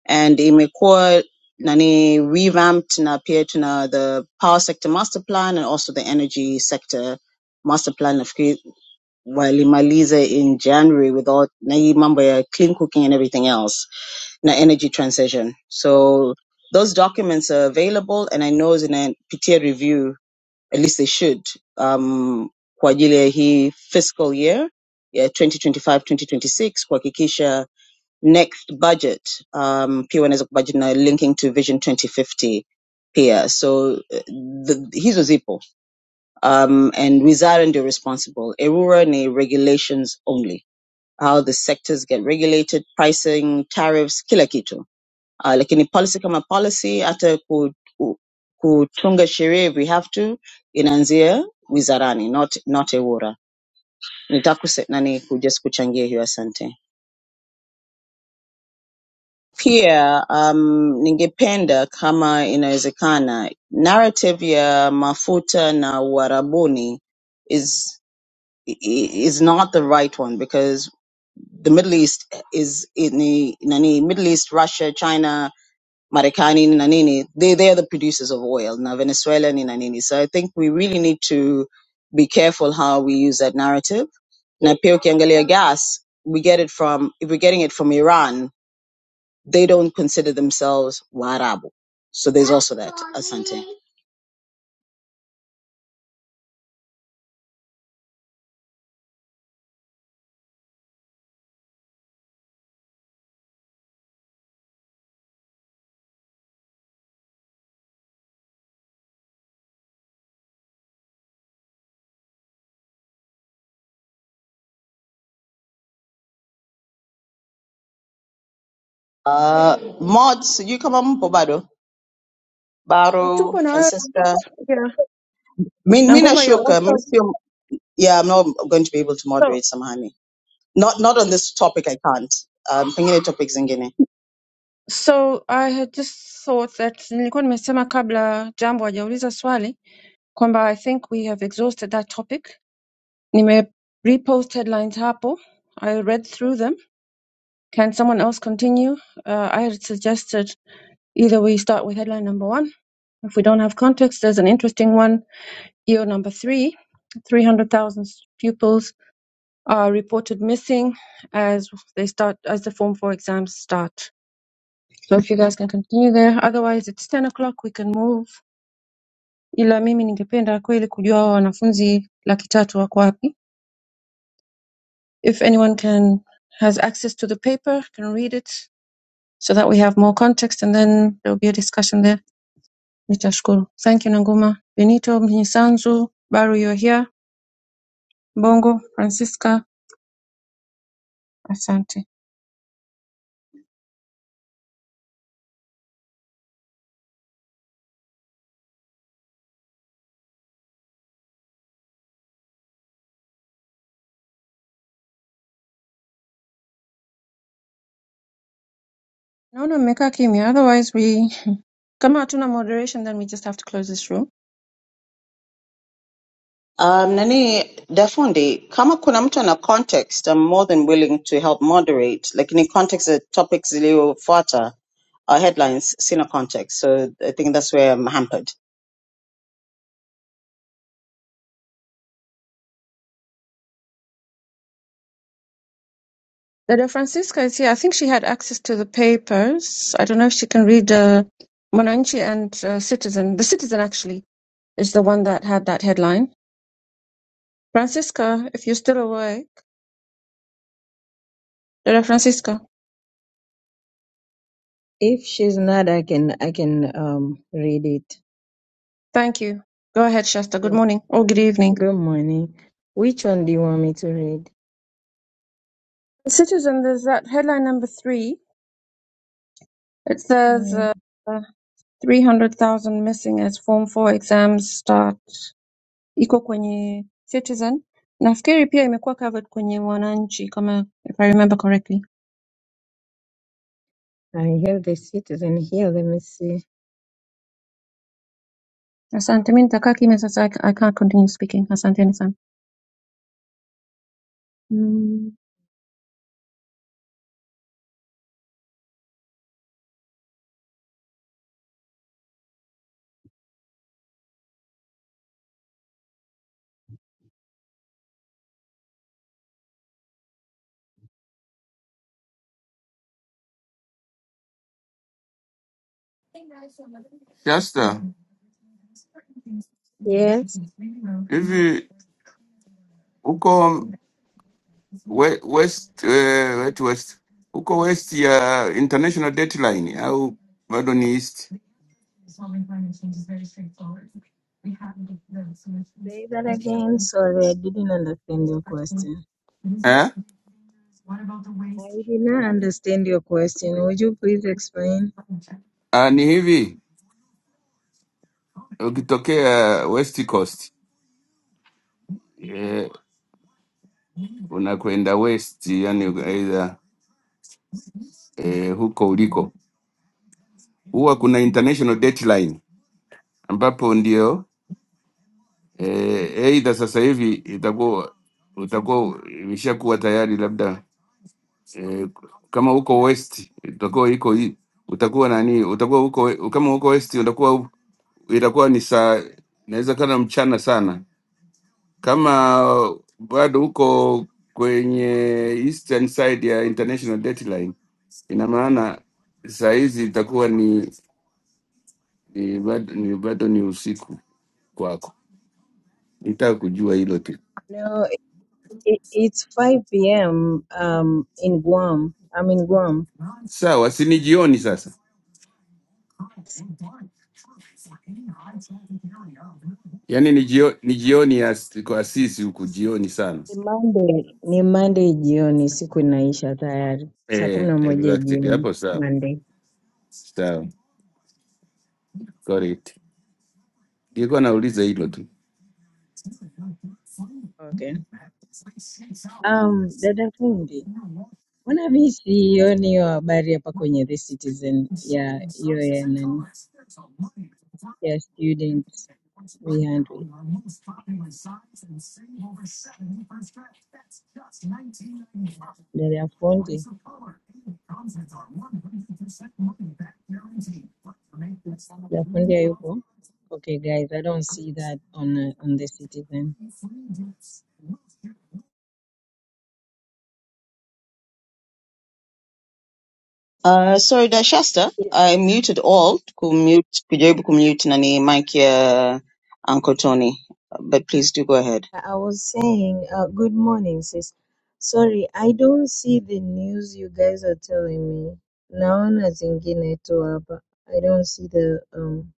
and imekuwa nani revamped na pia tuna the power sector master plan and also the energy sector master plan nafikiri walimaliza in january with all na hii mambo ya clean cooking and everything else na energy transition so those documents are available and i know it's in a peer review at least they should, um, kwa ajili ya hii fiscal year ya 2025-2026 kuhakikisha next budget um, pia wanaweza kubudget na linking to Vision 2050 pia so eh, the, hizo zipo um, and wizara ndio responsible erura ni regulations only how the sectors get regulated pricing tariffs kila kitu uh, lakini policy kama policy hata ku, ku, kutunga sheria if we have to inaanzia wizarani not, not EWURA. Nitakuse, nani ku- just kuchangia hiyo asante. Pia um, ningependa kama inawezekana narrative ya mafuta na uarabuni is i- i- is not the right one because the Middle East is in the, nani Middle East, Russia, China Marekani na nini, they they're the producers of oil na Venezuela ni na nini. So I think we really need to be careful how we use that narrative. Na pia ukiangalia gas, we get it from if we're getting it from Iran, they don't consider themselves Waarabu. So there's also that. Asante. Uh, mods, you come on Bobado, Uh, Baro, Tupo na wewe Francesca. yeah. Min Mina Nanguma, you're Shuka, also yeah, I'm not going to be able to so moderate Samahani. Not not on this topic I can't. Um pengine topics zingine. so I had just thought that nilikuwa nimesema kabla Jambo hajauliza swali kwamba I think we have exhausted that topic. Nime repost headlines hapo. I read through them. Can someone else continue? Uh, I had suggested either we start with headline number one If we don't have context, there's an interesting one. Year number three, 300,000 pupils are reported missing as they start as the Form 4 exams start. So if you guys can continue there. Otherwise, it's 10 o'clock, we can move. Ila mimi ningependa kweli kujua hao wanafunzi laki tatu wako wapi. If anyone can has access to the paper, can read it so that we have more context and then there will be a discussion there. Nitashukuru. Thank you Nanguma. Benito Mnyisanzu, Baru, you're here. Bongo Francisca, asante. Naona mmekaa kimya, otherwise we kama hatuna moderation then we just have to close this room. Um, nani Dafundi, kama kuna mtu ana context, I'm more than willing to help moderate. Lakini context ya topics ziliyofuata uh, headlines sina context. So I think that's where I'm hampered. Dada Francisca is here. I think she had access to the papers. I don't know if she can read uh, Mwananchi and uh, Citizen. The Citizen actually is the one that had that headline. Francisca, if you're still awake, Dada Francisca, If she's not, I can I can um read it. thank you. Go ahead, Shasta. Good Good morning or good evening. good morning. Which one do you want me to read? Citizen, there's that headline number three. It says Mm, uh, 300,000 missing as form 4 exams start. Iko kwenye Citizen. Nafikiri pia imekuwa covered kwenye Mwananchi kama if I remember correctly. I have the citizen here. Let me see. Asante, mi nitakaa kimya sasa. I, I can't continue speaking. Asanteni sana. Mm, Shasta, yes. hivi uko we, west eh, west west uko west ya international dateline au bado ni east Say that again. Sorry, I didn't understand your question. eh? I did not understand your question. Would you please explain? Ah, ni hivi ukitokea west coast eh, unakwenda west, yani aidha eh, huko uliko huwa kuna international dateline ambapo ndio eh, aidha sasa hivi itakuwa utakuwa imeshakuwa tayari labda eh, kama uko west utakuwa iko hii- utakuwa nani utakuwa uko we- kama uko west utakuwa u- itakuwa ni saa inaweza kana mchana sana kama bado uko kwenye eastern side ya international dateline ina maana saa hizi itakuwa ni, ni, bado, ni bado ni usiku kwako nitaka kujua hilo tu No, it, it's 5 p.m. um in Guam. I'm in Guam. sawa si ni jioni sasa yaani ni, jio, ni jioni ya, kwa sisi huku jioni sana Ni Monday, ni Monday jioni, siku inaisha tayari. Saa kumi Eh, na moja exactly. jioni Hapo sawa. Monday. Sawa. Correct. Nilikuwa nauliza hilo tu. Okay. Um, dada fundi, mbona mimi siioni hiyo habari hapa kwenye The Citizen ya hiyo ya nani? Ya student 300. Dada fundi, dada fundi hayupo? Okay guys, I don't see that on uh, on The Citizen. Uh, sorry Dashasta, I muted all kumute kujaribu kumute nani mic ya Uncle Tony. But please do go ahead. I was saying, uh, good morning, sis. Sorry, I don't see the news you guys are telling me. Naona zingine tu hapa. I don't see the um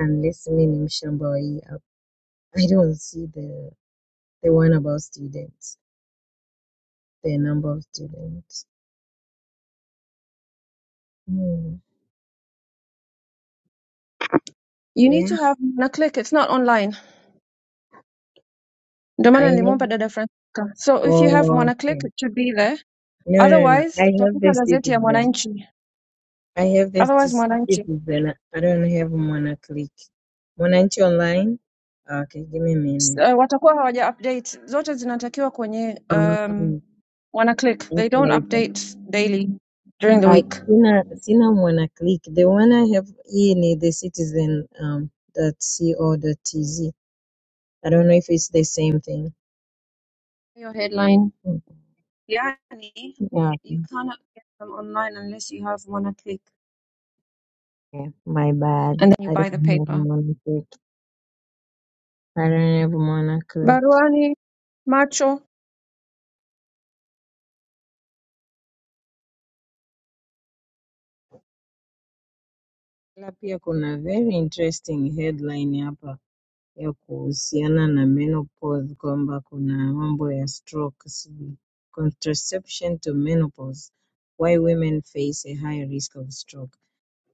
unless mimi ni mshamba wa hii app. I don't see the the one about students, the number of students. Hmm. You need Yeah, to have MwanaClick. It's not online. Ndio I maana nilimwomba have. dada Francisca. So if you have Oh, MwanaClick, okay. it should be there. No, no, no. I Otherwise, have tafuta the gazeti ya citizen. Mwananchi. I have the Otherwise, ci- Mwananchi. citizen. I don't have Mwana Click. Mwananchi Online. Okay, give me a S- minute. uh, watakuwa hawaja update zote zinatakiwa kwenye um, Mm, wana click they don't Okay, but update daily during the I week sina sina mwana click. The one I have here in the citizen um dot co dot tz. I don't know if it's the same thing. your headline Mm, yani Yeah, you okay. cannot get them online unless you have wana click My bad. and then you I don't buy the have paper mwana click. I don't have mwana click. baruani macho Ila pia kuna very interesting headline hapa. ya kuhusiana na menopause kwamba kuna mambo ya stroke sijui contraception to menopause why women face a high risk of stroke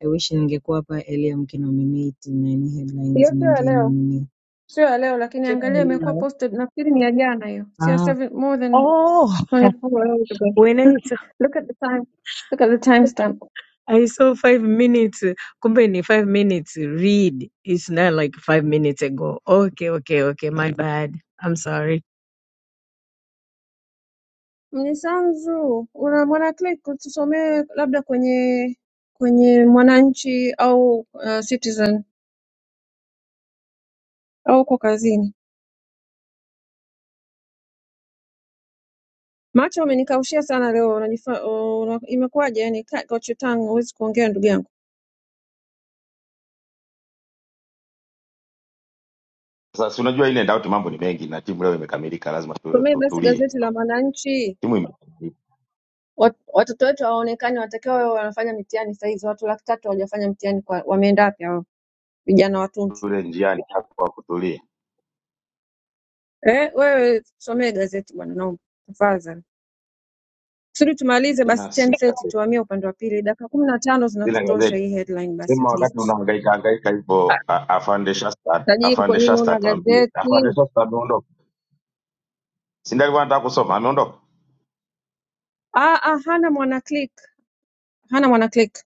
I wish ningekuwa hapa earlier mkinominate nani headlines hiyo sio ya leo ningenominate sio ya leo lakini angalia imekuwa posted nafikiri ni ya jana hiyo sio ah seven more than oh 24 hours ago when I saw, look at the time look at the timestamp I saw five minutes kumbe ni five minutes read it's not like five minutes ago okay okay okay my bad I'm sorry Mnyisanzu, una mwana click utusomee labda kwenye kwenye Mwananchi au uh, Citizen au uko kazini. Macho amenikaushia sana leo, unajifa uh, una- imekuwaje? Yani ka- got your tongue, huwezi kuongea ndugu yangu. Sasa si unajua ile doubt, mambo ni mengi na timu leo imekamilika, lazima tu- Somee basi tutulie gazeti la kidogo. Mwananchi. Timu imekamilika, Wat, watoto wetu hawaonekani, watakiwa wao wanafanya mitihani saa hizi. Watu laki tatu hawajafanya mtihani, kwa wameenda wapi hao vijana watuntu? tule njiani hapa kutulia. Eh, wewe somee gazeti bwana, naomba tafadhali. kusudi tumalize basi Sina sina 10:30 gazeti, tuhamie upande wa pili dakika kumi na tano sina zinatutosha gazeti. hii headline basi Sema at wakati least unahangaika hangaika hivyo, Ah, a- afande Shasta, tajiri kwa afande nini Shasta una atuambie, afande gazeti Shasta ameondoka, si ndio? Alikuwa anataka kusoma, ameondoka, ah, ah, hana mwana click hana mwana click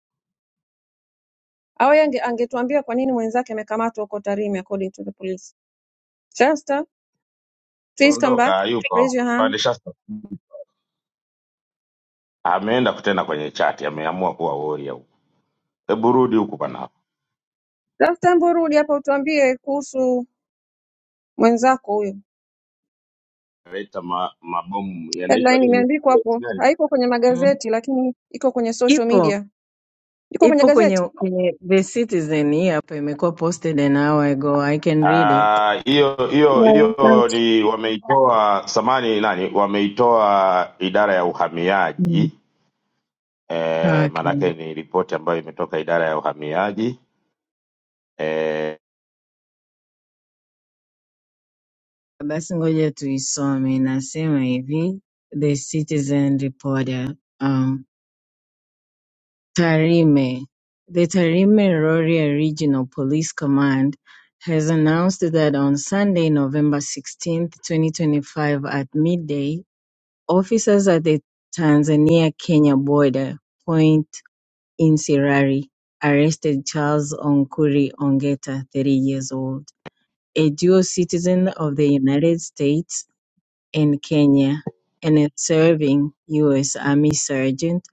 au yeye ange, angetuambia kwa nini mwenzake amekamatwa huko tarime according to the police shasta please come ondoka, back hayupo raise your hand afande Shasta, ameenda kutena kwenye chati, ameamua kuwa warrior huko. Hebu rudi huku bana, last time urudi hapa utuambie kuhusu mwenzako huyo leta ma, mabomu yanaitwa headline nini? imeandikwa hapo haiko kwenye mm. magazeti lakini iko kwenye social Ipo. media iko kwenye Ipo kwenye, gazeti kwenye The Citizen hii hapa imekuwa posted an hour ago. I can read it. Ah, hiyo hiyo yeah, hiyo ni wameitoa samani nani, wameitoa idara ya Mm. uhamiaji eh, maanake Okay. ni ripoti ambayo imetoka idara ya uhamiaji eh, Basi ngoja tuisome. Inasema hivi, The Citizen reporter, um, Tarime. The Tarime Rorya Regional Police Command has announced that on Sunday, November 16th, 2025 at midday, officers at the Tanzania-Kenya border, point in Sirari, arrested Charles Onkuri Ongeta, 30 years old, a dual citizen of the United States and Kenya, and a serving U.S. Army sergeant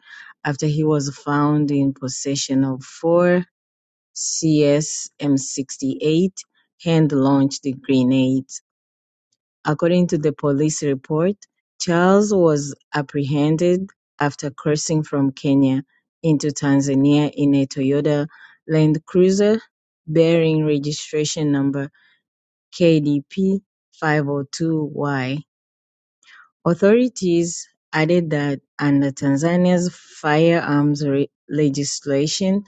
after he was found in possession of four CS M68 hand-launched grenades. According to the police report, Charles was apprehended after crossing from Kenya into Tanzania in a Toyota Land Cruiser bearing registration number KDP 502Y. Authorities added that under Tanzania's firearms re- legislation,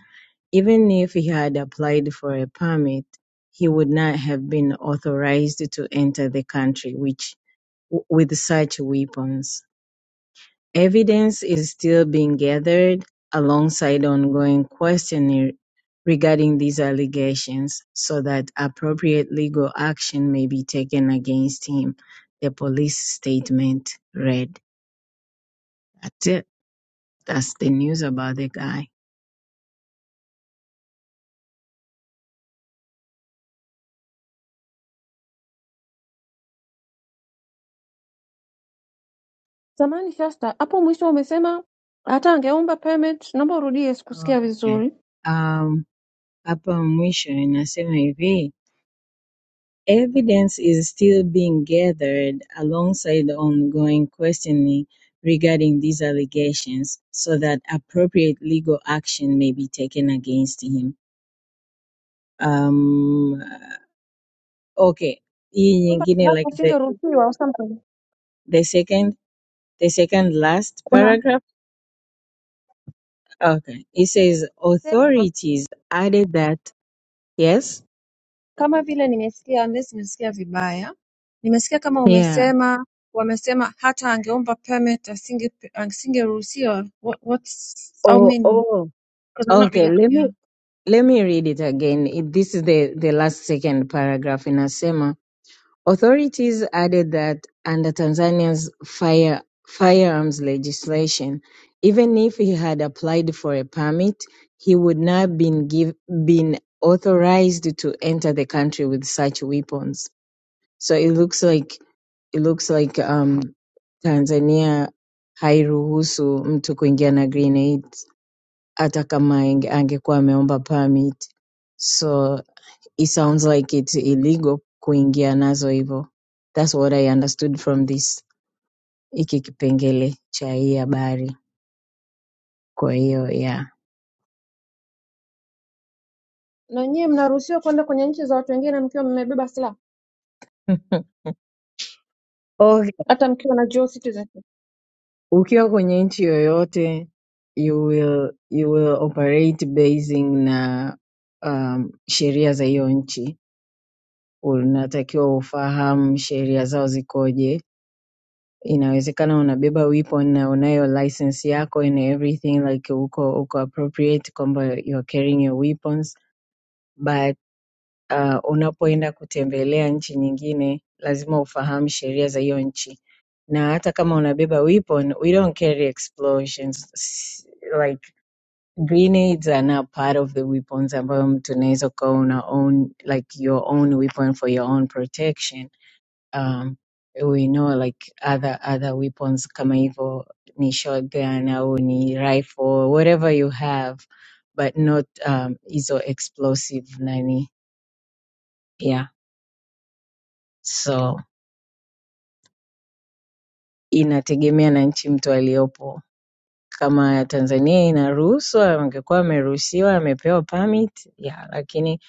even if he had applied for a permit, he would not have been authorized to enter the country, which w- with such weapons. Evidence is still being gathered alongside ongoing questioning regarding these allegations so that appropriate legal action may be taken against him. The police statement read. That's it. That's the news about the guy. Samahani Shasta, hapo mwisho umesema hata angeomba permit, naomba urudie, sikusikia Okay. vizuri. Um, hapa mwisho inasema hivi Evidence is still being gathered alongside the ongoing questioning regarding these allegations so that appropriate legal action may be taken against him. Um, okay. Hii Omba nyingine kibali like the asingeruhusiwa au something. the second the second last paragraph. Okay. It says Unasema authorities added that yes. kama vile nimesikia, unless nimesikia vibaya, nimesikia kama Yeah. umesema wamesema hata angeomba permit asinge asingeruhusiwa. What, what's I Oh mean, oh. because I'm not Okay, really let me yeah. let me read it again. It- This is the the last second paragraph in Asema Authorities added that under Tanzania's fire, firearms legislation, even if he had applied for a permit, he would not have been give, been authorized to enter the country with such weapons. So it looks like it looks like um, Tanzania hairuhusu mtu kuingia na grenades hata kama ange- angekuwa ameomba permit. So it sounds like it's illegal kuingia nazo hivyo. That's what I understood from this hiki kipengele cha hii habari. Kwa hiyo yeah. Na nyie mnaruhusiwa kwenda kwenye nchi za watu wengine mkiwa mmebeba silaha, Okay. hata mkiwa na dual citizenship. Ukiwa kwenye nchi yoyote you will you will operate basing na um, sheria za hiyo nchi. Unatakiwa ufahamu sheria zao zikoje. Inawezekana unabeba weapon na unayo license yako and everything like uko uko appropriate kwamba you are carrying your weapons but uh, unapoenda kutembelea nchi nyingine lazima ufahamu sheria za hiyo nchi na hata kama unabeba weapon we don't carry explosions S- like grenades are not part of the weapons ambayo mtu unaweza ukawa una own like your own weapon for your own protection um, we know like other other weapons kama hivyo ni shotgun au ni rifle whatever you have but not um, hizo explosive nani yeah So inategemea na nchi mtu aliyopo. Kama Tanzania inaruhusu, angekuwa ameruhusiwa, amepewa permit ya lakini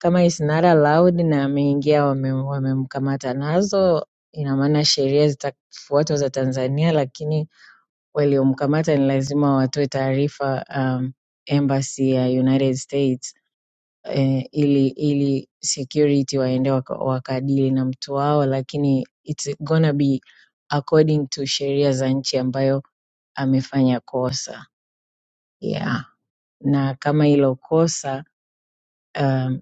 kama is not allowed na ameingia wame- wamemkamata wame nazo, ina maana sheria zitafuatwa za Tanzania, lakini waliomkamata ni lazima watoe taarifa um, embassy ya United States eh, ili ili security waende waka, wakadili na mtu wao, lakini it's gonna be according to sheria za nchi ambayo amefanya kosa yeah. Na kama hilo kosa um,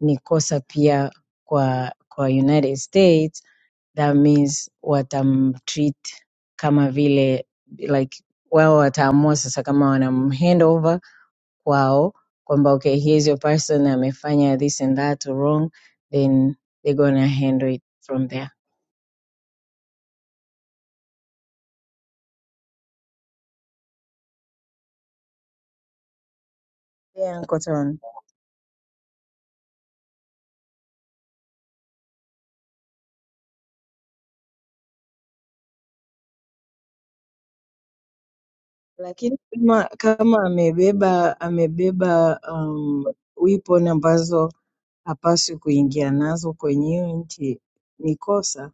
ni kosa pia kwa kwa United States, that means watamtreat kama vile like wao wataamua sasa kama wanamhandover kwao kwamba okay here's your person amefanya this and that wrong then they're gonna handle it from there yeah, Uncle Tom. lakini kama kama amebeba amebeba um, weapon ambazo hapaswi kuingia nazo kwenye hiyo nchi ni kosa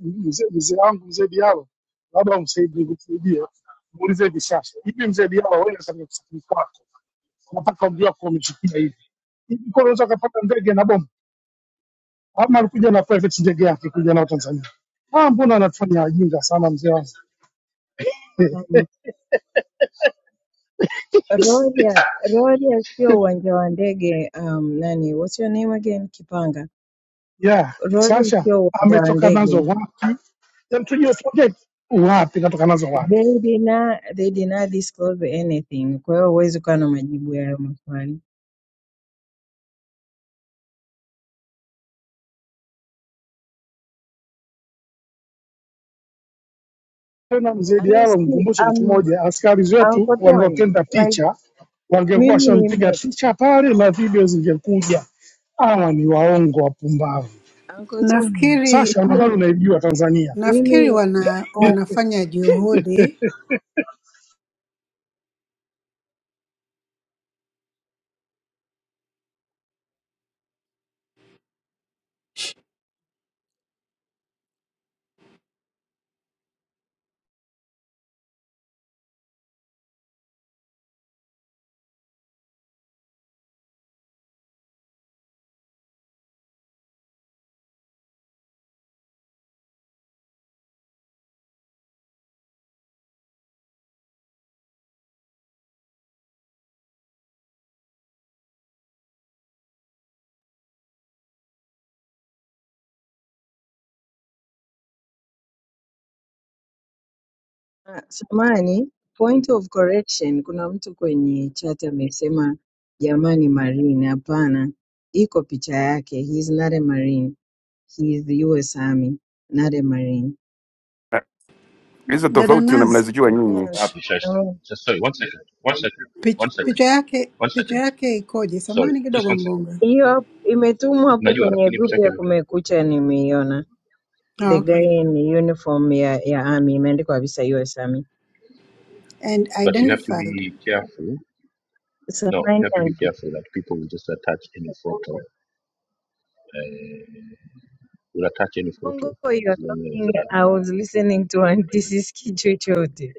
mzee mzee wangu mzee Diallo, labda umsaidie nikusaidie, muulize hivi sasa, hivi mzee Diallo, wewe katika kusafiri kwako unataka mji wako umechukia hivi hivi, kwa unaweza kupata ndege na bomu, ama alikuja na private ndege yake kuja nao Tanzania? Ah, mbona anatufanya wajinga sana mzee wangu um, Rorya Rorya sio uwanja wa ndege um, nani what's your name again Kipanga yeah. Rorya Sasa sio uwanja wa ametoka nazo ndege wapi? Yaani tujue project wapi, katoka nazo wapi? They did not, they did not disclose anything. Kwa hiyo huwezi kuwa na majibu ya hayo maswali. Tena mzee Diallo Honestly, mkumbushe kitu um, moja, askari wetu Uncle Tony, wanaotenda like picha wangekuwa mimi washampiga nime picha pale na video zingekuja. Hawa ni waongo wapumbavu. Uncle Tony, nafikiri Sasha, mimi nadhani unaijua Tanzania. nafikiri mimi, wana, uh, wanafanya juhudi. uh, samani point of correction, kuna mtu kwenye chat amesema jamani Marine, hapana, iko picha yake. He is not a Marine. He is the US Army, not a Marine. Na Hizo Dada tofauti una- nazi. mnazijua nyinyi, kutoka wapi shasta Yeah, Just sorry one second one second pich, one second picha yake one picha second yake ikoje? sorry Samani just kidogo one second mbonga. Hiyo hapo- imetumwa hapo unajua kwenye lakini picha grupu yake ya imetoka. Kumekucha, nimeiona. Ah, The okay. guy in uniform ya, ya army imeandikwa kabisa US Army. And but you have to identified. be careful no you Samahani have to be aunty, careful that people will just attach any photo eh, will attach any photo bongo you as are long as talking, I uh, was listening to aunty, sisikii chochote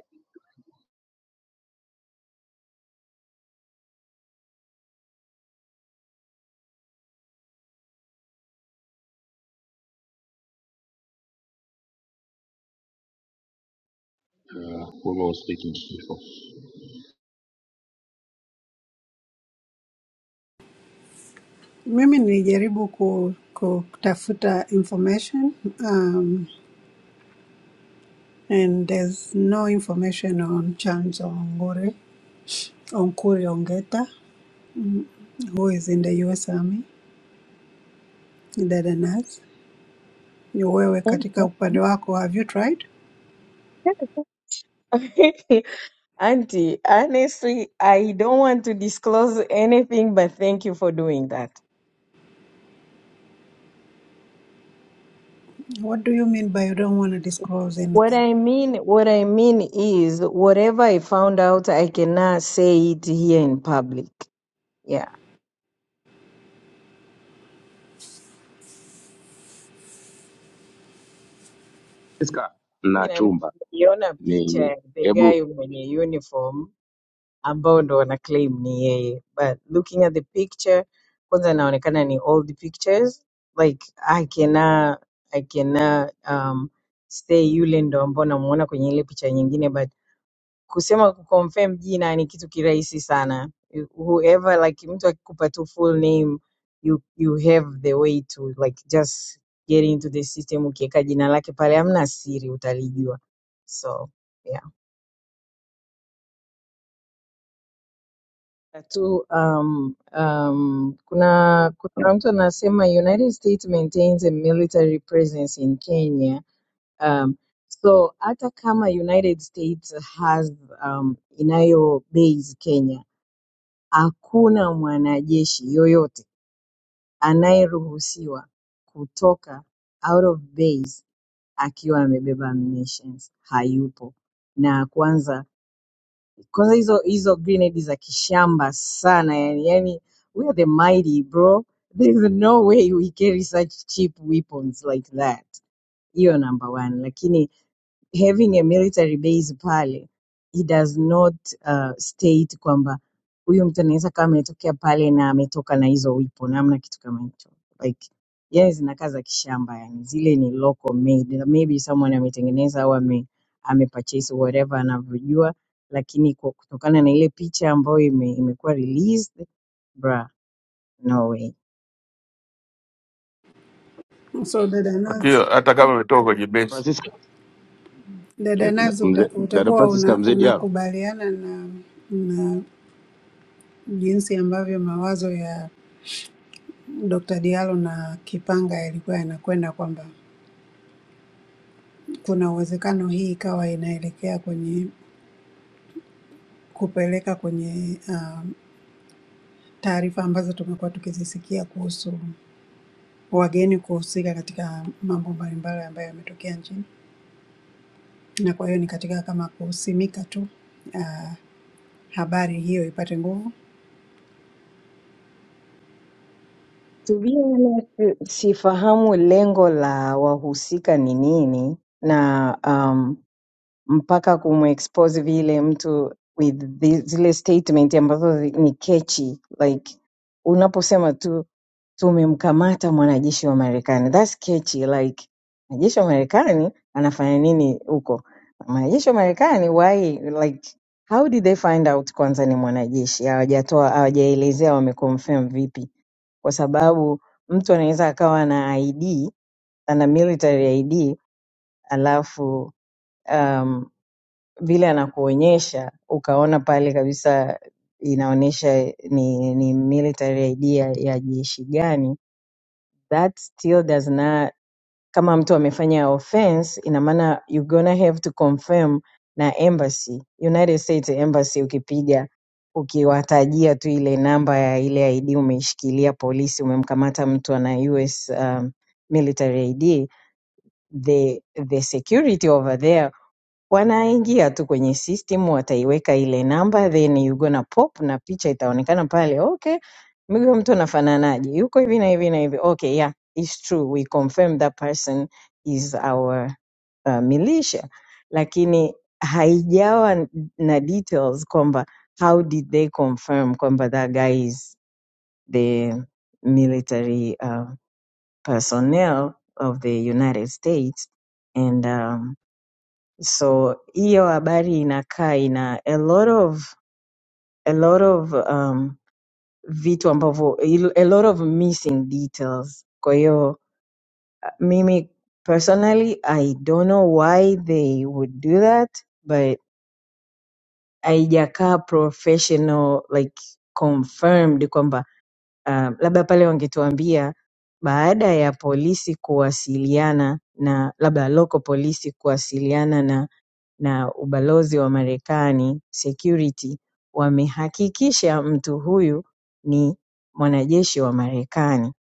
whoever was taking it before Mimi nilijaribu ku, ku- kutafuta information Um. And there's no information on Charles Ongure, Onkuri Ongeta, who is in the US Army, dada nurse. Ni wewe katika upande wako, have you tried? Auntie, honestly, I don't want to disclose anything, but thank you for doing that. What do you mean by you don't want to disclose What anything? I mean, what I mean is, whatever I found out, I cannot say it here in public. Yeah. Francisca Mimi na na- chumba Niliona picha ni ya the hebu guy mwenye uniform ambao ndo wana claim ni yeye, but looking at the picture, kwanza inaonekana ni old pictures like I cannot, I cannot um, say yule ndo ambao namuona kwenye ile picha nyingine, but kusema kuconfirm jina ni kitu kirahisi sana You- whoever like mtu akikupa tu full name you, you have the way to like just get into the system ukiweka jina lake pale hamna siri utalijua so yeah tu um, um, kuna kuna mtu anasema united states maintains a military presence in kenya um, so hata kama united states has um, inayo base kenya Hakuna mwanajeshi yeyote anayeruhusiwa kutoka out of base akiwa amebeba ammunitions hayupo na kwanza kwanza hizo hizo grenade za kishamba sana yani, yani we are the mighty bro there is no way we carry such cheap weapons like that hiyo number one lakini having a military base pale it does not uh, state kwamba huyu mtu anaweza kama ametokea pale na ametoka na hizo weapon amna kitu kama hicho like yeye zinakaa za kishamba yani zile ni local made na maybe someone ametengeneza au ame amepurchase whatever anavyojua lakini kwa kutokana na ile picha ambayo ime, imekuwa released bra no way So dada nurse, Akio, hata kama umetoka kwenye base. Francisca, dada nurse uta, mzee- dada utakuwa Francisca una, mzee Diaro, unakubaliana na, na jinsi ambavyo mawazo ya Dr. Diallo na Kipanga yalikuwa yanakwenda kwamba kuna uwezekano hii ikawa inaelekea kwenye kupeleka kwenye uh, taarifa ambazo tumekuwa tukizisikia kuhusu wageni kuhusika katika mambo mbalimbali ambayo yametokea nchini, na kwa hiyo ni katika kama kusimika tu uh, habari hiyo ipate nguvu. to be honest sifahamu lengo la wahusika ni nini na mpaka kumexpose vile mtu with the, zile statement ambazo zi- ni catchy. like unaposema tu tumemkamata mwanajeshi wa Marekani. That's catchy like mwanajeshi wa Marekani anafanya nini huko? Mwanajeshi wa Marekani why like how did they find out kwanza ni mwanajeshi? Hawajatoa hawajaelezea wameconfirm vipi? Kwa sababu mtu anaweza akawa na ID, ana military ID alafu um, vile anakuonyesha ukaona pale kabisa inaonyesha ni, ni military idea ya jeshi gani that still does not kama mtu amefanya offense ina maana you gonna have to confirm na embassy united states embassy ukipiga ukiwatajia tu ile namba ya ile id umeishikilia polisi umemkamata mtu ana us um, military id the the security over there wanaingia tu kwenye system wataiweka ile namba then you gonna pop na picha itaonekana pale okay mimi huyo mtu anafananaje yuko hivi na hivi na hivi okay yeah it's true we confirm that person is our uh, militia lakini haijawa na details kwamba how did they confirm kwamba that guy is the military uh, personnel of the united states and um, so hiyo habari inakaa ina a lot of a lot of um, vitu ambavyo a lot of missing details kwa hiyo mimi personally i don't know why they would do that but haijakaa professional like confirmed kwamba um, labda pale wangetuambia baada ya polisi kuwasiliana na labda local polisi kuwasiliana na na ubalozi wa Marekani security wamehakikisha mtu huyu ni mwanajeshi wa Marekani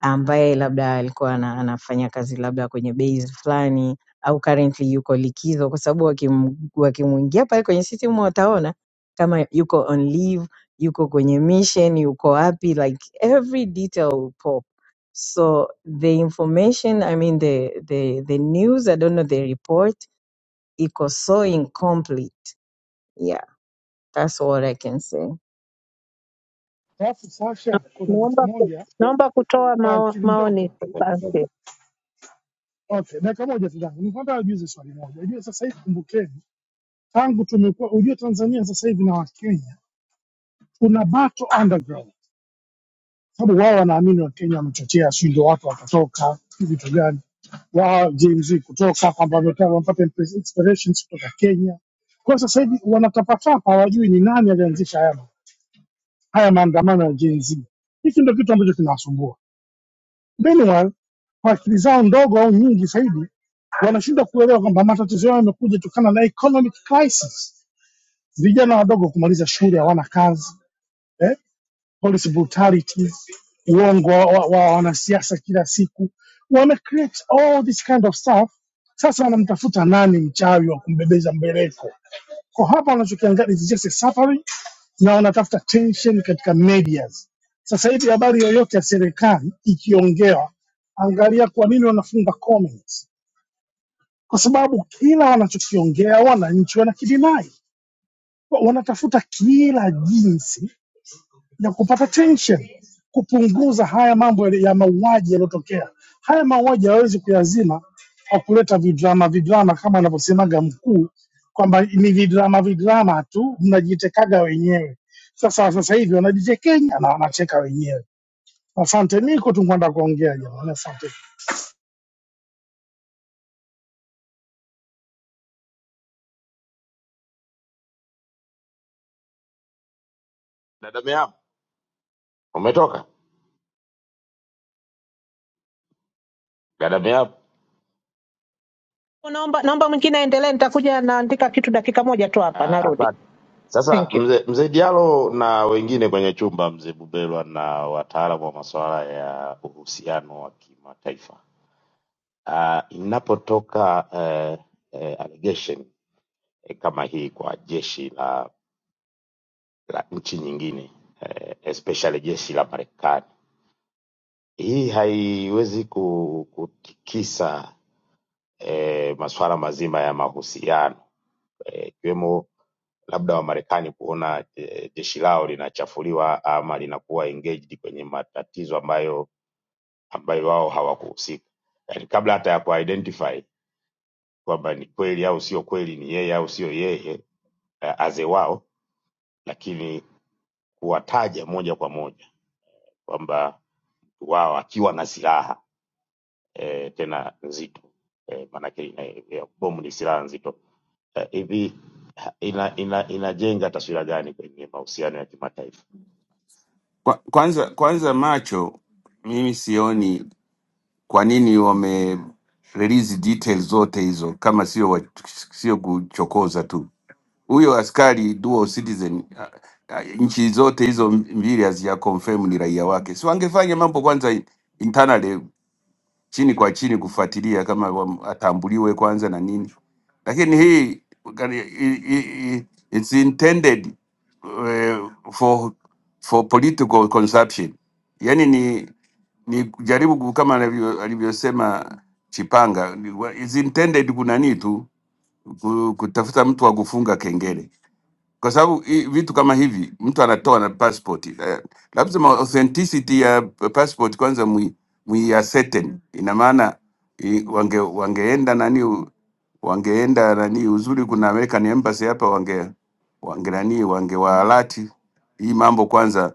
ambaye labda alikuwa ana- anafanya kazi labda kwenye base fulani au currently yuko likizo, kwa sababu wakim- wakimwingia pale kwenye system wataona kama yuko on leave, yuko kwenye mission, yuko wapi, like every detail will pop. So the information, I mean the the the news, I don't know the report equals so incomplete. Yeah, that's all I can say. Alafu Sasha, kuna kitu Naomba ku- moja naomba kutoa kwa mao, akili ndogo maoni. tu. Asante. Okay, dakika moja tu dada. Nikwambia ajuze swali moja. Ujue sasa hivi kumbukeni, tangu tumekuwa ujue Tanzania sasa hivi na Wakenya tuna battle underground. sababu wao wanaamini Wakenya wamechochea, si ndio watu watatoka vitu gani wao Gen Z kutoka kwamba wametaka wapate inspirations kutoka Kenya. Kwa sasa hivi wanatapatapa, hawajui ni nani alianzisha haya haya maandamano ya Gen Z. Hiki ndio kitu ambacho kinawasumbua. Meanwhile, kwa akili zao ndogo au nyingi zaidi, wanashindwa kuelewa kwamba matatizo yao yamekuja kutokana na economic crisis, vijana wadogo kumaliza shule, hawana kazi eh? police brutality, uongo wa, wa wa wanasiasa kila siku, wame create all this kind of stuff. Sasa wanamtafuta nani mchawi wa kumbebeza mbeleko? Kwa hapa wanachokiangalia is just a suffering, na wanatafuta tension katika medias. Sasa hivi habari yoyote ya serikali ikiongewa, angalia kwa nini wanafunga comments, kwa sababu kila wanachokiongea wananchi wanakidinai, Wa- wanatafuta kila jinsi na kupata tension, kupunguza haya mambo ya ya mauaji yaliyotokea. Haya mauaji hayawezi kuyazima kwa kuleta vidrama vidrama kama anavyosemaga mkuu kwamba ni vidrama vidrama tu, mnajitekaga wenyewe. Sasa sasa hivi wanajitekenya na wanacheka wenyewe. Asante, niko tu kwenda kuongea jamani, asante. dada Meapo umetoka, dada Meapo Naomba naomba mwingine aendelee, nitakuja naandika kitu dakika moja tu hapa, Ah, narudi. Asante. Sasa Thank you. mzee mzee Diallo na wengine kwenye chumba, mzee Bubelwa na wataalamu wa masuala ya uhusiano wa kimataifa, Ah, inapotoka eh, eh, allegation eh, kama hii kwa jeshi la, la nchi nyingine eh, especially jeshi la Marekani hii haiwezi ku- kutikisa eh, masuala mazima ya mahusiano eh, ikiwemo labda Wamarekani kuona eh, jeshi lao linachafuliwa ama linakuwa engaged kwenye matatizo ambayo ambayo wao hawakuhusika, yani kabla hata ya kuidentify kwamba ni kweli au sio kweli, ni yeye au sio yeye eh, aze wao, lakini kuwataja moja kwa moja kwamba wao akiwa na silaha eh, tena nzito eh, maanake ina- ya bomu ni silaha nzito eh, hivi ha- ina, ina, inajenga taswira gani kwenye mahusiano ya kimataifa? Kwa, kwanza kwanza macho mimi sioni kwa nini wame release details zote hizo kama sio wa- sio kuchokoza tu. Huyo askari dual citizen a- a- nchi zote hizo mbili hazija confirm ni raia wake. Si wangefanya mambo kwanza internally chini kwa chini kufuatilia kama wam- atambuliwe kwanza na nini, lakini hii kani- i- i- i- it's intended uh, for for political consumption, yani ni ni kujaribu ku- kama alivyo- alivyosema Chipanga, ni wa- it's intended kunani tu ku- kutafuta mtu wa kufunga kengele kwa sababu hii vitu kama hivi mtu anatoa na passport eh, lazima authenticity ya passport kwanza mwi mwi ascertain. Ina maana i- wange wangeenda nani u- wangeenda nani, uzuri kuna American embassy hapa, wange wange nani wangewaalati hii mambo kwanza,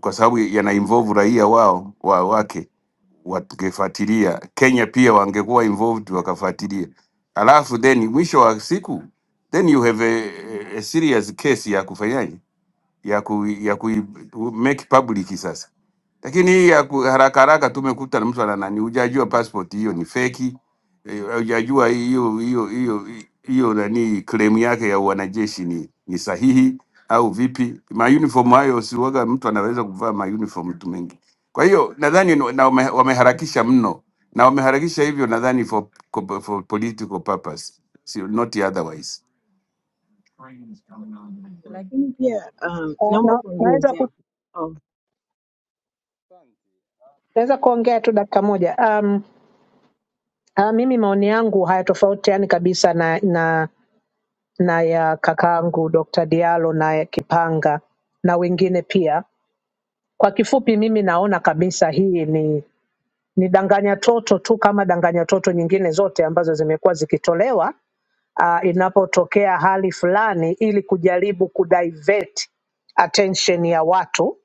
kwa sababu yana involve raia wao wa, wake wangefuatilia, Kenya pia wangekuwa involved wakafuatilia, alafu then mwisho wa siku then you have a, a serious case ya kufanyaje ya ku, ya ku make public sasa. Lakini hii ya ku, haraka haraka tumekuta na mtu ana nani, hujajua passport hiyo ni feki, eh, hujajua hiyo hiyo hiyo hiyo nani claim yake ya wanajeshi ni, ni sahihi au vipi? Ma uniform hayo siwaga mtu anaweza kuvaa ma uniform tu mengi. Kwa hiyo nadhani ni- na wame- wameharakisha mno na wameharakisha hivyo nadhani for, for political purpose, si not otherwise. Lakini pia um, Uh, naomba na, naweza kuongezea ku, oh, naweza kuongea tu dakika moja. Um, uh, mimi maoni yangu hayatofautiani kabisa na na na ya kakaangu Dr. Diallo na ya Kipanga na wengine pia. Kwa kifupi, mimi naona kabisa hii ni ni danganya toto tu kama danganya toto nyingine zote ambazo zimekuwa zikitolewa uh, inapotokea hali fulani ili kujaribu kudivert attention ya watu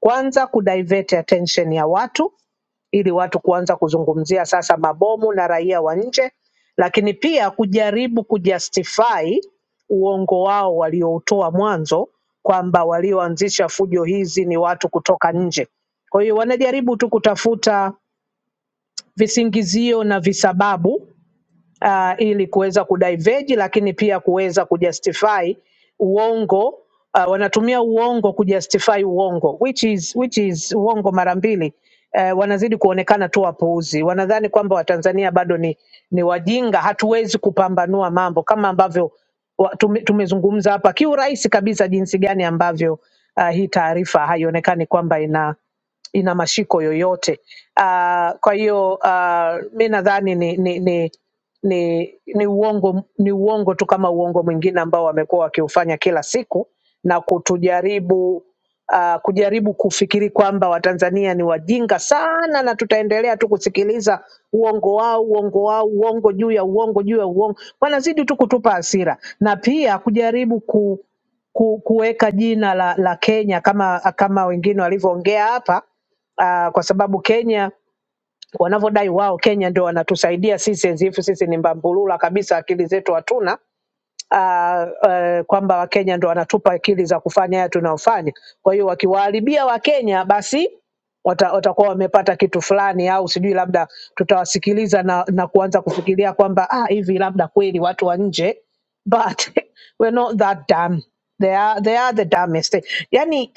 kwanza kudivert attention ya watu ili watu kuanza kuzungumzia sasa mabomu na raia wa nje lakini pia kujaribu kujustify uongo wao walioutoa mwanzo kwamba walioanzisha fujo hizi ni watu kutoka nje kwa hiyo wanajaribu tu kutafuta visingizio na visababu uh, ili kuweza kudiverge, lakini pia kuweza kujustify uongo uh, wanatumia uongo kujustify uongo which is, which is uongo mara mbili eh, wanazidi kuonekana tu wapuuzi. Wanadhani kwamba Watanzania bado ni, ni wajinga, hatuwezi kupambanua mambo kama ambavyo wa- tume- tumezungumza hapa kiurahisi kabisa, jinsi gani ambavyo uh, hii taarifa haionekani kwamba ina ina mashiko yoyote. Uh, kwa hiyo uh, mi nadhani ni, ni, ni, ni, ni uongo ni uongo tu kama uongo mwingine ambao wamekuwa wakiufanya kila siku na kutujaribu uh, kujaribu kufikiri kwamba Watanzania ni wajinga sana na tutaendelea tu kusikiliza uongo wao uongo wao uongo juu ya uongo juu ya uongo. Wanazidi tu kutupa hasira na pia kujaribu ku ku- kuweka jina la, la Kenya kama kama wengine walivyoongea hapa uh, kwa sababu Kenya wanavyodai wao, Kenya ndio wanatusaidia sisi enzifu, sisi ni mbambulula kabisa, akili zetu hatuna uh, uh, kwamba Wakenya ndio wanatupa akili za kufanya haya tunayofanya. Kwa hiyo wakiwaharibia Wakenya basi wata- watakuwa wamepata kitu fulani, au sijui labda tutawasikiliza na, na kuanza kufikiria kwamba ah, hivi labda kweli watu wa nje but we're not that dumb. They are, they are the dumbest. Yani,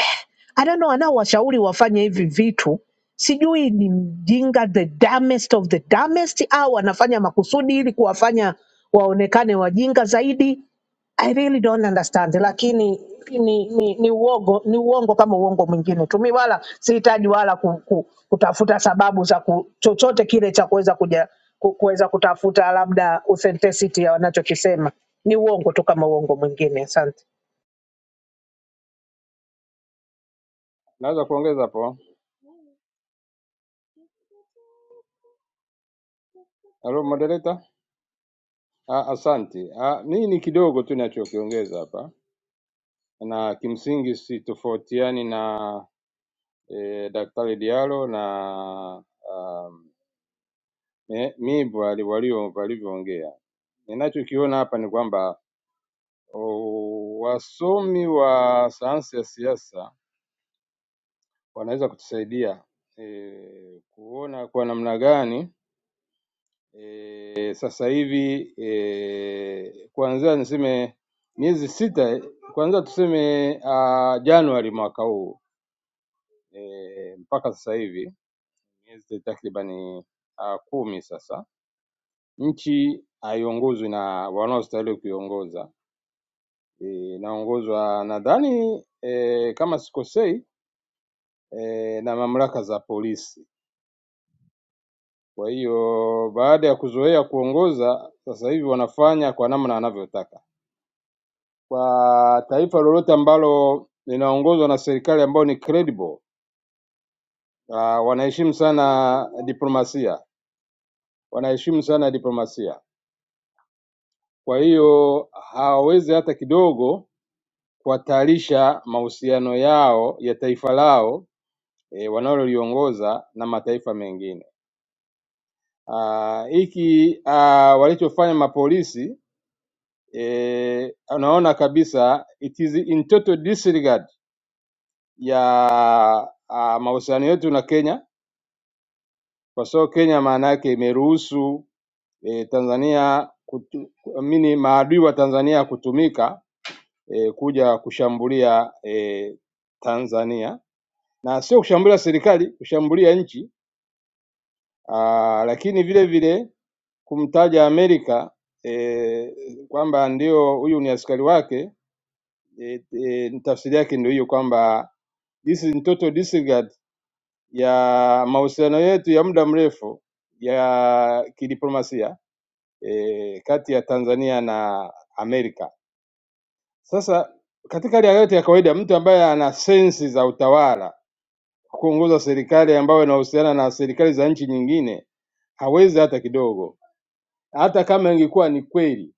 I don't know, anaowashauri wafanye hivi vitu sijui ni mjinga the dumbest of the dumbest au anafanya makusudi ili kuwafanya waonekane wajinga zaidi I really don't understand, lakini ni, ni, ni uongo ni uongo kama uongo mwingine tu. Mimi wala sihitaji wala ku, ku, kutafuta sababu za ku, chochote kile cha kuweza kuja ku- kuweza kutafuta labda authenticity ya wanachokisema. Ni uongo tu kama uongo mwingine. Asante. Naweza kuongeza hapo. Hello moderator. Ah, Asante. Ah, mimi ni kidogo tu nachokiongeza hapa, na kimsingi sitofautiani na eh, Daktari Diallo na um, eh, Mibwe ali- walio- walivyoongea. Ninachokiona hapa ni kwamba oh, wasomi wa sayansi ya siasa wanaweza kutusaidia eh, kuona kwa namna gani E, sasa hivi e, kuanzia niseme miezi sita kuanzia tuseme uh, Januari mwaka huu e, mpaka sasa hivi miezi takribani uh, kumi sasa, nchi haiongozwi na wanaostahili kuiongoza. E, inaongozwa e, nadhani e, kama sikosei e, na mamlaka za polisi. Kwa hiyo baada ya kuzoea kuongoza, sasa hivi wanafanya kwa namna wanavyotaka kwa taifa lolote ambalo linaongozwa na serikali ambayo ni credible, ah, wanaheshimu sana diplomasia, wanaheshimu sana diplomasia. Kwa hiyo hawawezi hata kidogo kuhatarisha mahusiano yao ya taifa lao e, wanaloliongoza na mataifa mengine. Ah, Hiki ah, walichofanya mapolisi e, unaona kabisa it is in total disregard ya ah, mahusiano yetu na Kenya kwa sababu Kenya maana yake imeruhusu e, Tanzania kutu, mini maadui wa Tanzania kutumika e, kuja kushambulia e, Tanzania na sio kushambulia serikali, kushambulia nchi aa, lakini vile vile kumtaja Amerika e, kwamba ndio huyu ni askari wake e, e, tafsiri yake ndio hiyo kwamba this is total disregard ya mahusiano yetu ya muda mrefu ya kidiplomasia e, kati ya Tanzania na Amerika. Sasa katika hali ya yote ya kawaida, mtu ambaye ana sensi za utawala kuongoza serikali ambayo inahusiana na serikali za nchi nyingine hawezi hata kidogo, hata kama ingekuwa ni kweli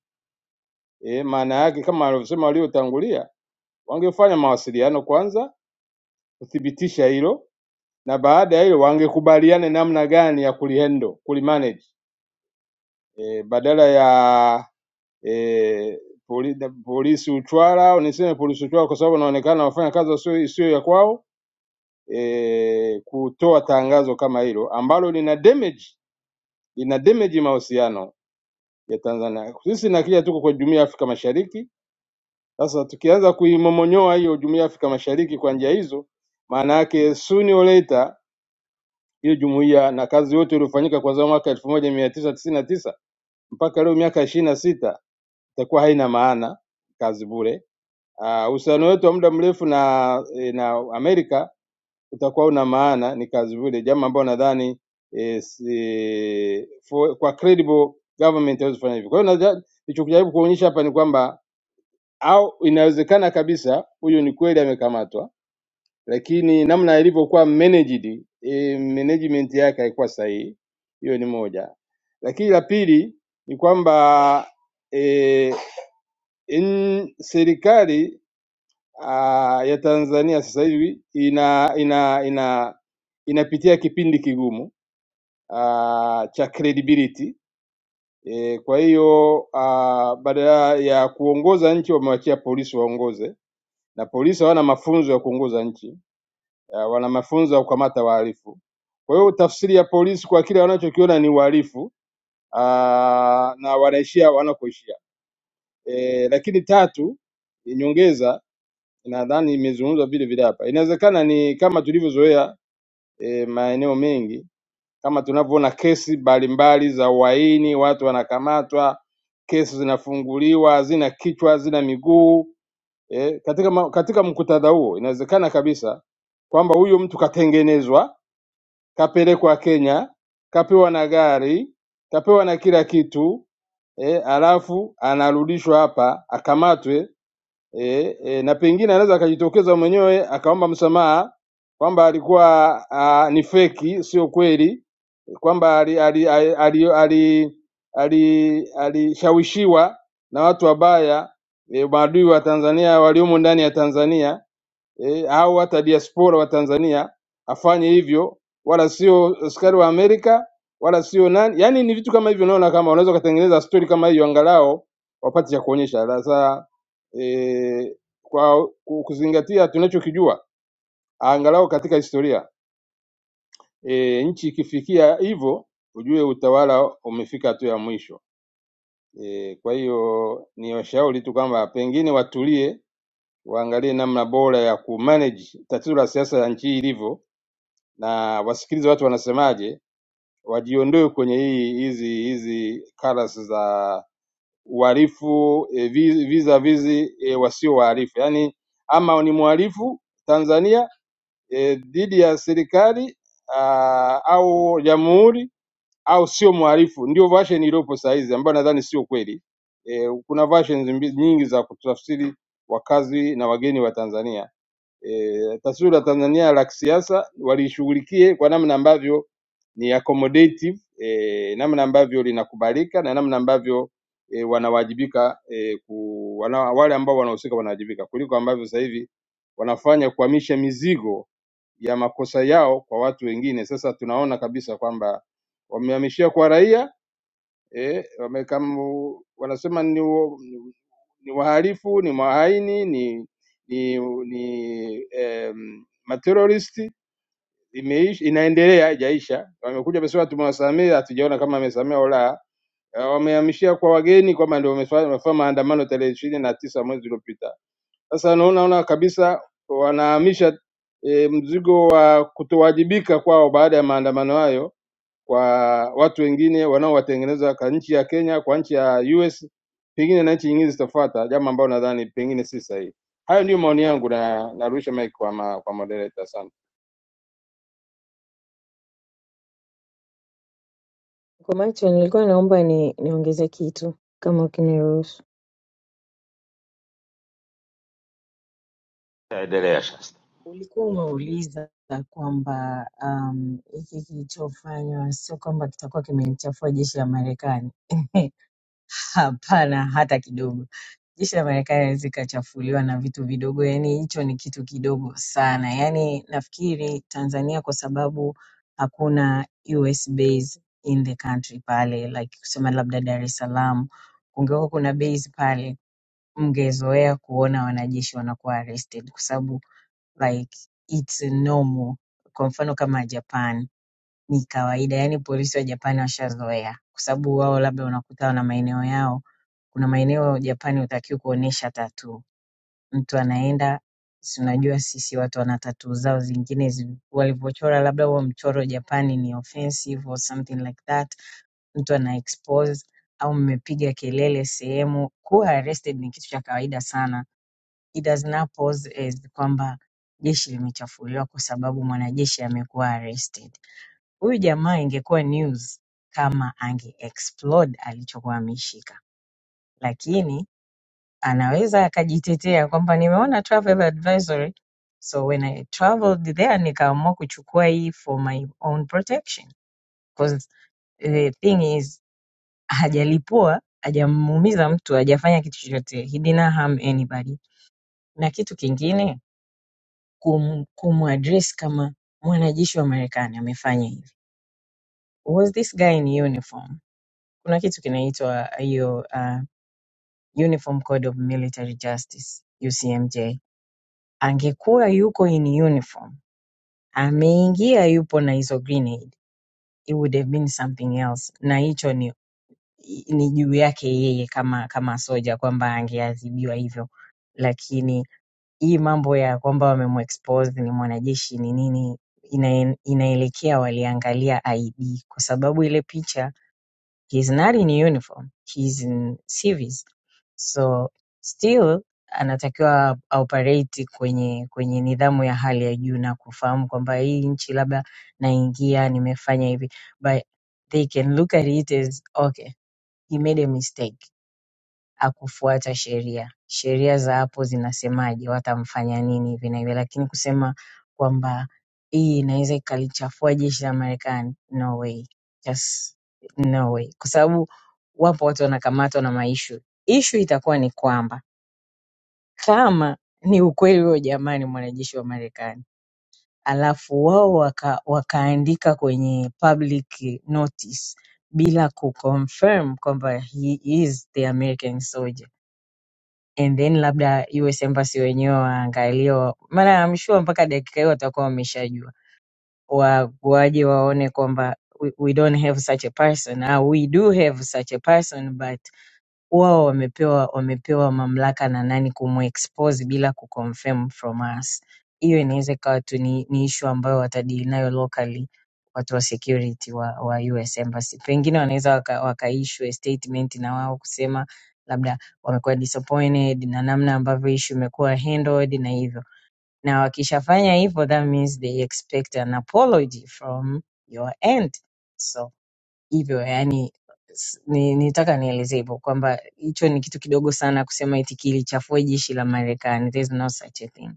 e, maana yake kama alivyosema waliotangulia, wangefanya mawasiliano kwanza kuthibitisha hilo, na baada ya hilo wangekubaliana namna gani ya kulihendo kulimanage e, badala ya e, poli, da- polisi Utwara au niseme polisi Utwara kwa sababu wanaonekana wafanya kazi wasio- isiyo ya kwao e, kutoa tangazo kama hilo ambalo lina damage lina damage mahusiano ya Tanzania. Sisi na kile tuko kwa jumuiya ya Afrika Mashariki. Sasa tukianza kuimomonyoa hiyo jumuiya ya Afrika Mashariki kwa njia hizo, maana yake sooner or later hiyo jumuiya na kazi yote iliyofanyika kuanzia mwaka 1999 mpaka leo miaka 26 itakuwa haina maana, kazi bure Ah, uhusiano wetu wa muda mrefu na eh, na Amerika utakuwa una maana ni kazi vile, jambo ambalo nadhani eh, si- for- kwa credible government hawezi kufanya hivyo. Kwa hiyo nadha- nilichokujaribu kuonyesha hapa ni kwamba au inawezekana kabisa huyu ni kweli amekamatwa, lakini namna alivyokuwa managed, eh, management yake haikuwa sahihi. Hiyo ni moja, lakini la pili ni kwamba eh, in- serikali ah, ya Tanzania sasa hivi ina ina ina inapitia kipindi kigumu ah, cha credibility e, kwa hiyo ah, badala ya kuongoza nchi wamewachia polisi waongoze, na polisi hawana mafunzo ya kuongoza nchi ah, wana mafunzo ya kukamata wahalifu. Kwa hiyo tafsiri ya polisi kwa kile wanachokiona ni uhalifu ah, na wanaishia wanakoishia. E, lakini tatu nyongeza nadhani imezungumzwa vile vile hapa. Inawezekana ni kama tulivyozoea e, maeneo mengi, kama tunavyoona kesi mbalimbali za uhaini, watu wanakamatwa, kesi zinafunguliwa, hazina kichwa, hazina miguu e, katika, ma- katika muktadha huo inawezekana kabisa kwamba huyu mtu katengenezwa, kapelekwa Kenya, kapewa na gari, kapewa na kila kitu e, alafu anarudishwa hapa akamatwe e, e, na pengine anaweza akajitokeza mwenyewe akaomba msamaha kwamba alikuwa a, ni feki, sio kweli, kwamba alishawishiwa ali, ali, ali, ali, ali, alishawishiwa na watu wabaya e, maadui wa Tanzania waliomo ndani ya Tanzania eh, au hata diaspora wa Tanzania afanye hivyo, wala sio askari wa Amerika wala sio nani. Yani ni vitu kama hivyo, naona kama unaweza ukatengeneza story kama hiyo, angalau wapate cha kuonyesha. Sasa e, kwa ku- kuzingatia tunachokijua angalau katika historia e, nchi ikifikia hivyo, ujue utawala umefika hatua ya mwisho. E, kwa hiyo ni washauri tu kwamba pengine watulie, waangalie namna bora ya kumanage tatizo la siasa ya nchi hii ilivyo na wasikilize watu wanasemaje, wajiondoe kwenye hii hizi hizi karas za uhalifu e, vi- visa vizi e, wasio wahalifu, yaani ama ni mhalifu Tanzania e, dhidi ya serikali ah, au jamhuri au sio mhalifu. Ndio version iliyopo sahizi ambayo nadhani sio kweli. E, kuna versions mbi- nyingi za kutafsiri wakazi na wageni wa Tanzania eh, taswira Tanzania la kisiasa walishughulikie kwa namna ambavyo ni accommodative eh, namna ambavyo linakubalika na namna ambavyo eh, wanawajibika eh, ku, wana, wale ambao wanahusika wanawajibika kuliko ambavyo sasa hivi wanafanya kuhamisha mizigo ya makosa yao kwa watu wengine. Sasa tunaona kabisa kwamba wamehamishia kwa raia eh, wamekamu, wanasema ni, wa- ni, ni wahalifu, ni mahaini, ni ni, ni em, materoristi. Imeishi, inaendelea haijaisha. Wamekuja wamesema tumewasamehe, hatujaona kama wamesamehe au la. Eh, wamehamishia kwa wageni kwamba ndio wamefa- wamefanya maandamano tarehe ishirini na tisa mwezi uliopita. Sasa naona ona kabisa wanahamisha e, mzigo wa kutowajibika kwao baada ya maandamano hayo kwa watu wengine wanaowatengeneza kwa nchi ya Kenya, kwa nchi ya US, pengine na nchi nyingine zitafuata, jambo ambalo nadhani pengine si sahihi. Hayo ndio maoni yangu, na narusha mic kwa ma, kwa moderator. Asante. kwa macho nilikuwa naomba ni niongeze kitu kama ukiniruhusu. Endelea Shasta. Ulikuwa umeuliza kwamba um, hiki kilichofanywa sio kwamba kitakuwa kimelichafua jeshi la Marekani. Hapana hata kidogo. Jeshi la Marekani haliwezi likachafuliwa na vitu vidogo, yaani hicho ni kitu kidogo sana. Yaani nafikiri Tanzania kwa sababu hakuna US base in the country pale, like kusema labda Dar es Salaam kungekuwa kuna base pale, mngezoea kuona wanajeshi wanakuwa arrested kwa sababu like it's normal. Kwa mfano kama Japan ni kawaida, yaani polisi wa Japan washazoea kwa sababu wao labda wanakutana na maeneo yao Kuna maeneo Japani hutakiwi kuonyesha tattoo. Mtu anaenda si unajua sisi watu wana tattoo zao zingine zi- walivyochora labda huo mchoro Japani ni offensive or something like that. Mtu ana expose au mmepiga kelele sehemu. Kuwa arrested ni kitu cha kawaida sana. It does not pose as kwamba jeshi limechafuliwa kwa sababu mwanajeshi amekuwa arrested. Huyu jamaa ingekuwa news kama ange explode alichokuwa ameshika, lakini anaweza akajitetea kwamba nimeona travel advisory so when i traveled there nikaamua kuchukua hii for my own protection because the thing is hajalipua hajamuumiza mtu hajafanya kitu chochote he didn't harm anybody na kitu kingine kum, kumuadress kama mwanajeshi wa marekani amefanya hivi was this guy in uniform kuna kitu kinaitwa hiyo uh, uniform code of military justice ucmj Angekuwa yuko in uniform, ameingia yupo na hizo grenade, it would have been something else. Na hicho ni ni juu yake yeye kama kama soja kwamba angeadhibiwa hivyo, lakini hii mambo ya kwamba wamemexpose ni mwanajeshi ni nini, ina, inaelekea waliangalia IB kwa sababu ile picha He's not in uniform, he's in civis. So still anatakiwa aoperate kwenye kwenye nidhamu ya hali ya juu na kufahamu kwamba hii nchi labda naingia nimefanya hivi but they can look at it as okay he made a mistake hakufuata sheria. Sheria za hapo zinasemaje, watamfanya nini hivi na hivi, lakini kusema kwamba hii inaweza ikalichafua jeshi la Marekani, no way, just no way, kwa sababu wapo watu wanakamatwa na maishu. Ishu itakuwa ni kwamba kama ni ukweli huo, jamaa ni mwanajeshi wa Marekani, alafu wao waka, wakaandika kwenye public notice bila kuconfirm kwamba he is the American soldier and then labda US embassy wenyewe waangalie, wa- maana I'm sure mpaka dakika hiyo watakuwa wameshajua, Wa- waje waone kwamba we, we don't have such a person au we do have such a person but huwa wamepewa wamepewa mamlaka na nani kumexpose bila kuconfirm from us. Hiyo inaweza ikawa tu ni, ni issue ambayo watadili nayo locally watu wa security wa, wa US Embassy. Pengine wanaweza waka, wakaissue a statement na wao kusema labda wamekuwa disappointed na namna ambavyo issue imekuwa handled na hivyo, na wakishafanya hivyo that means they expect an apology from your end so hivyo yani s- ni, nitaka nielezee hivyo kwamba hicho ni kitu kidogo sana kusema eti kilichafua jeshi la Marekani. There is no such a thing.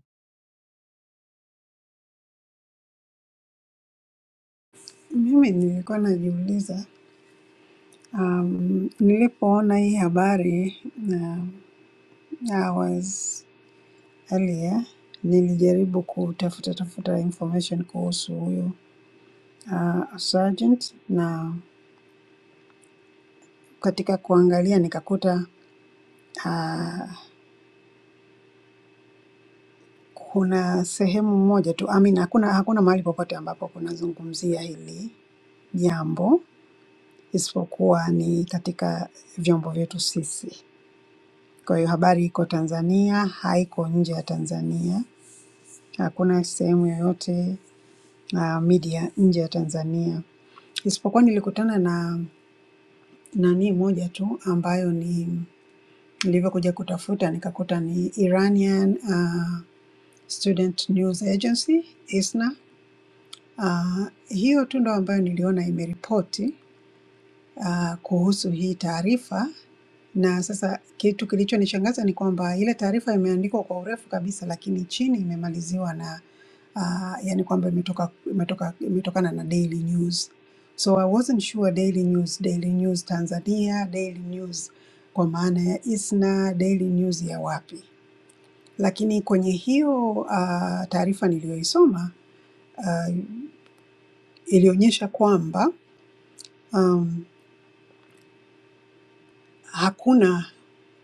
Mimi nilikuwa najiuliza um, nilipoona hii habari na uh, I was earlier, nilijaribu kutafuta tafuta information kuhusu huyu uh, sergeant na katika kuangalia nikakuta uh, Kuna sehemu moja tu, I mean hakuna hakuna mahali popote ambapo kunazungumzia hili jambo isipokuwa ni katika vyombo vyetu sisi. Kwa hiyo habari iko Tanzania, haiko nje ya Tanzania. Hakuna sehemu yoyote uh, media nje ya Tanzania, isipokuwa nilikutana na nani moja tu ambayo ni nilivyokuja kutafuta nikakuta ni Iranian uh, Student News Agency ISNA Ah, hiyo tu ndo ambayo niliona imeripoti ah, kuhusu hii taarifa, na sasa kitu kilichonishangaza ni kwamba ile taarifa imeandikwa kwa urefu kabisa, lakini chini imemaliziwa na ah, yani kwamba imetoka imetoka imetokana na Daily News. So I wasn't sure Daily News, Daily News Tanzania, Daily News kwa maana ya ISNA, Daily News ya wapi. Lakini kwenye hiyo ah, taarifa niliyoisoma ah, ilionyesha kwamba Um, hakuna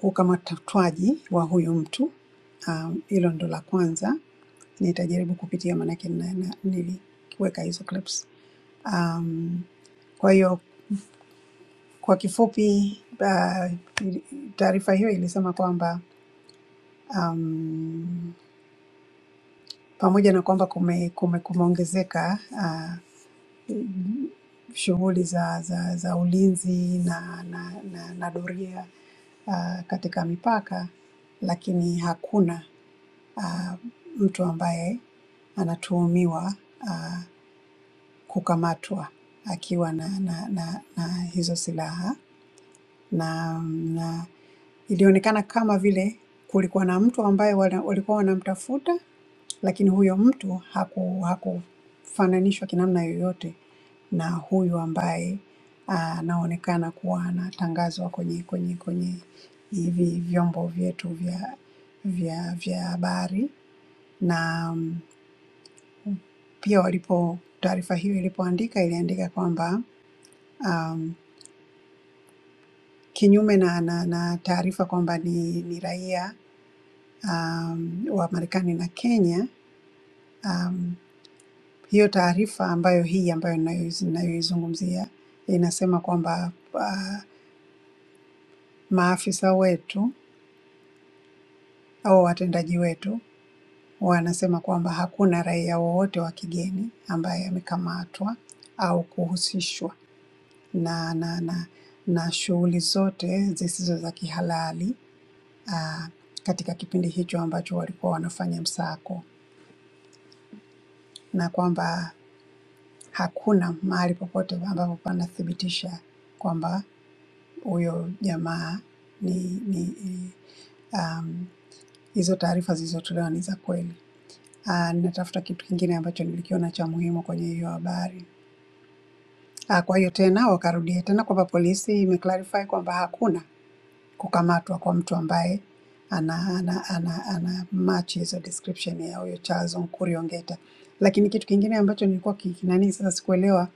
ukamatwaji wa huyu mtu. Um, Hilo um, ndo la kwanza, nitajaribu kupitia maanake na- na- niliweka hizo clips. Um, kwa hiyo kwa kifupi, uh, taarifa hiyo ilisema kwamba um, pamoja na kwamba kume, kume, kumeongezeka uh, shughuli za, za, za ulinzi na, na, na, na doria uh, katika mipaka, lakini hakuna uh, mtu ambaye anatuhumiwa uh, kukamatwa akiwa na, na, na, na hizo silaha na, na ilionekana kama vile kulikuwa na mtu ambaye wana- walikuwa wanamtafuta lakini huyo mtu haku, hakufananishwa kinamna yoyote na huyu ambaye ah, anaonekana kuwa anatangazwa kwenye kwenye kwenye hivi vyombo vyetu vya vya vya habari na mm, pia walipo taarifa hiyo ilipoandika iliandika kwamba um, kinyume na, na, na taarifa kwamba ni, ni raia um, wa Marekani na Kenya mm, Hiyo taarifa ambayo hii ambayo ninayoiz- ninayoizungumzia inasema kwamba ah, maafisa wetu au watendaji wetu wanasema kwamba hakuna raia wowote wa kigeni ambaye amekamatwa au kuhusishwa na na na na shughuli zote zisizo za kihalali ah, katika kipindi hicho ambacho walikuwa wanafanya msako, na kwamba hakuna mahali popote ambapo panathibitisha kwamba huyo jamaa ni, ni um, hizo taarifa zilizotolewa ni za kweli. Ah, ninatafuta kitu kingine ambacho nilikiona cha muhimu kwenye hiyo habari. Ah, kwa hiyo tena wakarudia tena kwamba polisi imeclarify kwamba hakuna kukamatwa kwa mtu ambaye ana, ana, ana, ana match hizo description ya huyo Charles Onkuri Ongeta. Lakini kitu kingine ambacho nilikuwa ki- kinani sasa sikuelewa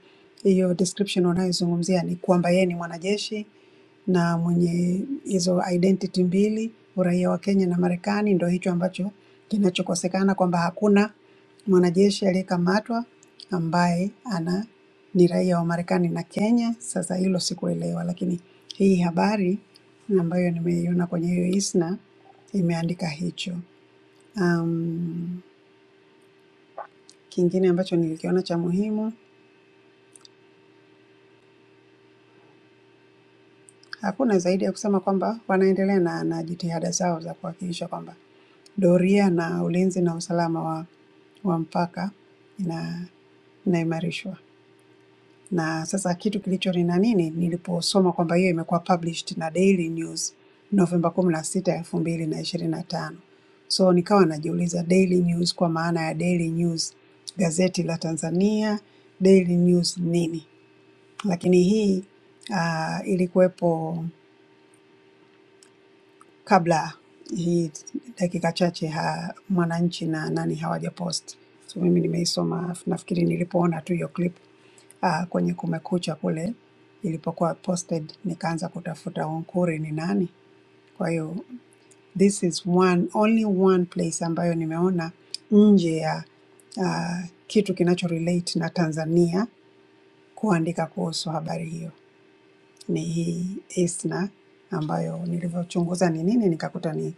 hiyo description wanayozungumzia ni kwamba yeye ni mwanajeshi na mwenye hizo identity mbili, uraia wa Kenya na Marekani. Ndio hicho ambacho kinachokosekana kwamba hakuna mwanajeshi aliyekamatwa ambaye ana ni raia wa Marekani na Kenya. Sasa hilo sikuelewa, lakini hii habari ambayo nimeiona kwenye hiyo ISNA imeandika hicho. Um, kingine ambacho nilikiona cha muhimu, hakuna zaidi ya kusema kwamba wanaendelea na, na jitihada zao za kuhakikisha kwamba doria na ulinzi na usalama wa, wa mpaka ina, inaimarishwa. na sasa kitu kilichoni na nini, niliposoma kwamba hiyo imekuwa published na Daily News November kumi na sita elfu mbili na ishirini na tano so nikawa najiuliza Daily News kwa maana ya Daily News gazeti la Tanzania, Daily News nini? Lakini hii uh, ilikuwepo kabla hii dakika chache ha, Mwananchi na nani hawajapost, so mimi nimeisoma, alafu nafikiri nilipoona tu hiyo clip uh, kwenye Kumekucha kule ilipokuwa posted, nikaanza kutafuta Onkuri ni nani. Kwa hiyo this is one only one place ambayo nimeona nje ya uh, kitu kinacho relate na Tanzania kuandika kuhusu habari hiyo ni hii ISNA ambayo nilivyochunguza ni nini nikakuta ni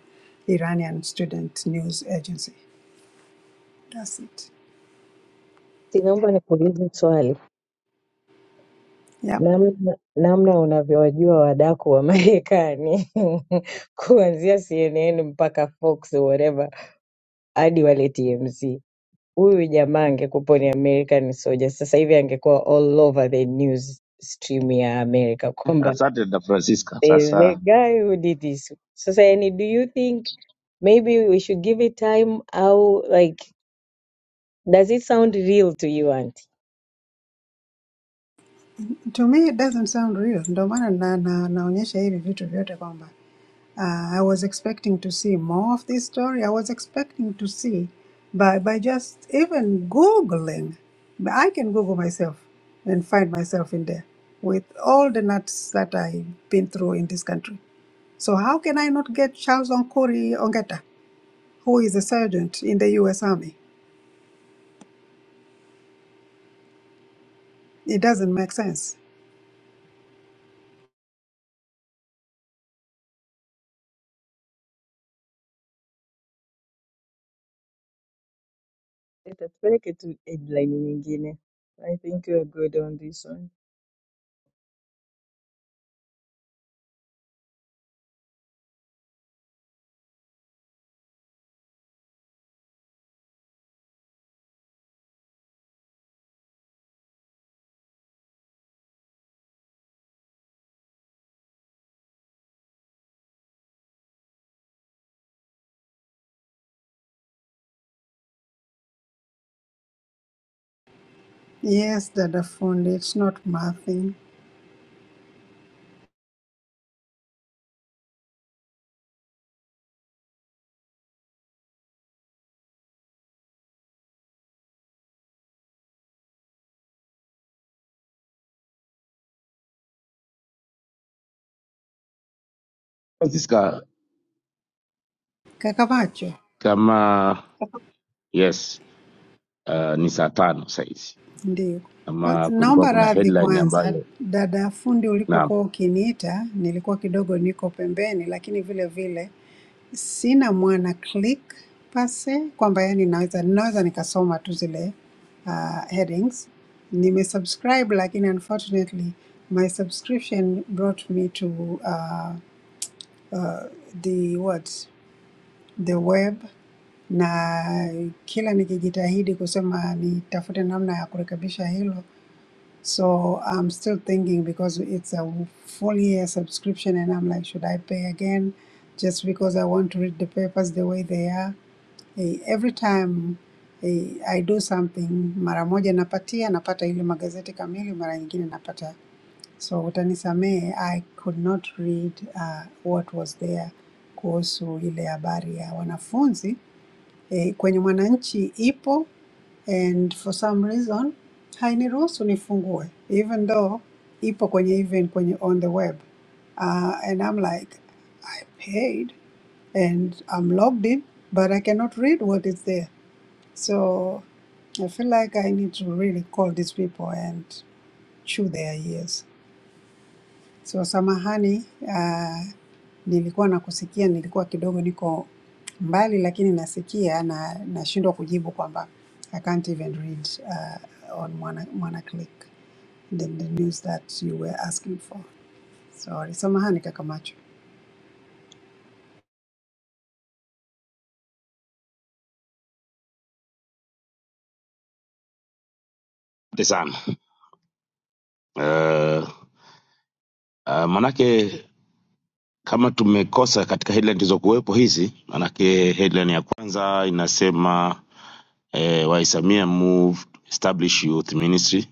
Iranian Student News Agency. That's it. Si naomba nikuulize swali. Yeah. Namna, namna unavyowajua wadaku wa Marekani kuanzia CNN mpaka Fox whatever hadi wale TMZ. Huyu jamaa angekuwa ni American soldier, sasa hivi angekuwa all over the news stream ya Amerika kwamba Asante da Francisca. There's a Sasa guy who did this. So, Sayani, do you think maybe we should give it time? How, like, does it sound real to you, Auntie? To me it doesn't sound real. Ndio maana na, na, naonyesha hivi vitu vyote kwamba uh, I was expecting to see more of this story. I was expecting to see by, by just even googling. But I can google myself and find myself in there with all the nuts that I've been through in this country. So how can I not get Charles Onkori Ongeta, who is a sergeant in the U.S. Army? It doesn't make sense. Tutapeleke tu headline nyingine. I think we are good on this one. Yes, dada fundi, it's not my thing. Francisca, Kakavacho, kama yes, uh, ni saa tano sahizi, ndiyo. Kwa- kama kulikuwa Naomba kuna radhi headline kwanza, ambayo dada fundi, naam, ulipokuwa ukiniita nilikuwa kidogo niko pembeni, lakini vile vile Sina mwana click pase kwamba yani naweza naweza nikasoma tu zile uh, headings. Nime subscribe, lakini unfortunately my subscription brought me to uh, the what the web na kila nikijitahidi kusema nitafute namna ya kurekebisha hilo so i'm still thinking because it's a full year subscription and i'm like should i pay again just because i want to read the papers the way they are Eh, every time eh, I do something, mara moja napatia, napata ile magazeti kamili, mara nyingine napata. So utanisamehe, I could not read uh, what was there kuhusu ile habari ya wanafunzi eh, kwenye Mwananchi ipo and for some reason hainiruhusu nifungue even though ipo kwenye even kwenye on the web uh, and I'm like I paid and I'm logged in but I cannot read what is there so I feel like I need to really call these people and chew their ears. So samahani, uh, nilikuwa nakusikia, nilikuwa kidogo niko mbali, lakini nasikia na nashindwa kujibu kwamba I can't even read uh, on Mwana, Mwana Click the, the news that you were asking for. Sorry, samahani kaka macho. asante sana uh, uh, manake kama tumekosa katika headline zilizokuwepo hizi, manake headline ya kwanza inasema eh, waisamia move establish youth ministry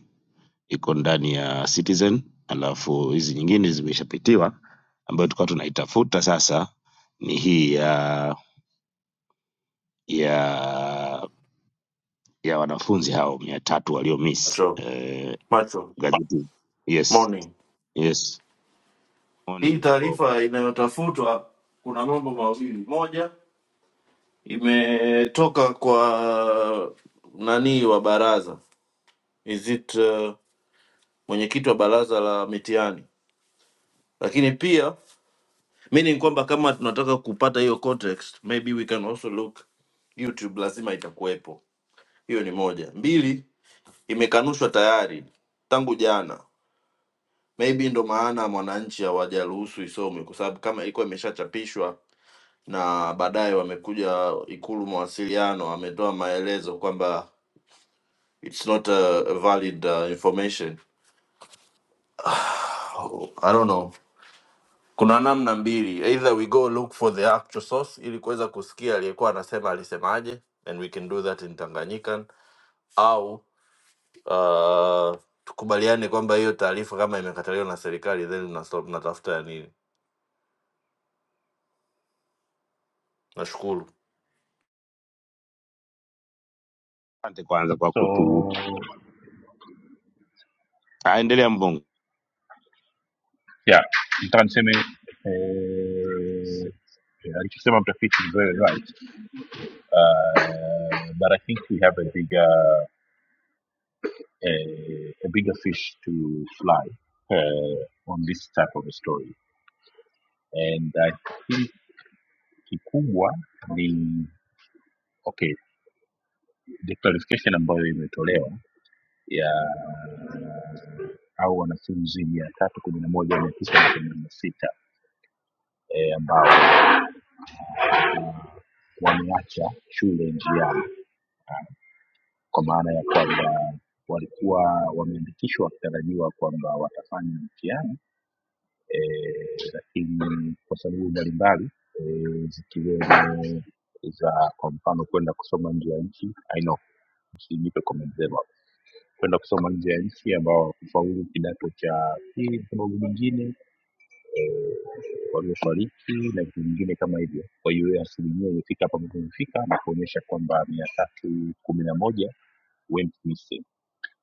iko ndani ya citizen alafu hizi nyingine zimeshapitiwa ambayo tulikuwa tunaitafuta sasa ni hii ya ya ya wanafunzi hao mia tatu waliomiss macho eh, macho gazeti yes morning yes hii morning Mbongo, taarifa inayotafutwa kuna mambo mawili moja imetoka kwa nani wa baraza is it uh, mwenyekiti wa baraza la mitihani lakini pia meaning kwamba kama tunataka kupata hiyo context maybe we can also look youtube lazima itakuwepo hiyo ni moja mbili imekanushwa tayari tangu jana maybe ndo maana mwananchi hawajaruhusu isome kwa sababu kama ilikuwa imeshachapishwa na baadaye wamekuja ikulu mawasiliano ametoa maelezo kwamba it's not a a valid uh, information Oh, i don't know kuna namna mbili either we go look for the actual source ili kuweza kusikia aliyekuwa anasema alisemaje and we can do that in tanganyikan au uh, tukubaliane kwamba hiyo taarifa kama imekataliwa na serikali then mnatafuta ya nini nashukuru asante kwanza kwa kutu so aendelea Mbongo. yeah nataka niseme eh, eh, alichosema mtafiti is very right uh, but i think we have a bigger eh, a bigger fish to fly uh, on this type of a story and i think kikubwa ni okay the clarification ambayo imetolewa ya au wanafunzi mia tatu kumi na moja mia tisa na themanini na sita eh, ambao wameacha shule njiani kwa maana ya kwamba walikuwa wameandikishwa wakitarajiwa kwamba watafanya mtihani eh, lakini kwa sababu mbalimbali eh, zikiwemo za kwa mfano kwenda kusoma nje ya nchi I know, usijipe comment zenu hapo. kwenda kusoma nje ya nchi ambao hawakufaulu kidato cha pili kwa sababu nyingine e, waliofariki na vitu vingine kama hivyo. Kwa hiyo hiyo asilimia imefika hapa ambapo imefika na kuonyesha kwamba mia tatu kumi na moja went missing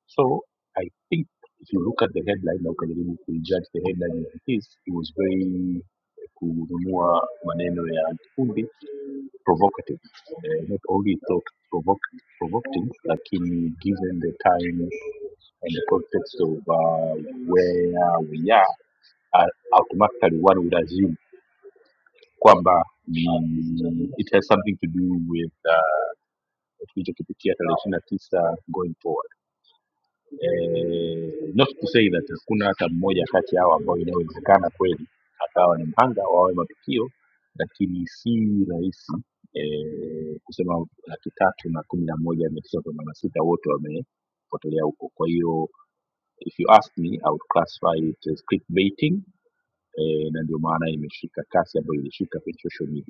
So I think if you look at the headline na ukajaribu kuijudge the headline as it is, it was very eh, kununua maneno ya antifundi provocative. Eh, not only it thought provocative, provocative lakini given the time and the context of uh, where we are uh, automatically one would assume kwamba mm, it has something to do with uh, tulichokipitia tarehe 29 going forward eh, not to say that hakuna hata mmoja kati yao ambao inawezekana kweli akawa ni mhanga wa hayo matukio lakini si rahisi eh, kusema laki tatu na kumi na moja mia tisa themanini na sita wote wamepotelea huko kwa hiyo if you ask me I would classify it as clickbaiting eh, na ndio maana imeshika kasi ambayo ilishika kwenye social media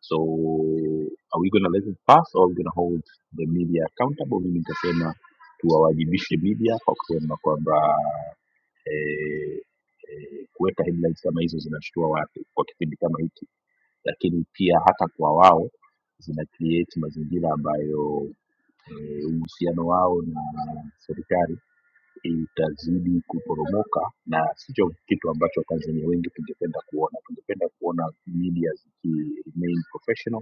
So are we gonna let it pass or are we gonna hold the media accountable? Mimi nitasema tuwawajibishe media kwa kusema kwamba eh, eh, kuweka headlines kama hizo zinashtua watu kwa kipindi kama hiki, lakini pia hata kwa wao zina create mazingira ambayo eh, uhusiano wao na serikali itazidi kuporomoka, na sicho kitu ambacho Watanzania wengi tungependa kuona. Tungependa kuona media ziki remain professional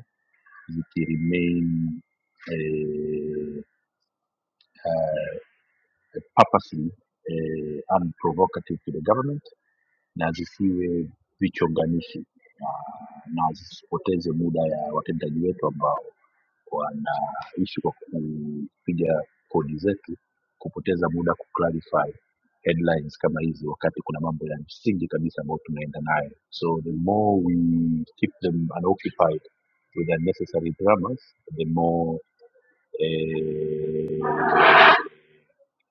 they remain uh, uh, purposely uh, unprovocative to the government na zisiwe vichonganishi na, na zisipoteze muda ya watendaji wetu ambao wanaishi kwa kupiga kodi zetu kupoteza muda kuclarify headlines kama hizi wakati kuna mambo ya msingi kabisa ambayo tunaenda nayo so the more we keep them unoccupied with unnecessary dramas the more eh,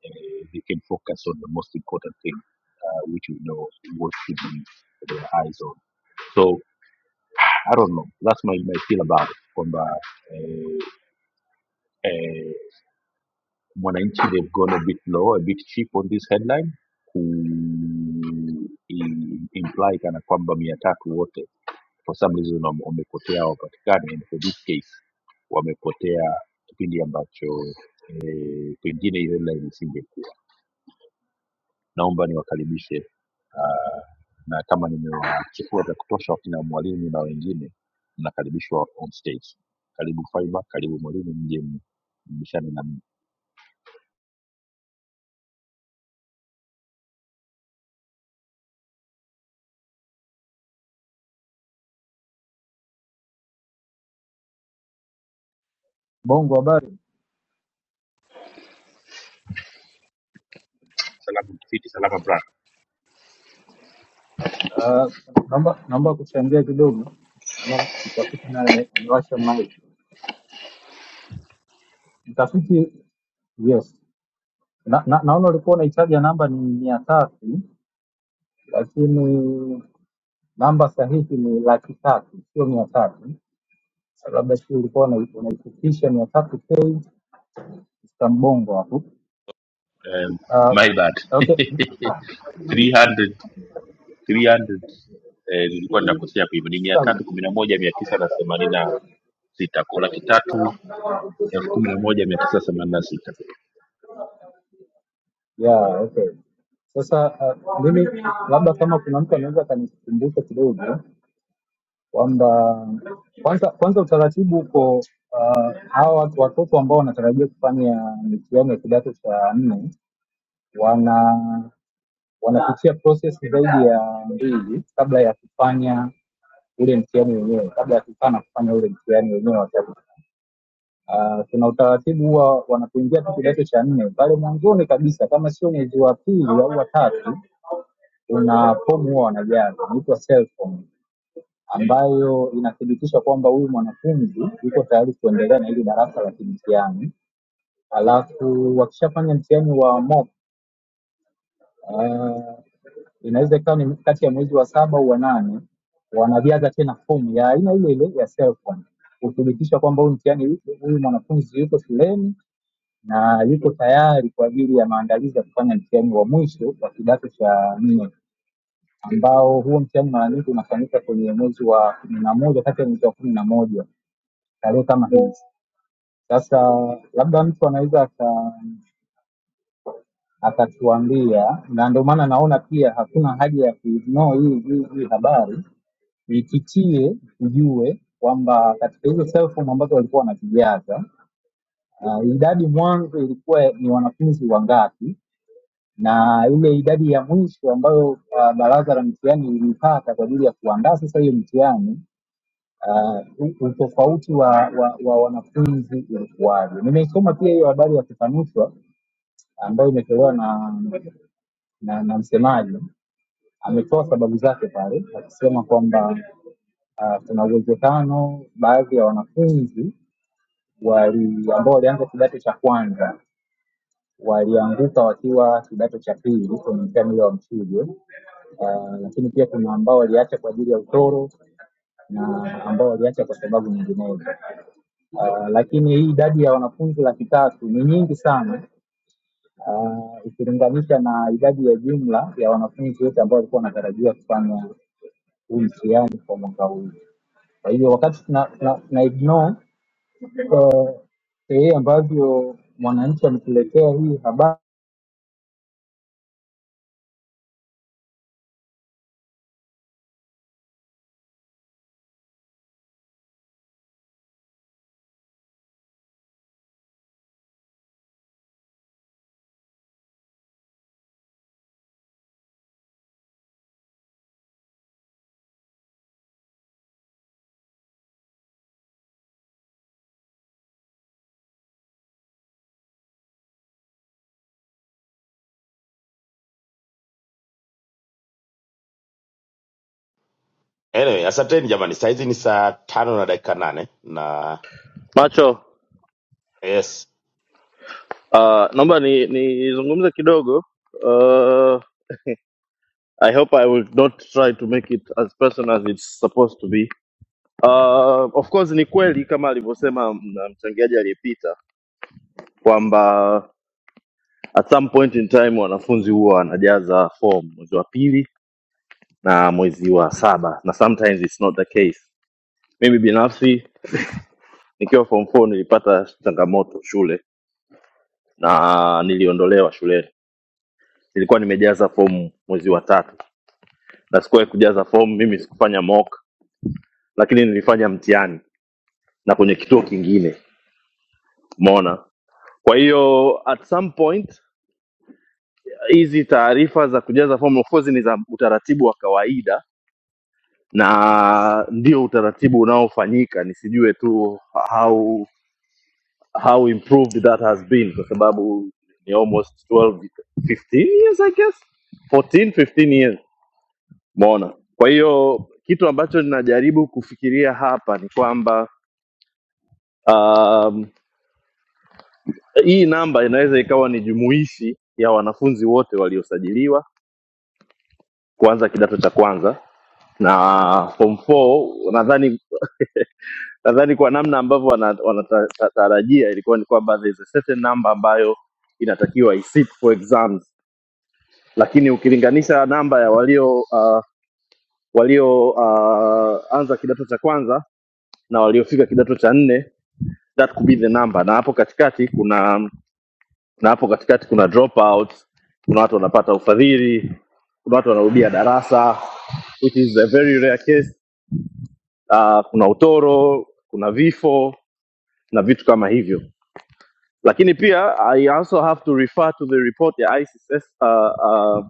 uh, they can focus on the most important thing, uh, which we know what should be their eyes on. So I don't know. That's my, my feel about it. Kwamba eh, eh, Mwananchi they've gone a bit low, a bit cheap on this headline imply kana kwamba mia tatu wote for some reason wame- wamepotea hawapatikani, and for this case wamepotea kipindi ambacho eh, pengine hiyo headline isingekuwa. Naomba niwakaribishe uh, na kama nimewachukua vya kutosha wakina mwalimu na wengine, mnakaribishwa on stage. Karibu Faiba, karibu mwalimu, mje mbishane na mimi. Bongo habari. Salama mtafiti, salama bra. Ah, naomba naomba kuchangia kidogo. Naona Mtafiti naye amewasha mic. Mtafiti, yes. Na, na, naona ulikuwa unaitaja namba ni mia tatu lakini namba sahihi ni laki tatu sio mia tatu. Sasa Labda sio ulikuwa una- unaifikisha mia tatu k kwa Mbongo hapo. Um, Ah, my bad okay. 300 300 eh, nilikuwa ninakosea kwa hivyo ni mia Sawa. tatu kumi na moja mia tisa na themanini na sita kwa laki tatu elfu kumi na moja mia tisa themanini na sita Yeah, okay. Sasa ah, mimi labda kama kuna mtu anaweza akanikumbusha kidogo kwamba kwanza kwanza utaratibu uko uh, hawa watu- watoto ambao wanatarajia kufanya mitihani ya kidato cha nne wana wanapitia proses zaidi ya mbili kabla ya kufanya ule mtihani wenyewe, kabla ya kukaa na kufanya ule mtihani wenyewe wa tatu. Uh, kuna utaratibu huwa wanapoingia tu kidato cha nne pale mwanzoni kabisa, kama sio mwezi wa pili au wa tatu, kuna fomu huwa wanajaza inaitwa self form ambayo inathibitisha kwamba huyu mwanafunzi yuko tayari kuendelea na hili darasa la kimtihani. Alafu wakishafanya mtihani wa mock uh, inaweza ikawa ni kati ya mwezi wa saba au wa nane, wanajaza tena fomu ya aina ile ile ya self form kuthibitisha kwamba huyu mtihani yuko- huyu mwanafunzi yuko shuleni na yuko tayari kwa ajili ya maandalizi ya kufanya mtihani wa mwisho wa kidato cha nne ambao huo mtihani mara nyingi unafanyika kwenye mwezi wa kumi na moja kati ya mwezi wa kumi na moja tarehe kama hizi. Sasa labda mtu anaweza aka- akatuambia, na ndio maana naona pia hakuna haja ya kuignore hii hii hii habari, ipitie ujue kwamba katika hizo cell form ambazo walikuwa wanazijaza uh, idadi mwanzo ilikuwa ni wanafunzi wangapi na ile idadi ya mwisho ambayo uh, baraza la mitihani ilipata kwa ajili ya kuandaa sasa hiyo mitihani ah, u- utofauti wa, wa, wa wanafunzi ulikuwaje. Nimeisoma pia hiyo habari ya kufanishwa ambayo imetolewa na, na, na msemaji ametoa sababu zake pale akisema kwamba ah, kuna uwezekano baadhi ya wanafunzi wali ambao walianza kidato cha kwanza walianguka wakiwa kidato cha pili kwenye mtihani ule wa mchujo, Ah, lakini pia kuna ambao waliacha kwa ajili ya utoro na ambao waliacha kwa sababu nyinginezo. uh, lakini hii idadi ya wanafunzi laki tatu ni nyingi sana uh, ikilinganisha na idadi ya jumla ya wanafunzi wote ambao walikuwa wanatarajiwa kufanya huu mtihani kwa mwaka huu. Kwa hiyo wakati tuna, tuna, tuna ignore uh, sehemu ambavyo mwananchi ametuletea hii habari Anyway, asanteni jamani, saa hizi ni saa tano na dakika nane na Macho yes Uh, naomba ni nizungumze kidogo. Uh, I hope I will not try to make it as personal as it's supposed to be. Uh, of course ni kweli kama alivyosema m- mchangiaji aliyepita kwamba at some point in time wanafunzi huwa wanajaza form mwezi wa pili na mwezi wa saba na sometimes it's not the case. Mimi binafsi nikiwa form 4 nilipata changamoto shule na niliondolewa shuleni. Nilikuwa nimejaza fomu mwezi wa tatu na sikuwahi kujaza fomu mimi sikufanya mock lakini nilifanya mtihani na kwenye kituo kingine umeona kwa hiyo at some point hizi taarifa za kujaza fomu of course ni za utaratibu wa kawaida na ndio utaratibu unaofanyika nisijue tu how how improved that has been kwa sababu ni almost 12 15 years i guess 14 15 years Umeona? Kwa hiyo kitu ambacho ninajaribu kufikiria hapa ni kwamba um, hii namba inaweza ikawa ni jumuishi ya wanafunzi wote waliosajiliwa kuanza kidato cha kwanza na form 4 nadhani nadhani kwa namna ambavyo wanatarajia ilikuwa ni kwamba there is a certain number ambayo inatakiwa isit for exams, lakini ukilinganisha namba ya walio uh, walio uh, anza kidato cha kwanza na waliofika kidato cha nne that could be the number na hapo katikati kuna na hapo katikati kuna dropout kuna watu wanapata ufadhili kuna watu wanarudia darasa which is a very rare case uh, kuna utoro kuna vifo na vitu kama hivyo lakini pia i also have to refer to the report ya ICSS, uh, uh,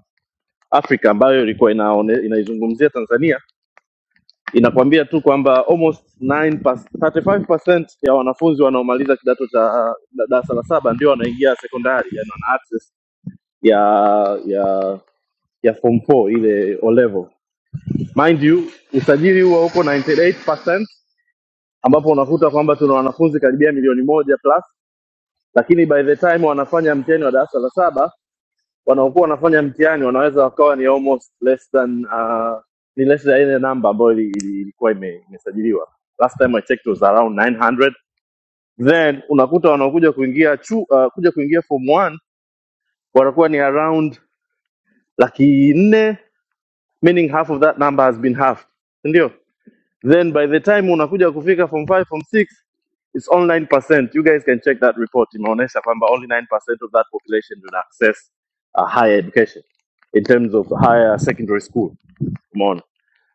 africa ambayo ilikuwa inaone- inaizungumzia tanzania inakwambia tu kwamba almost 9 pas- 35% ya wanafunzi wanaomaliza kidato cha da- darasa la saba ndio wanaingia sekondari, yani wana access ya ya ya form 4 ile O level. Mind you, usajili huo uko 98% ambapo unakuta kwamba tuna wanafunzi karibia milioni moja plus, lakini by the time wanafanya mtihani wa darasa la saba wanaokuwa wanafanya mtihani wanaweza wakawa ni almost less than uh, ni less than ile namba ambayo ili- ili- ilikuwa ime- imesajiliwa last time I checked was around 900 then unakuta wanaokuja kuingia chu, uh, kuja kuingia form 1 watakuwa ni around laki nne meaning half of that number has been halved ndio then by the time unakuja kufika form 5 form 6 it's only 9% you guys can check that report imeonyesha kwamba only 9% of that population will access a higher education in terms of higher secondary school umeona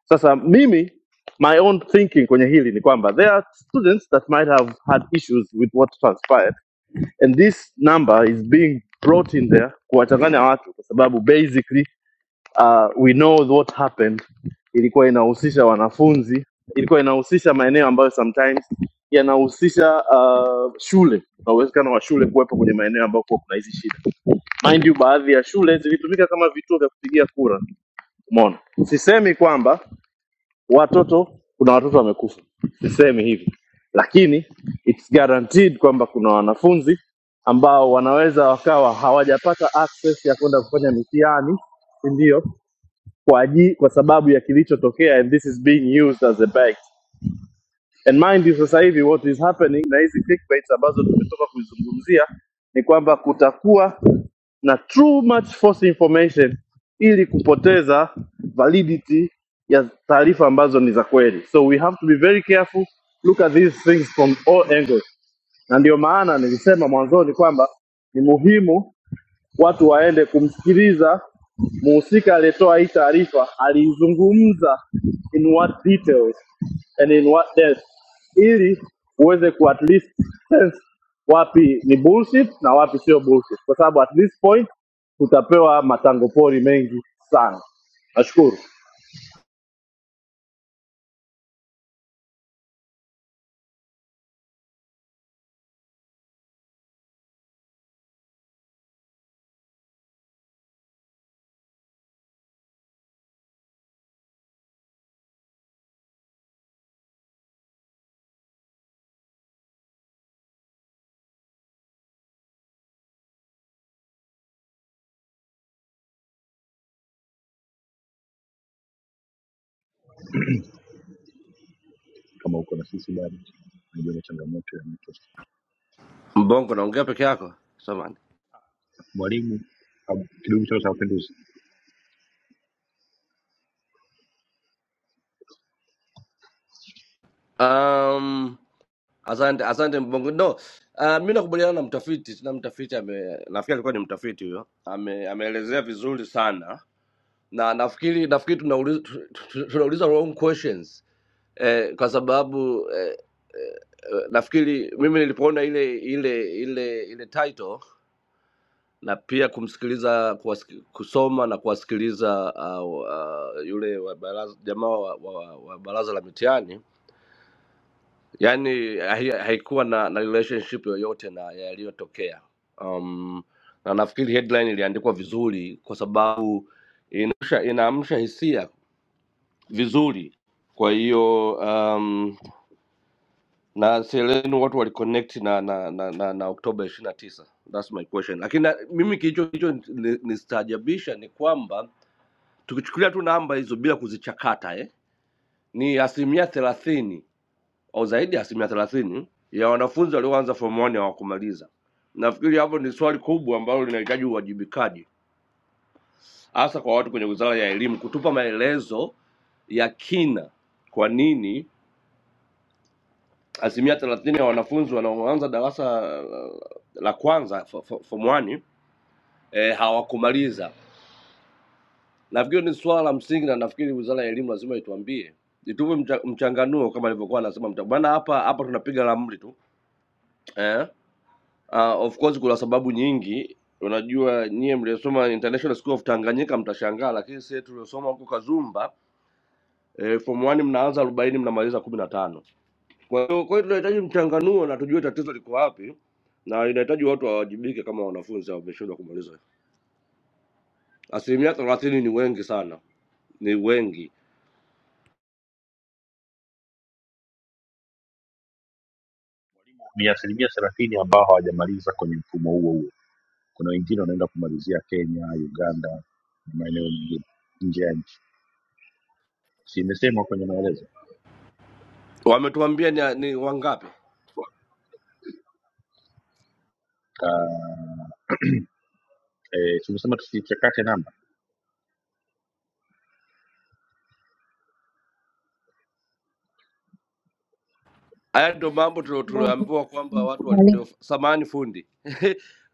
sasa mimi my own thinking kwenye hili ni kwamba there are students that might have had issues with what transpired and this number is being brought in there kuwachanganya watu kwa sababu basically uh, we know what happened ilikuwa inahusisha wanafunzi, ilikuwa inahusisha maeneo ambayo sometimes yanahusisha uh, shule na uwezekano wa shule kuwepo kwenye maeneo ambayo kuwa kuna hizi shida. Mind you, baadhi ya shule zilitumika kama vituo vya kupigia kura. Umeona, sisemi kwamba watoto kuna watoto wamekufa, sisemi hivyo, lakini it's guaranteed kwamba kuna wanafunzi ambao wanaweza wakawa hawajapata access ya kwenda kufanya mitihani, si ndio? kwa aji, kwa sababu ya kilichotokea and this is being used as a bait and mind you sasa hivi what is happening na hizi clickbaits ambazo tumetoka kuzungumzia ni kwamba kutakuwa na too much false information ili kupoteza validity ya taarifa ambazo ni za kweli so we have to be very careful look at these things from all angles na ndio maana nilisema mwanzoni kwamba ni muhimu watu waende kumsikiliza muhusika aliyetoa hii taarifa aliizungumza in what details and in what depth, ili uweze ku at least sense wapi ni bullshit na wapi sio bullshit, kwa sababu at this point tutapewa matango pori mengi sana. Nashukuru. Mbongo, naongea peke yako samani. mwalimu cheo cha mapinduzi Um, asante asante Mbongo. No, uh, mi nakubaliana na mtafiti. Tuna mtafiti ame, nafikiri alikuwa ni mtafiti huyo, ame, ameelezea vizuri sana, na nafikiri nafikiri tunauliza tu- tu- tunauliza wrong questions eh, kwa sababu eh, eh, nafikiri mimi nilipoona ile ile ile ile title na pia kumsikiliza kuwasiki, kusoma na kuwasikiliza uh, uh, yule wa baraza, jamaa wa, wa, wa baraza la mitihani yani hai- haikuwa na, na relationship yoyote na yaliyotokea um, na nafikiri headline iliandikwa vizuri kwa sababu inaamsha inaamsha hisia vizuri kwa hiyo um, na sieleni watu waliconnect na na na, na, na oktoba ishiri na tisa thats my question lakini na- mimi kilicho kilicho ni- nistaajabisha ni kwamba tukichukulia tu namba hizo bila kuzichakata eh, ni asilimia thelathini au zaidi ya asilimia thelathini ya wanafunzi walioanza form 1 hawakumaliza. Nafikiri hapo ni swali kubwa ambalo linahitaji uwajibikaji, hasa kwa watu kwenye wizara ya elimu kutupa maelezo ya kina, kwa nini asilimia thelathini ya wanafunzi wanaoanza darasa uh, la kwanza fo- fo- form 1 eh, hawakumaliza. Nafikiri ni swala la msingi, na nafikiri wizara ya elimu lazima ituambie, itupe mcha, mchanganuo kama alivyokuwa anasema mta- bwana. Hapa hapa tunapiga ramli tu eh? Ah, of course kuna sababu nyingi. Unajua nyie mliosoma International School of Tanganyika mtashangaa, lakini sisi tuliosoma huko Kazumba eh, form 1 mnaanza 40 mnamaliza 15. Kwa hiyo kwa hiyo tunahitaji mchanganuo na tujue tatizo liko wapi na inahitaji watu wawajibike kama wanafunzi wameshindwa kumaliza. Asilimia 30 ni wengi sana, ni wengi. ni asilimia thelathini ambao hawajamaliza kwenye mfumo huo huo Kuna wengine wanaenda kumalizia Kenya, Uganda na maeneo mengine nje ya nchi. Si imesema kwenye maelezo Wametuambia ni, ni wangapi? Ka- eh, tumesema tusichakate namba Haya ndio mambo tulio- Bongo. tulioambiwa kwamba watu Mwalimu. walio samani fundi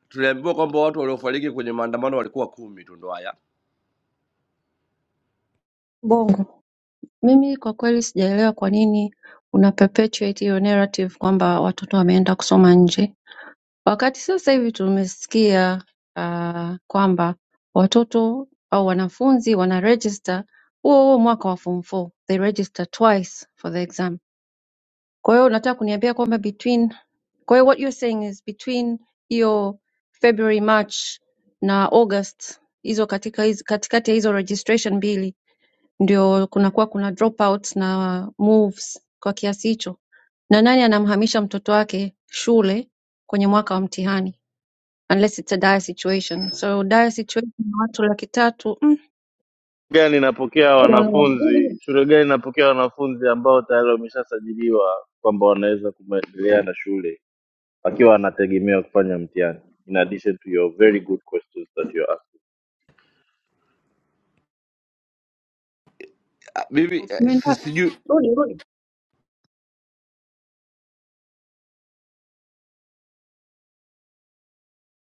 tuliambiwa kwamba watu waliofariki kwenye maandamano walikuwa kumi tu, ndo haya Bongo. Mimi kwa kweli sijaelewa kwa nini una perpetuate hiyo narrative kwamba watoto wameenda kusoma nje, wakati sasa hivi tumesikia ah, kwamba watoto au wanafunzi wana register huo huo mwaka wa form 4 they register twice for the exam. Kwa hiyo unataka kuniambia kwamba between, kwa hiyo what you're saying is between hiyo February March na August hizo katika hizo, katikati ya hizo registration mbili ndio kunakuwa kuna dropouts na moves kwa kiasi hicho na nani anamhamisha mtoto wake shule kwenye mwaka wa mtihani unless it's a dire situation so dire situation ya watu laki tatu mm, gani inapokea I don't know. wanafunzi Hivi, shule gani inapokea wanafunzi ambao tayari wameshasajiliwa kwamba wanaweza kuendelea na shule akiwa anategemea kufanya mtihani in addition to your very good questions that you ask mimi eh, umeenda si- wapi? sijui rudi rudi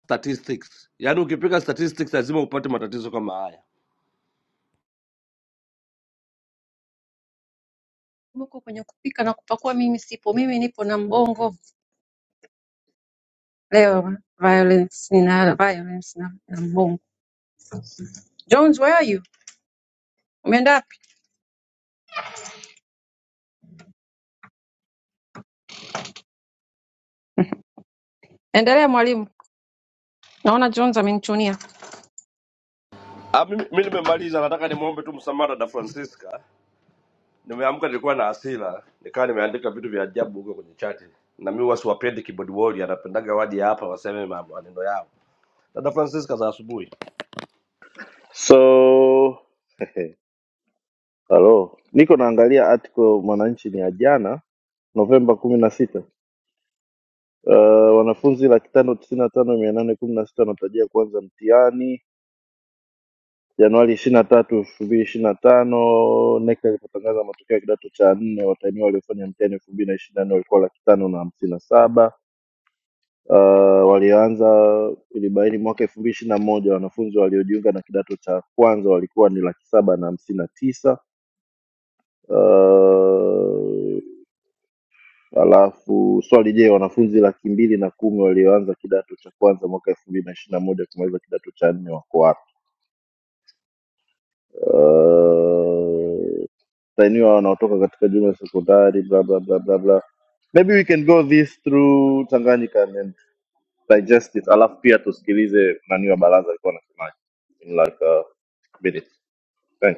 statistics yaani ukipiga statistics lazima upate matatizo kama haya huko kwenye kupika na kupakua mimi sipo mimi nipo na mbongo leo violence nina violence na, na mbongo jones where are you umeenda wapi endelea mwalimu naona jones amenichunia Ah, mimi mimi nimemaliza nataka nimwombe tu msamaha dada francisca nimeamka nilikuwa na hasira nikawa nimeandika vitu vya ajabu huko kwenye chati na mi wasiwapendi keyboard warrior anapendaga waje hapa waseme ma- maneno yao dada francisca za asubuhi so hello niko naangalia article mwananchi ni ya jana novemba kumi na sita uh, wanafunzi laki tano tisini na tano mia nane kumi na sita wanatarajia kuanza mtihani januari ishirini na tatu elfu mbili ishirini na tano nekta ilipotangaza matokeo ya kidato cha nne watahiniwa waliofanya mtihani elfu mbili na ishirini na nne walikuwa laki tano na hamsini na saba uh, walioanza ilibaini mwaka elfu mbili ishiri na moja wanafunzi waliojiunga na kidato cha kwanza walikuwa ni laki saba na hamsini na tisa uh, alafu swali je wanafunzi laki mbili na kumi walioanza kidato cha kwanza mwaka elfu mbili na ishiri na moja kumaliza kidato cha nne wako wapi uh, tainiwa wanaotoka katika jumla ya sekondari bla bla bla bla bla maybe we can go this through tanganyika and digest it alafu pia tusikilize nani wa baraza alikuwa anasemaje in like a minute Thank you.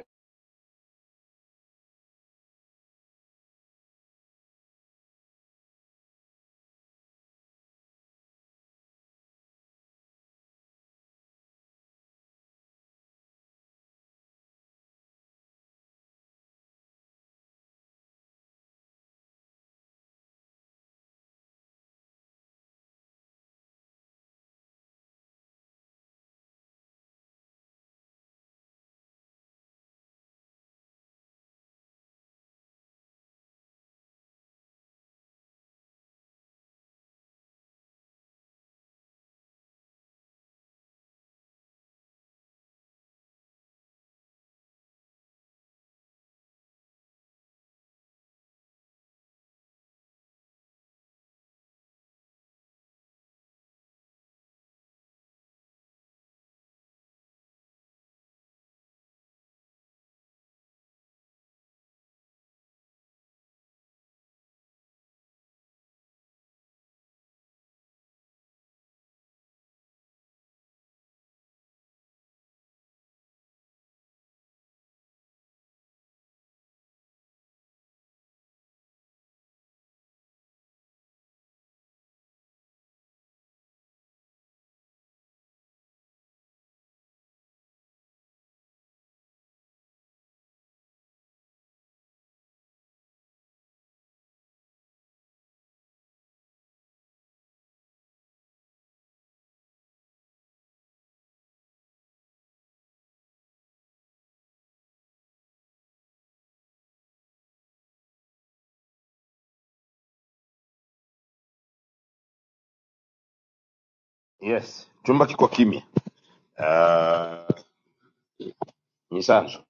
yes, chumba kiko kimya. Ah, Mnyisanzu,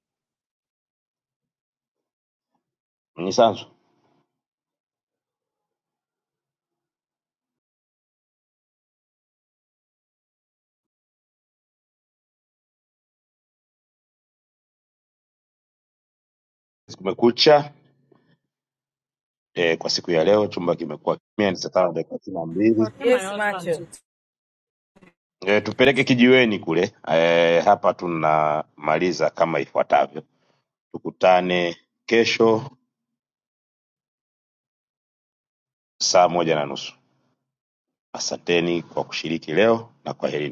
Mnyisanzu, kumekucha e, kwa siku ya leo chumba kimekuwa kimya, ni saa tano dakika thelathini na mbili Yes, Macho. e, tupeleke kijiweni kule e, hapa tunamaliza kama ifuatavyo: tukutane kesho saa moja na nusu. Asanteni kwa kushiriki leo na kwaherini.